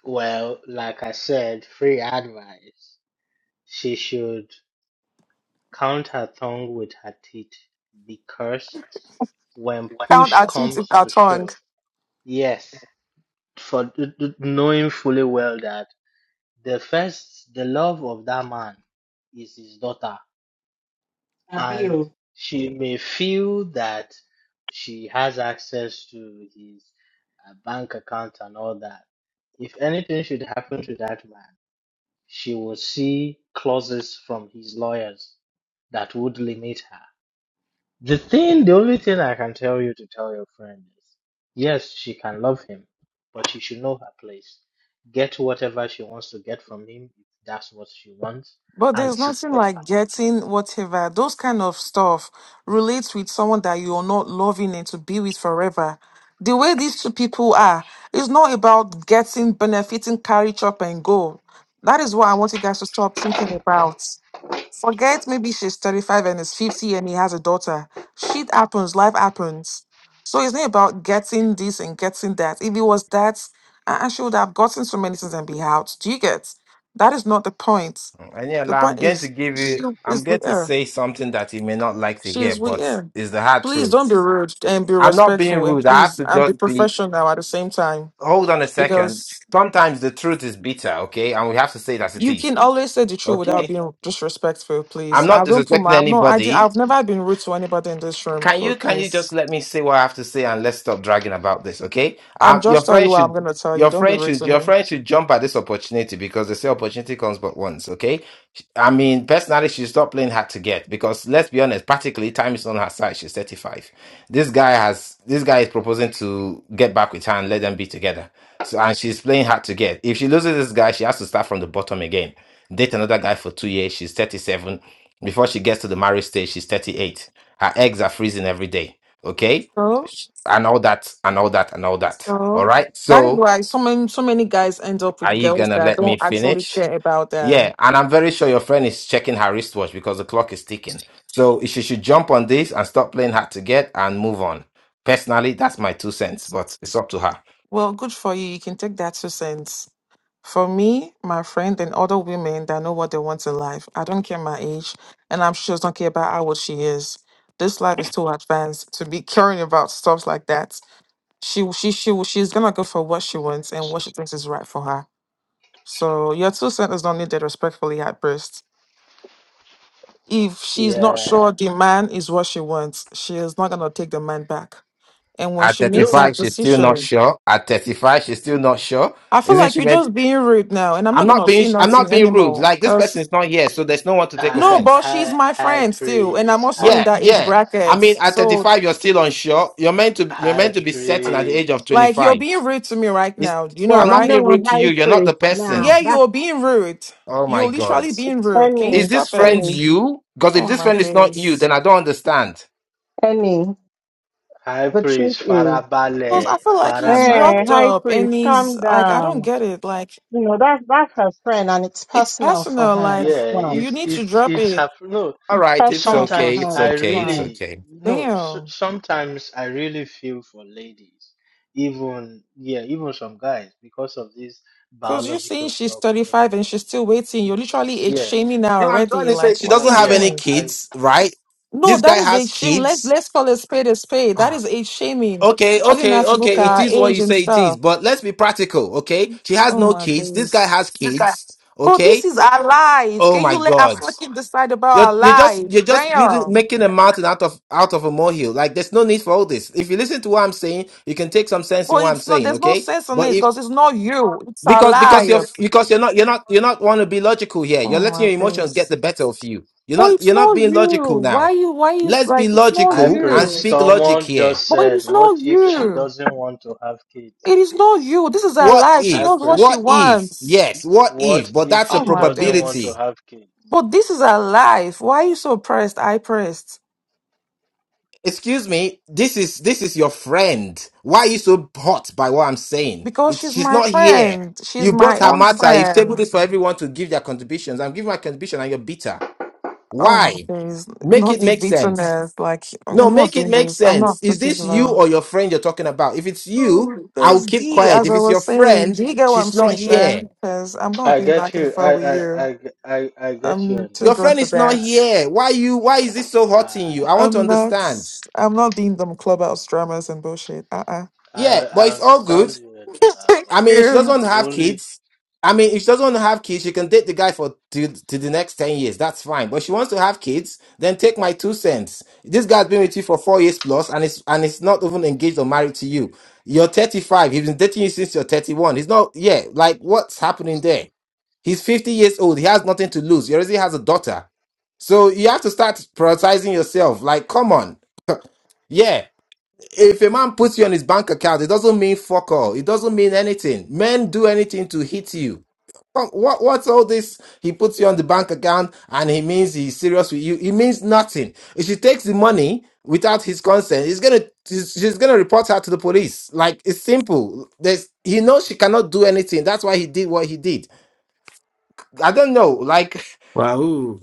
H: Well, like I said, free advice. She should count her tongue with her teeth because when
P: Count
H: push
P: our teeth with
H: comes
P: our
H: to
P: tongue.
H: shove, yes, for th- th- knowing fully well that the first, the love of that man is his daughter, and
N: Abiyo.
H: she may feel that she has access to his uh, bank account and all that. If anything should happen to that man, she will see clauses from his lawyers that would limit her. The thing, the only thing I can tell you to tell your friend is, yes, she can love him, but she should know her place. Get whatever she wants to get from him, if that's what she wants,
P: But
H: and
P: there's nothing
H: secure her.
P: like getting whatever those kind of stuff relates with someone that you are not loving and to be with forever. The way these two people are, it's not about getting benefiting, carry chop and go. That is what I want you guys to stop thinking about. Forget maybe she's 35 and is 50 and he has a daughter. Shit happens, life happens. So it's not about getting this and getting that. If it was that, I I should have gotten so many things and be out. Do you get? That is not the point.
L: And yeah,
P: The
L: like, I'm
P: point
L: going to
P: is,
L: give
P: she
L: you. I'm
P: is
L: going
P: with
L: to
P: her.
L: say something that you may not like to
P: She
L: hear,
P: is with
L: but
P: her.
L: it's the hard
P: Please don't
L: truth.
P: be rude and be
L: I'm not being
P: respectful and
L: rude. I have
P: please
L: to
P: and be
L: just be.
P: professional at the same time.
L: Hold on a second.
P: Because
L: Sometimes the truth is bitter, okay, and we have to say it as it
P: You
L: is.
P: can always say the truth without
L: Okay,
P: being disrespectful,
L: I'm
P: please.
L: not
P: I don't put
L: disrespecting
P: my no. I did.
L: anybody.
P: I've never been rude to anybody in this room.
L: Can
P: pl-
L: you can you
P: Please,
L: just let me say what I have to say and let's stop dragging about this, okay?
P: I'm
L: Um, your
P: just telling you
L: friend
P: what I'm
L: should
P: gonna tell you.
L: your
P: Don't be
L: friend
P: rude
L: should
P: to
L: your
P: me.
L: friend should jump at this opportunity because they say opportunity comes but once, okay? I mean, personally, she should stop playing hard to get because let's be honest, practically time is on her side. She's thirty five. This guy has this guy is proposing to get back with her and let them be together. So and she's playing hard to get. If she loses this guy, she has to start from the bottom again. Date another guy for two years. She's thirty seven. Before she gets to the marriage stage, she's thirty eight her eggs are freezing every day. Okay?
P: So,
L: Sh- And all that, and all that, and all that. All
P: so
L: right?
P: that is
L: So,
P: why so many so many guys end up
L: are
P: with
L: you
P: girls
L: gonna
P: that
L: let
P: don't
L: me
P: actually
L: finish?
P: care about them.
L: Yeah, and I'm very sure your friend is checking her wristwatch because the clock is ticking. So she should jump on this and stop playing hard to get and move on. Personally, that's my two cents, but it's up to her.
P: Well, good for you. You can take that two cents. For me, my friend, and other women that know what they want in life, I don't care my age, and I'm sure she don't care about how old she is. This life is too advanced to be caring about stuff like that. She, will- she, she, will- she's gonna go for what she wants and what she thinks is right for her. So your two cents is not needed respectfully at best. If she's not
H: Yeah.
P: sure the man is what she wants, she is not gonna take the man back. And when
L: At
P: she makes
H: No,
P: that
L: 35, she's still not
P: decision,
L: sure. At 35, she's still not sure.
P: I feel
L: Isn't
P: like
L: she
P: you're
L: meant?
P: just being rude now, and I'm
L: I'm
P: not
L: not
P: gonna
L: being
P: say
L: I'm
P: nothing
L: not being rude.
P: anymore.
L: Like this person
P: Cause
L: is not here, so there's no one to take
P: no,
H: high,
L: offense.
P: but she's
H: high,
P: my
H: high
P: friend still, and I'm
H: praise,
P: also
H: high
P: in
L: Yeah,
P: that age
L: yeah.
H: praise,
L: I
P: bracket.
L: mean, at
P: So,
L: 35, you're still unsure. You're meant to. You're meant
H: high
L: to be certain at the age of
H: praise,
P: like, you're
L: 25.
P: being rude to me right
L: It's,
P: now. You know,
N: But
L: I'm not
P: right?
L: being
N: no,
L: rude to you.
N: high
L: You're not the
N: priest now.
P: Yeah,
L: person.
N: That's
P: you're being rude.
L: Oh my
P: You're
L: God.
P: literally being rude. Can you
L: Is
N: any,
L: this
P: stop it?
L: friend
N: any,
L: you? Because if
P: Oh
L: this
P: my
L: friend is not you,
P: days.
L: then I don't understand.
N: any.
H: high
N: The truth
H: praise,
N: is,
P: Cause
H: farabale,
P: I feel like he's
N: hey,
H: farabale.
P: walked
N: high
P: up,
N: priest,
P: and he's
N: calm
P: like, I don't
N: down.
P: get it. Like,
N: You know, that's, that's her friend and it's
P: it's
N: personal for
P: personal.
N: her.
P: Like,
N: That's
H: Yeah,
N: why.
P: you
H: it's
P: need to
H: it's
P: drop
H: it's
P: it.
H: hap- no.
L: All right, it's
N: Personal for
L: okay.
H: Sometimes
L: It's
N: her. That's
H: I
L: okay. It's
N: why.
H: really
L: okay.
H: no. s
P: Damn.
H: sometimes I really feel for ladies, even yeah, even some guys because of this
P: Cause you're saying
H: biological
P: she's
H: clock
P: 35 and
H: thingy.
P: she's still waiting. You're
H: It's
P: literally age
H: yeah,
P: shaming now
L: No, I'm trying
P: already.
L: to say
P: Like,
L: she
P: what are
L: doesn't
P: you
L: have
H: yeah.
L: any
P: doing?
H: I
L: kids, right?
P: No,
L: This
P: that
L: guy
P: is
L: has
P: age shame. Let's
L: kids.
P: let's call a spade a spade. That
L: Ah,
P: is age shaming.
L: Okay,
P: Telling her
L: okay,
P: to look
L: okay. It
P: at
H: yeah.
P: her
L: is what you
P: age and
L: say it is.
P: stuff.
L: But let's be practical, okay? She has
P: Oh
L: no
P: my
L: kids. This guy has
P: goodness. This guy.
L: kids,
P: Oh,
L: okay?
P: this is our life.
L: Oh
P: Can
L: my
P: you let us
L: God.
P: fucking decide about
L: You're
P: our
L: you're just
P: life?
L: you're just building
P: Damn.
L: making a mountain out of out of a molehill. Like there's no need for all this. If you listen to what I'm saying, you can take some sense in
P: Well,
L: what I'm
P: it's not
L: saying,
P: there's no
L: okay?
P: sense in
L: But
P: it
L: if
P: because it's not you. It's our
L: because because you're
P: life.
L: because you're not you're not you're not want to be logical here. You're
P: Oh
L: letting
P: my
L: your emotions get
P: days.
L: the better of you. You're
P: Boy,
L: not
P: it's
L: you're not
P: not
L: being
P: you.
L: logical
P: Why
L: now.
P: you why you
L: Let's be
P: like it's not
L: logical
H: Hyper,
L: and
P: you?
L: speak logic
H: someone
L: here.
H: just
P: Boy,
H: said,
P: it's
H: what
P: not
H: if she
P: you.
H: doesn't want to have kids?
P: It is not you. This is her
L: What
P: life. She
L: if?
P: knows what
H: Hyper,
P: she
L: What if?
P: wants.
L: Yes, what
H: what
L: if? But
H: if
L: that's a
P: Oh
H: she
P: my
H: doesn't want
L: probability.
H: to
P: days.
H: have kids?
P: But this is her life. Why are you so pressed? I pressed.
L: Excuse me, this is this is your friend. Why are you so hot by what I'm saying?
P: Because
L: It's
P: she's
L: she's
P: my
L: not here.
P: friend. She's
L: You brought
P: my
L: her
P: own
L: matter. You've tabled
P: friend.
L: this for everyone to give their contributions. I'm giving my contribution and you're bitter.
P: Oh my
L: Why?
P: days.
L: Make
P: Not
L: it
P: the
L: make sense.
P: bitterness. Like
L: No,
P: I'm not
L: make it
P: doing
L: make
P: this. I'm
L: sense.
P: not
L: Is
P: sleeping
L: this you
P: low.
L: or your friend you're talking about? If it's
P: Oh
L: you,
P: my
L: I'll
P: days.
L: keep
P: D,
L: quiet.
P: as
L: If
P: I
L: it's your
P: was saying,
L: friend,
P: do you get what I'm
L: she's not
P: saying, Sha?
L: here.
P: Because I'm not
H: I
P: going
H: get
P: back and
H: you. I
P: forth with
H: I
P: you.
H: I I, I get you.
P: I'm too
L: Your
H: Anya.
P: grown
L: friend
P: for
L: is not
P: that.
L: here. Why you why is this so hot in
H: I
L: you? I want to
P: I'm not
L: understand.
P: I'm not doing them clubhouse dramas and bullshit. Uh uh
H: I
L: Yeah, but
H: I
L: it's all good.
H: understand you, Eniola,
L: I
H: but
L: mean, if she doesn't
H: I
P: you.
H: will
L: have
H: only
L: kids, I mean, if she doesn't have kids, she can date the guy for to, to the next 10 years. That's fine. But she wants to have kids, then take my two cents. This guy's been with you for four years plus and it's and it's not even engaged or married to you. You're 35. He's been dating you since you're 31. He's not, yeah, like what's happening there? He's 50 years old. He has nothing to lose. He already has a daughter. So you have to start prioritizing yourself. Like, come on. Yeah if a man puts you on his bank account, it doesn't mean fuck all. It doesn't mean anything. Men do anything to hit you. Come- What what's all this? He puts you on the bank account and he means he's serious with you. It means nothing. If she takes the money without his consent, he's gonna she's she's gonna report her to the police. Like it's simple. There's he knows she cannot do anything. That's why he did what he did. I don't know. Like
A: Wow.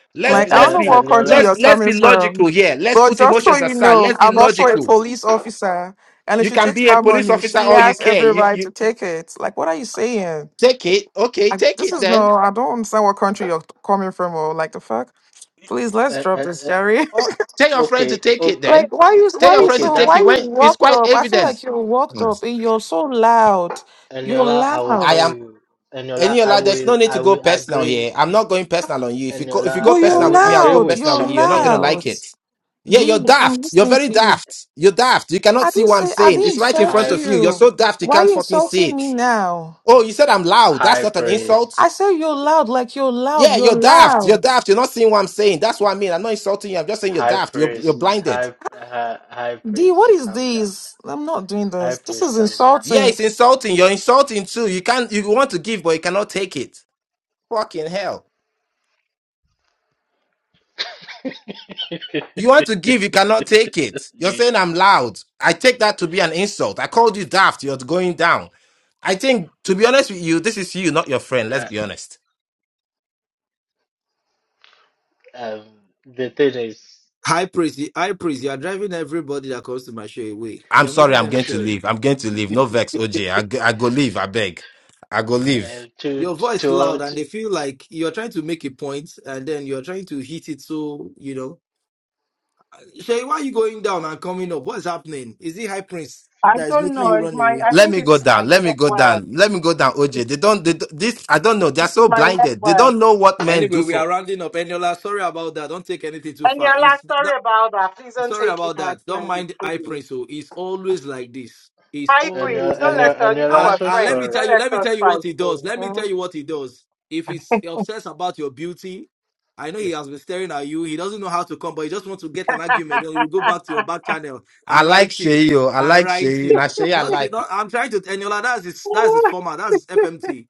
H: uh,
L: let's be
P: Like, I don't
L: let's
H: uh,
P: know
L: be
P: what country
H: Eniola.
L: let's
P: you're
L: let's
P: coming
L: be logical
P: from.
L: here. Let's
P: But
L: put
P: just so
L: emotions
P: you
L: aside.
P: know,
L: Let's be
P: I'm also a
L: logical
P: police officer. And if
L: you
P: she
L: can
P: takes
L: be a
P: that
L: police
P: money,
L: officer
P: she
L: all you
P: has
L: care.
P: every right
L: You,
P: to take it. Like, what are you saying?
L: Take it. Okay,
P: Like,
L: take
P: this
L: it
P: is
L: then.
P: no, I don't understand what country you're coming from or like the fuck. Please, let's
H: Uh,
P: drop
H: uh,
P: this,
H: uh,
P: Jerry.
L: Oh, tell your friend to
H: okay,
L: take it
H: okay,
P: like,
L: then.
P: why you,
L: Tell
P: why
L: your
P: you
L: friend
H: okay,
L: to
P: so,
L: take
H: that's
P: why
L: it
P: you
L: when
H: fine.
L: it's
P: walked
L: quite
P: up? I feel
L: evidence.
P: like you're walked
L: Mm.
P: up and you're so loud. You're
H: Eniola, I will
L: I
P: loud.
H: tell
L: am
H: you. Eniola, I
L: Eniola, there's
H: will
L: no need to
H: I
L: go
H: will
L: personal
H: agree.
L: here. I'm not going personal on you. If you go if you
H: Eniola,
L: go
P: But
H: I
P: you're
L: personal
H: will
L: with me, I'll
H: agree
L: go
P: loud.
H: with
L: personal with
P: You're
L: you. You're not gonna
H: something.
P: loud.
L: like it. Yeah, you're
P: D, I'm
L: daft. You're
P: listening
L: very
P: to you.
L: daft. You're daft. You cannot
P: I
L: see
P: didn't
L: what I'm
P: say I
L: saying.
P: didn't
H: Sh-
L: It's right in
P: insult
L: front
H: High
L: of you. You're
P: you.
L: so daft you
P: Why are
L: can't
P: you
L: fucking see
P: insulting me
L: it.
P: now?
L: Oh, you said I'm loud. That's
H: high
L: not an
H: praise,
L: insult.
P: I said you're loud, like you're loud,
L: Yeah, you're
P: you're
L: daft. You're
P: loud.
L: daft. You're not seeing what I'm saying. That's what I mean. I'm not insulting you. I'm just saying you're
H: high
L: daft. You're you're
H: praise,
L: blinded.
H: high high, high
P: D,
H: praise.
P: what is
H: Calm down.
P: this? I'm not doing
H: High
P: this. This
H: praise,
P: is
H: calm down.
L: Yeah,
P: insulting.
L: it's insulting. You're insulting too. You can't you want to give, but you cannot take it. Fucking hell. You want to give, you cannot take it. You're saying
H: Jesus.
L: I'm loud. I take that to be an insult. I called you daft. You're going down. I think to be honest with you, this is you, not your friend. Let's
H: Uh,
L: be honest.
H: um, the thing is.
A: High priest, you- high priest, you are driving everybody that comes to my show away.
L: I'm
A: You're
L: sorry,
A: making
L: I'm
A: them
L: going to
A: scared.
L: leave. I'm going to leave. No vex, OJ. I, go- I go leave, I beg. I go
A: Eh?
L: leave.
H: Uh, to
A: Your voice
H: to
A: loud, and
H: to,
A: they feel like you're trying to make a point, and then you're trying to hit it. So you know, Shay, why are you going down and coming up? What's happening? Is it high priest
N: I
A: that is
N: don't
A: making
N: know.
A: you
N: It's
A: run
N: my,
A: away?
N: I
L: Let
N: think
L: me go
N: it's my
L: down. Let me go
N: network.
L: down. Let me go down, OJ. They don't they, don't- this I don't know. They're so
N: My
L: blinded. They
N: network.
L: don't know what men
A: Anyway,
L: do
A: we
L: for
A: are rounding up. Eniola, sorry about that. Don't take anything too
N: And
A: far.
N: you're like,
A: It's
N: sorry about that. Please don't
A: Sorry
N: take it
A: about that. Don't
N: personally,
A: mind I pray
N: please.
A: so. It's always like this. It's
N: High
H: and
N: priest,
H: you're,
A: always
N: don't
H: and
A: like
N: let
H: you're,
A: this.
N: us,
H: and
N: you know
H: you're
N: we're
A: And
H: so
A: and let
N: friends.
A: me
N: Don't
A: tell
H: sorry.
A: you, let
N: let
A: me
N: us
A: tell you
N: fight,
A: what he does.
N: though.
A: Let me
N: Mm.
A: tell you what he does. If he's obsessed about your beauty, I know he has been staring at you. He doesn't know how to come, but he just wants to get an argument. Then he will go back to your back channel
L: I
A: and
L: like
A: write
L: Shay,
A: you.
L: yo. I
A: And
L: like
A: write
L: Shay.
A: you.
L: Now Shay, I
A: Not,
L: like.
A: not I'm trying to tell you like that's his that's his format. That's his FMT.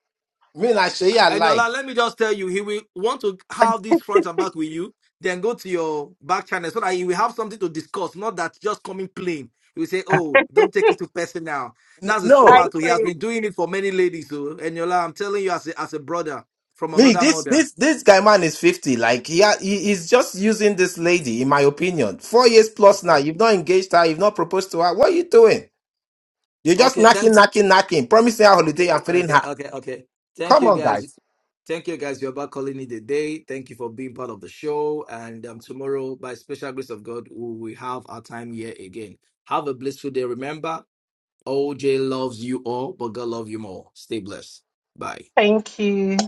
L: Me, now Shay, I
A: And Ola,
L: like.
A: let me just tell you, he will want to have this front and back with you, then go to your back channel so that you will have something to discuss, not that just coming plain. He will say, Oh, don't take it too personal.
L: N-
A: That's his
N: High
L: no,
A: format. oh. He has
N: priest,
A: been doing it for many ladies. So, Eniola, I'm telling you as a, as a brother from
L: me.
A: another
L: This,
A: mother.
L: this, this guy, man, is fifty. Like he, ha- he, he's just using this lady, in my opinion. Four years plus
A: Okay.
L: now. You've not engaged her. You've not proposed to her. What are you doing? You're just
A: Okay.
L: knocking,
A: Thank
L: knocking, knocking, promising her
A: Okay.
L: holiday and feeling
A: Okay.
L: her.
A: Okay. Okay. Thank
L: Come
A: you,
L: on,
A: guys.
L: guys.
A: Thank you, guys. You're about calling it a day. Thank you for being part of the show. And um, tomorrow, by special grace of God, we will have our time here again. Have a blissful day. Remember, OJ loves you all, but God loves you more. Stay blessed. Bye.
N: thank you.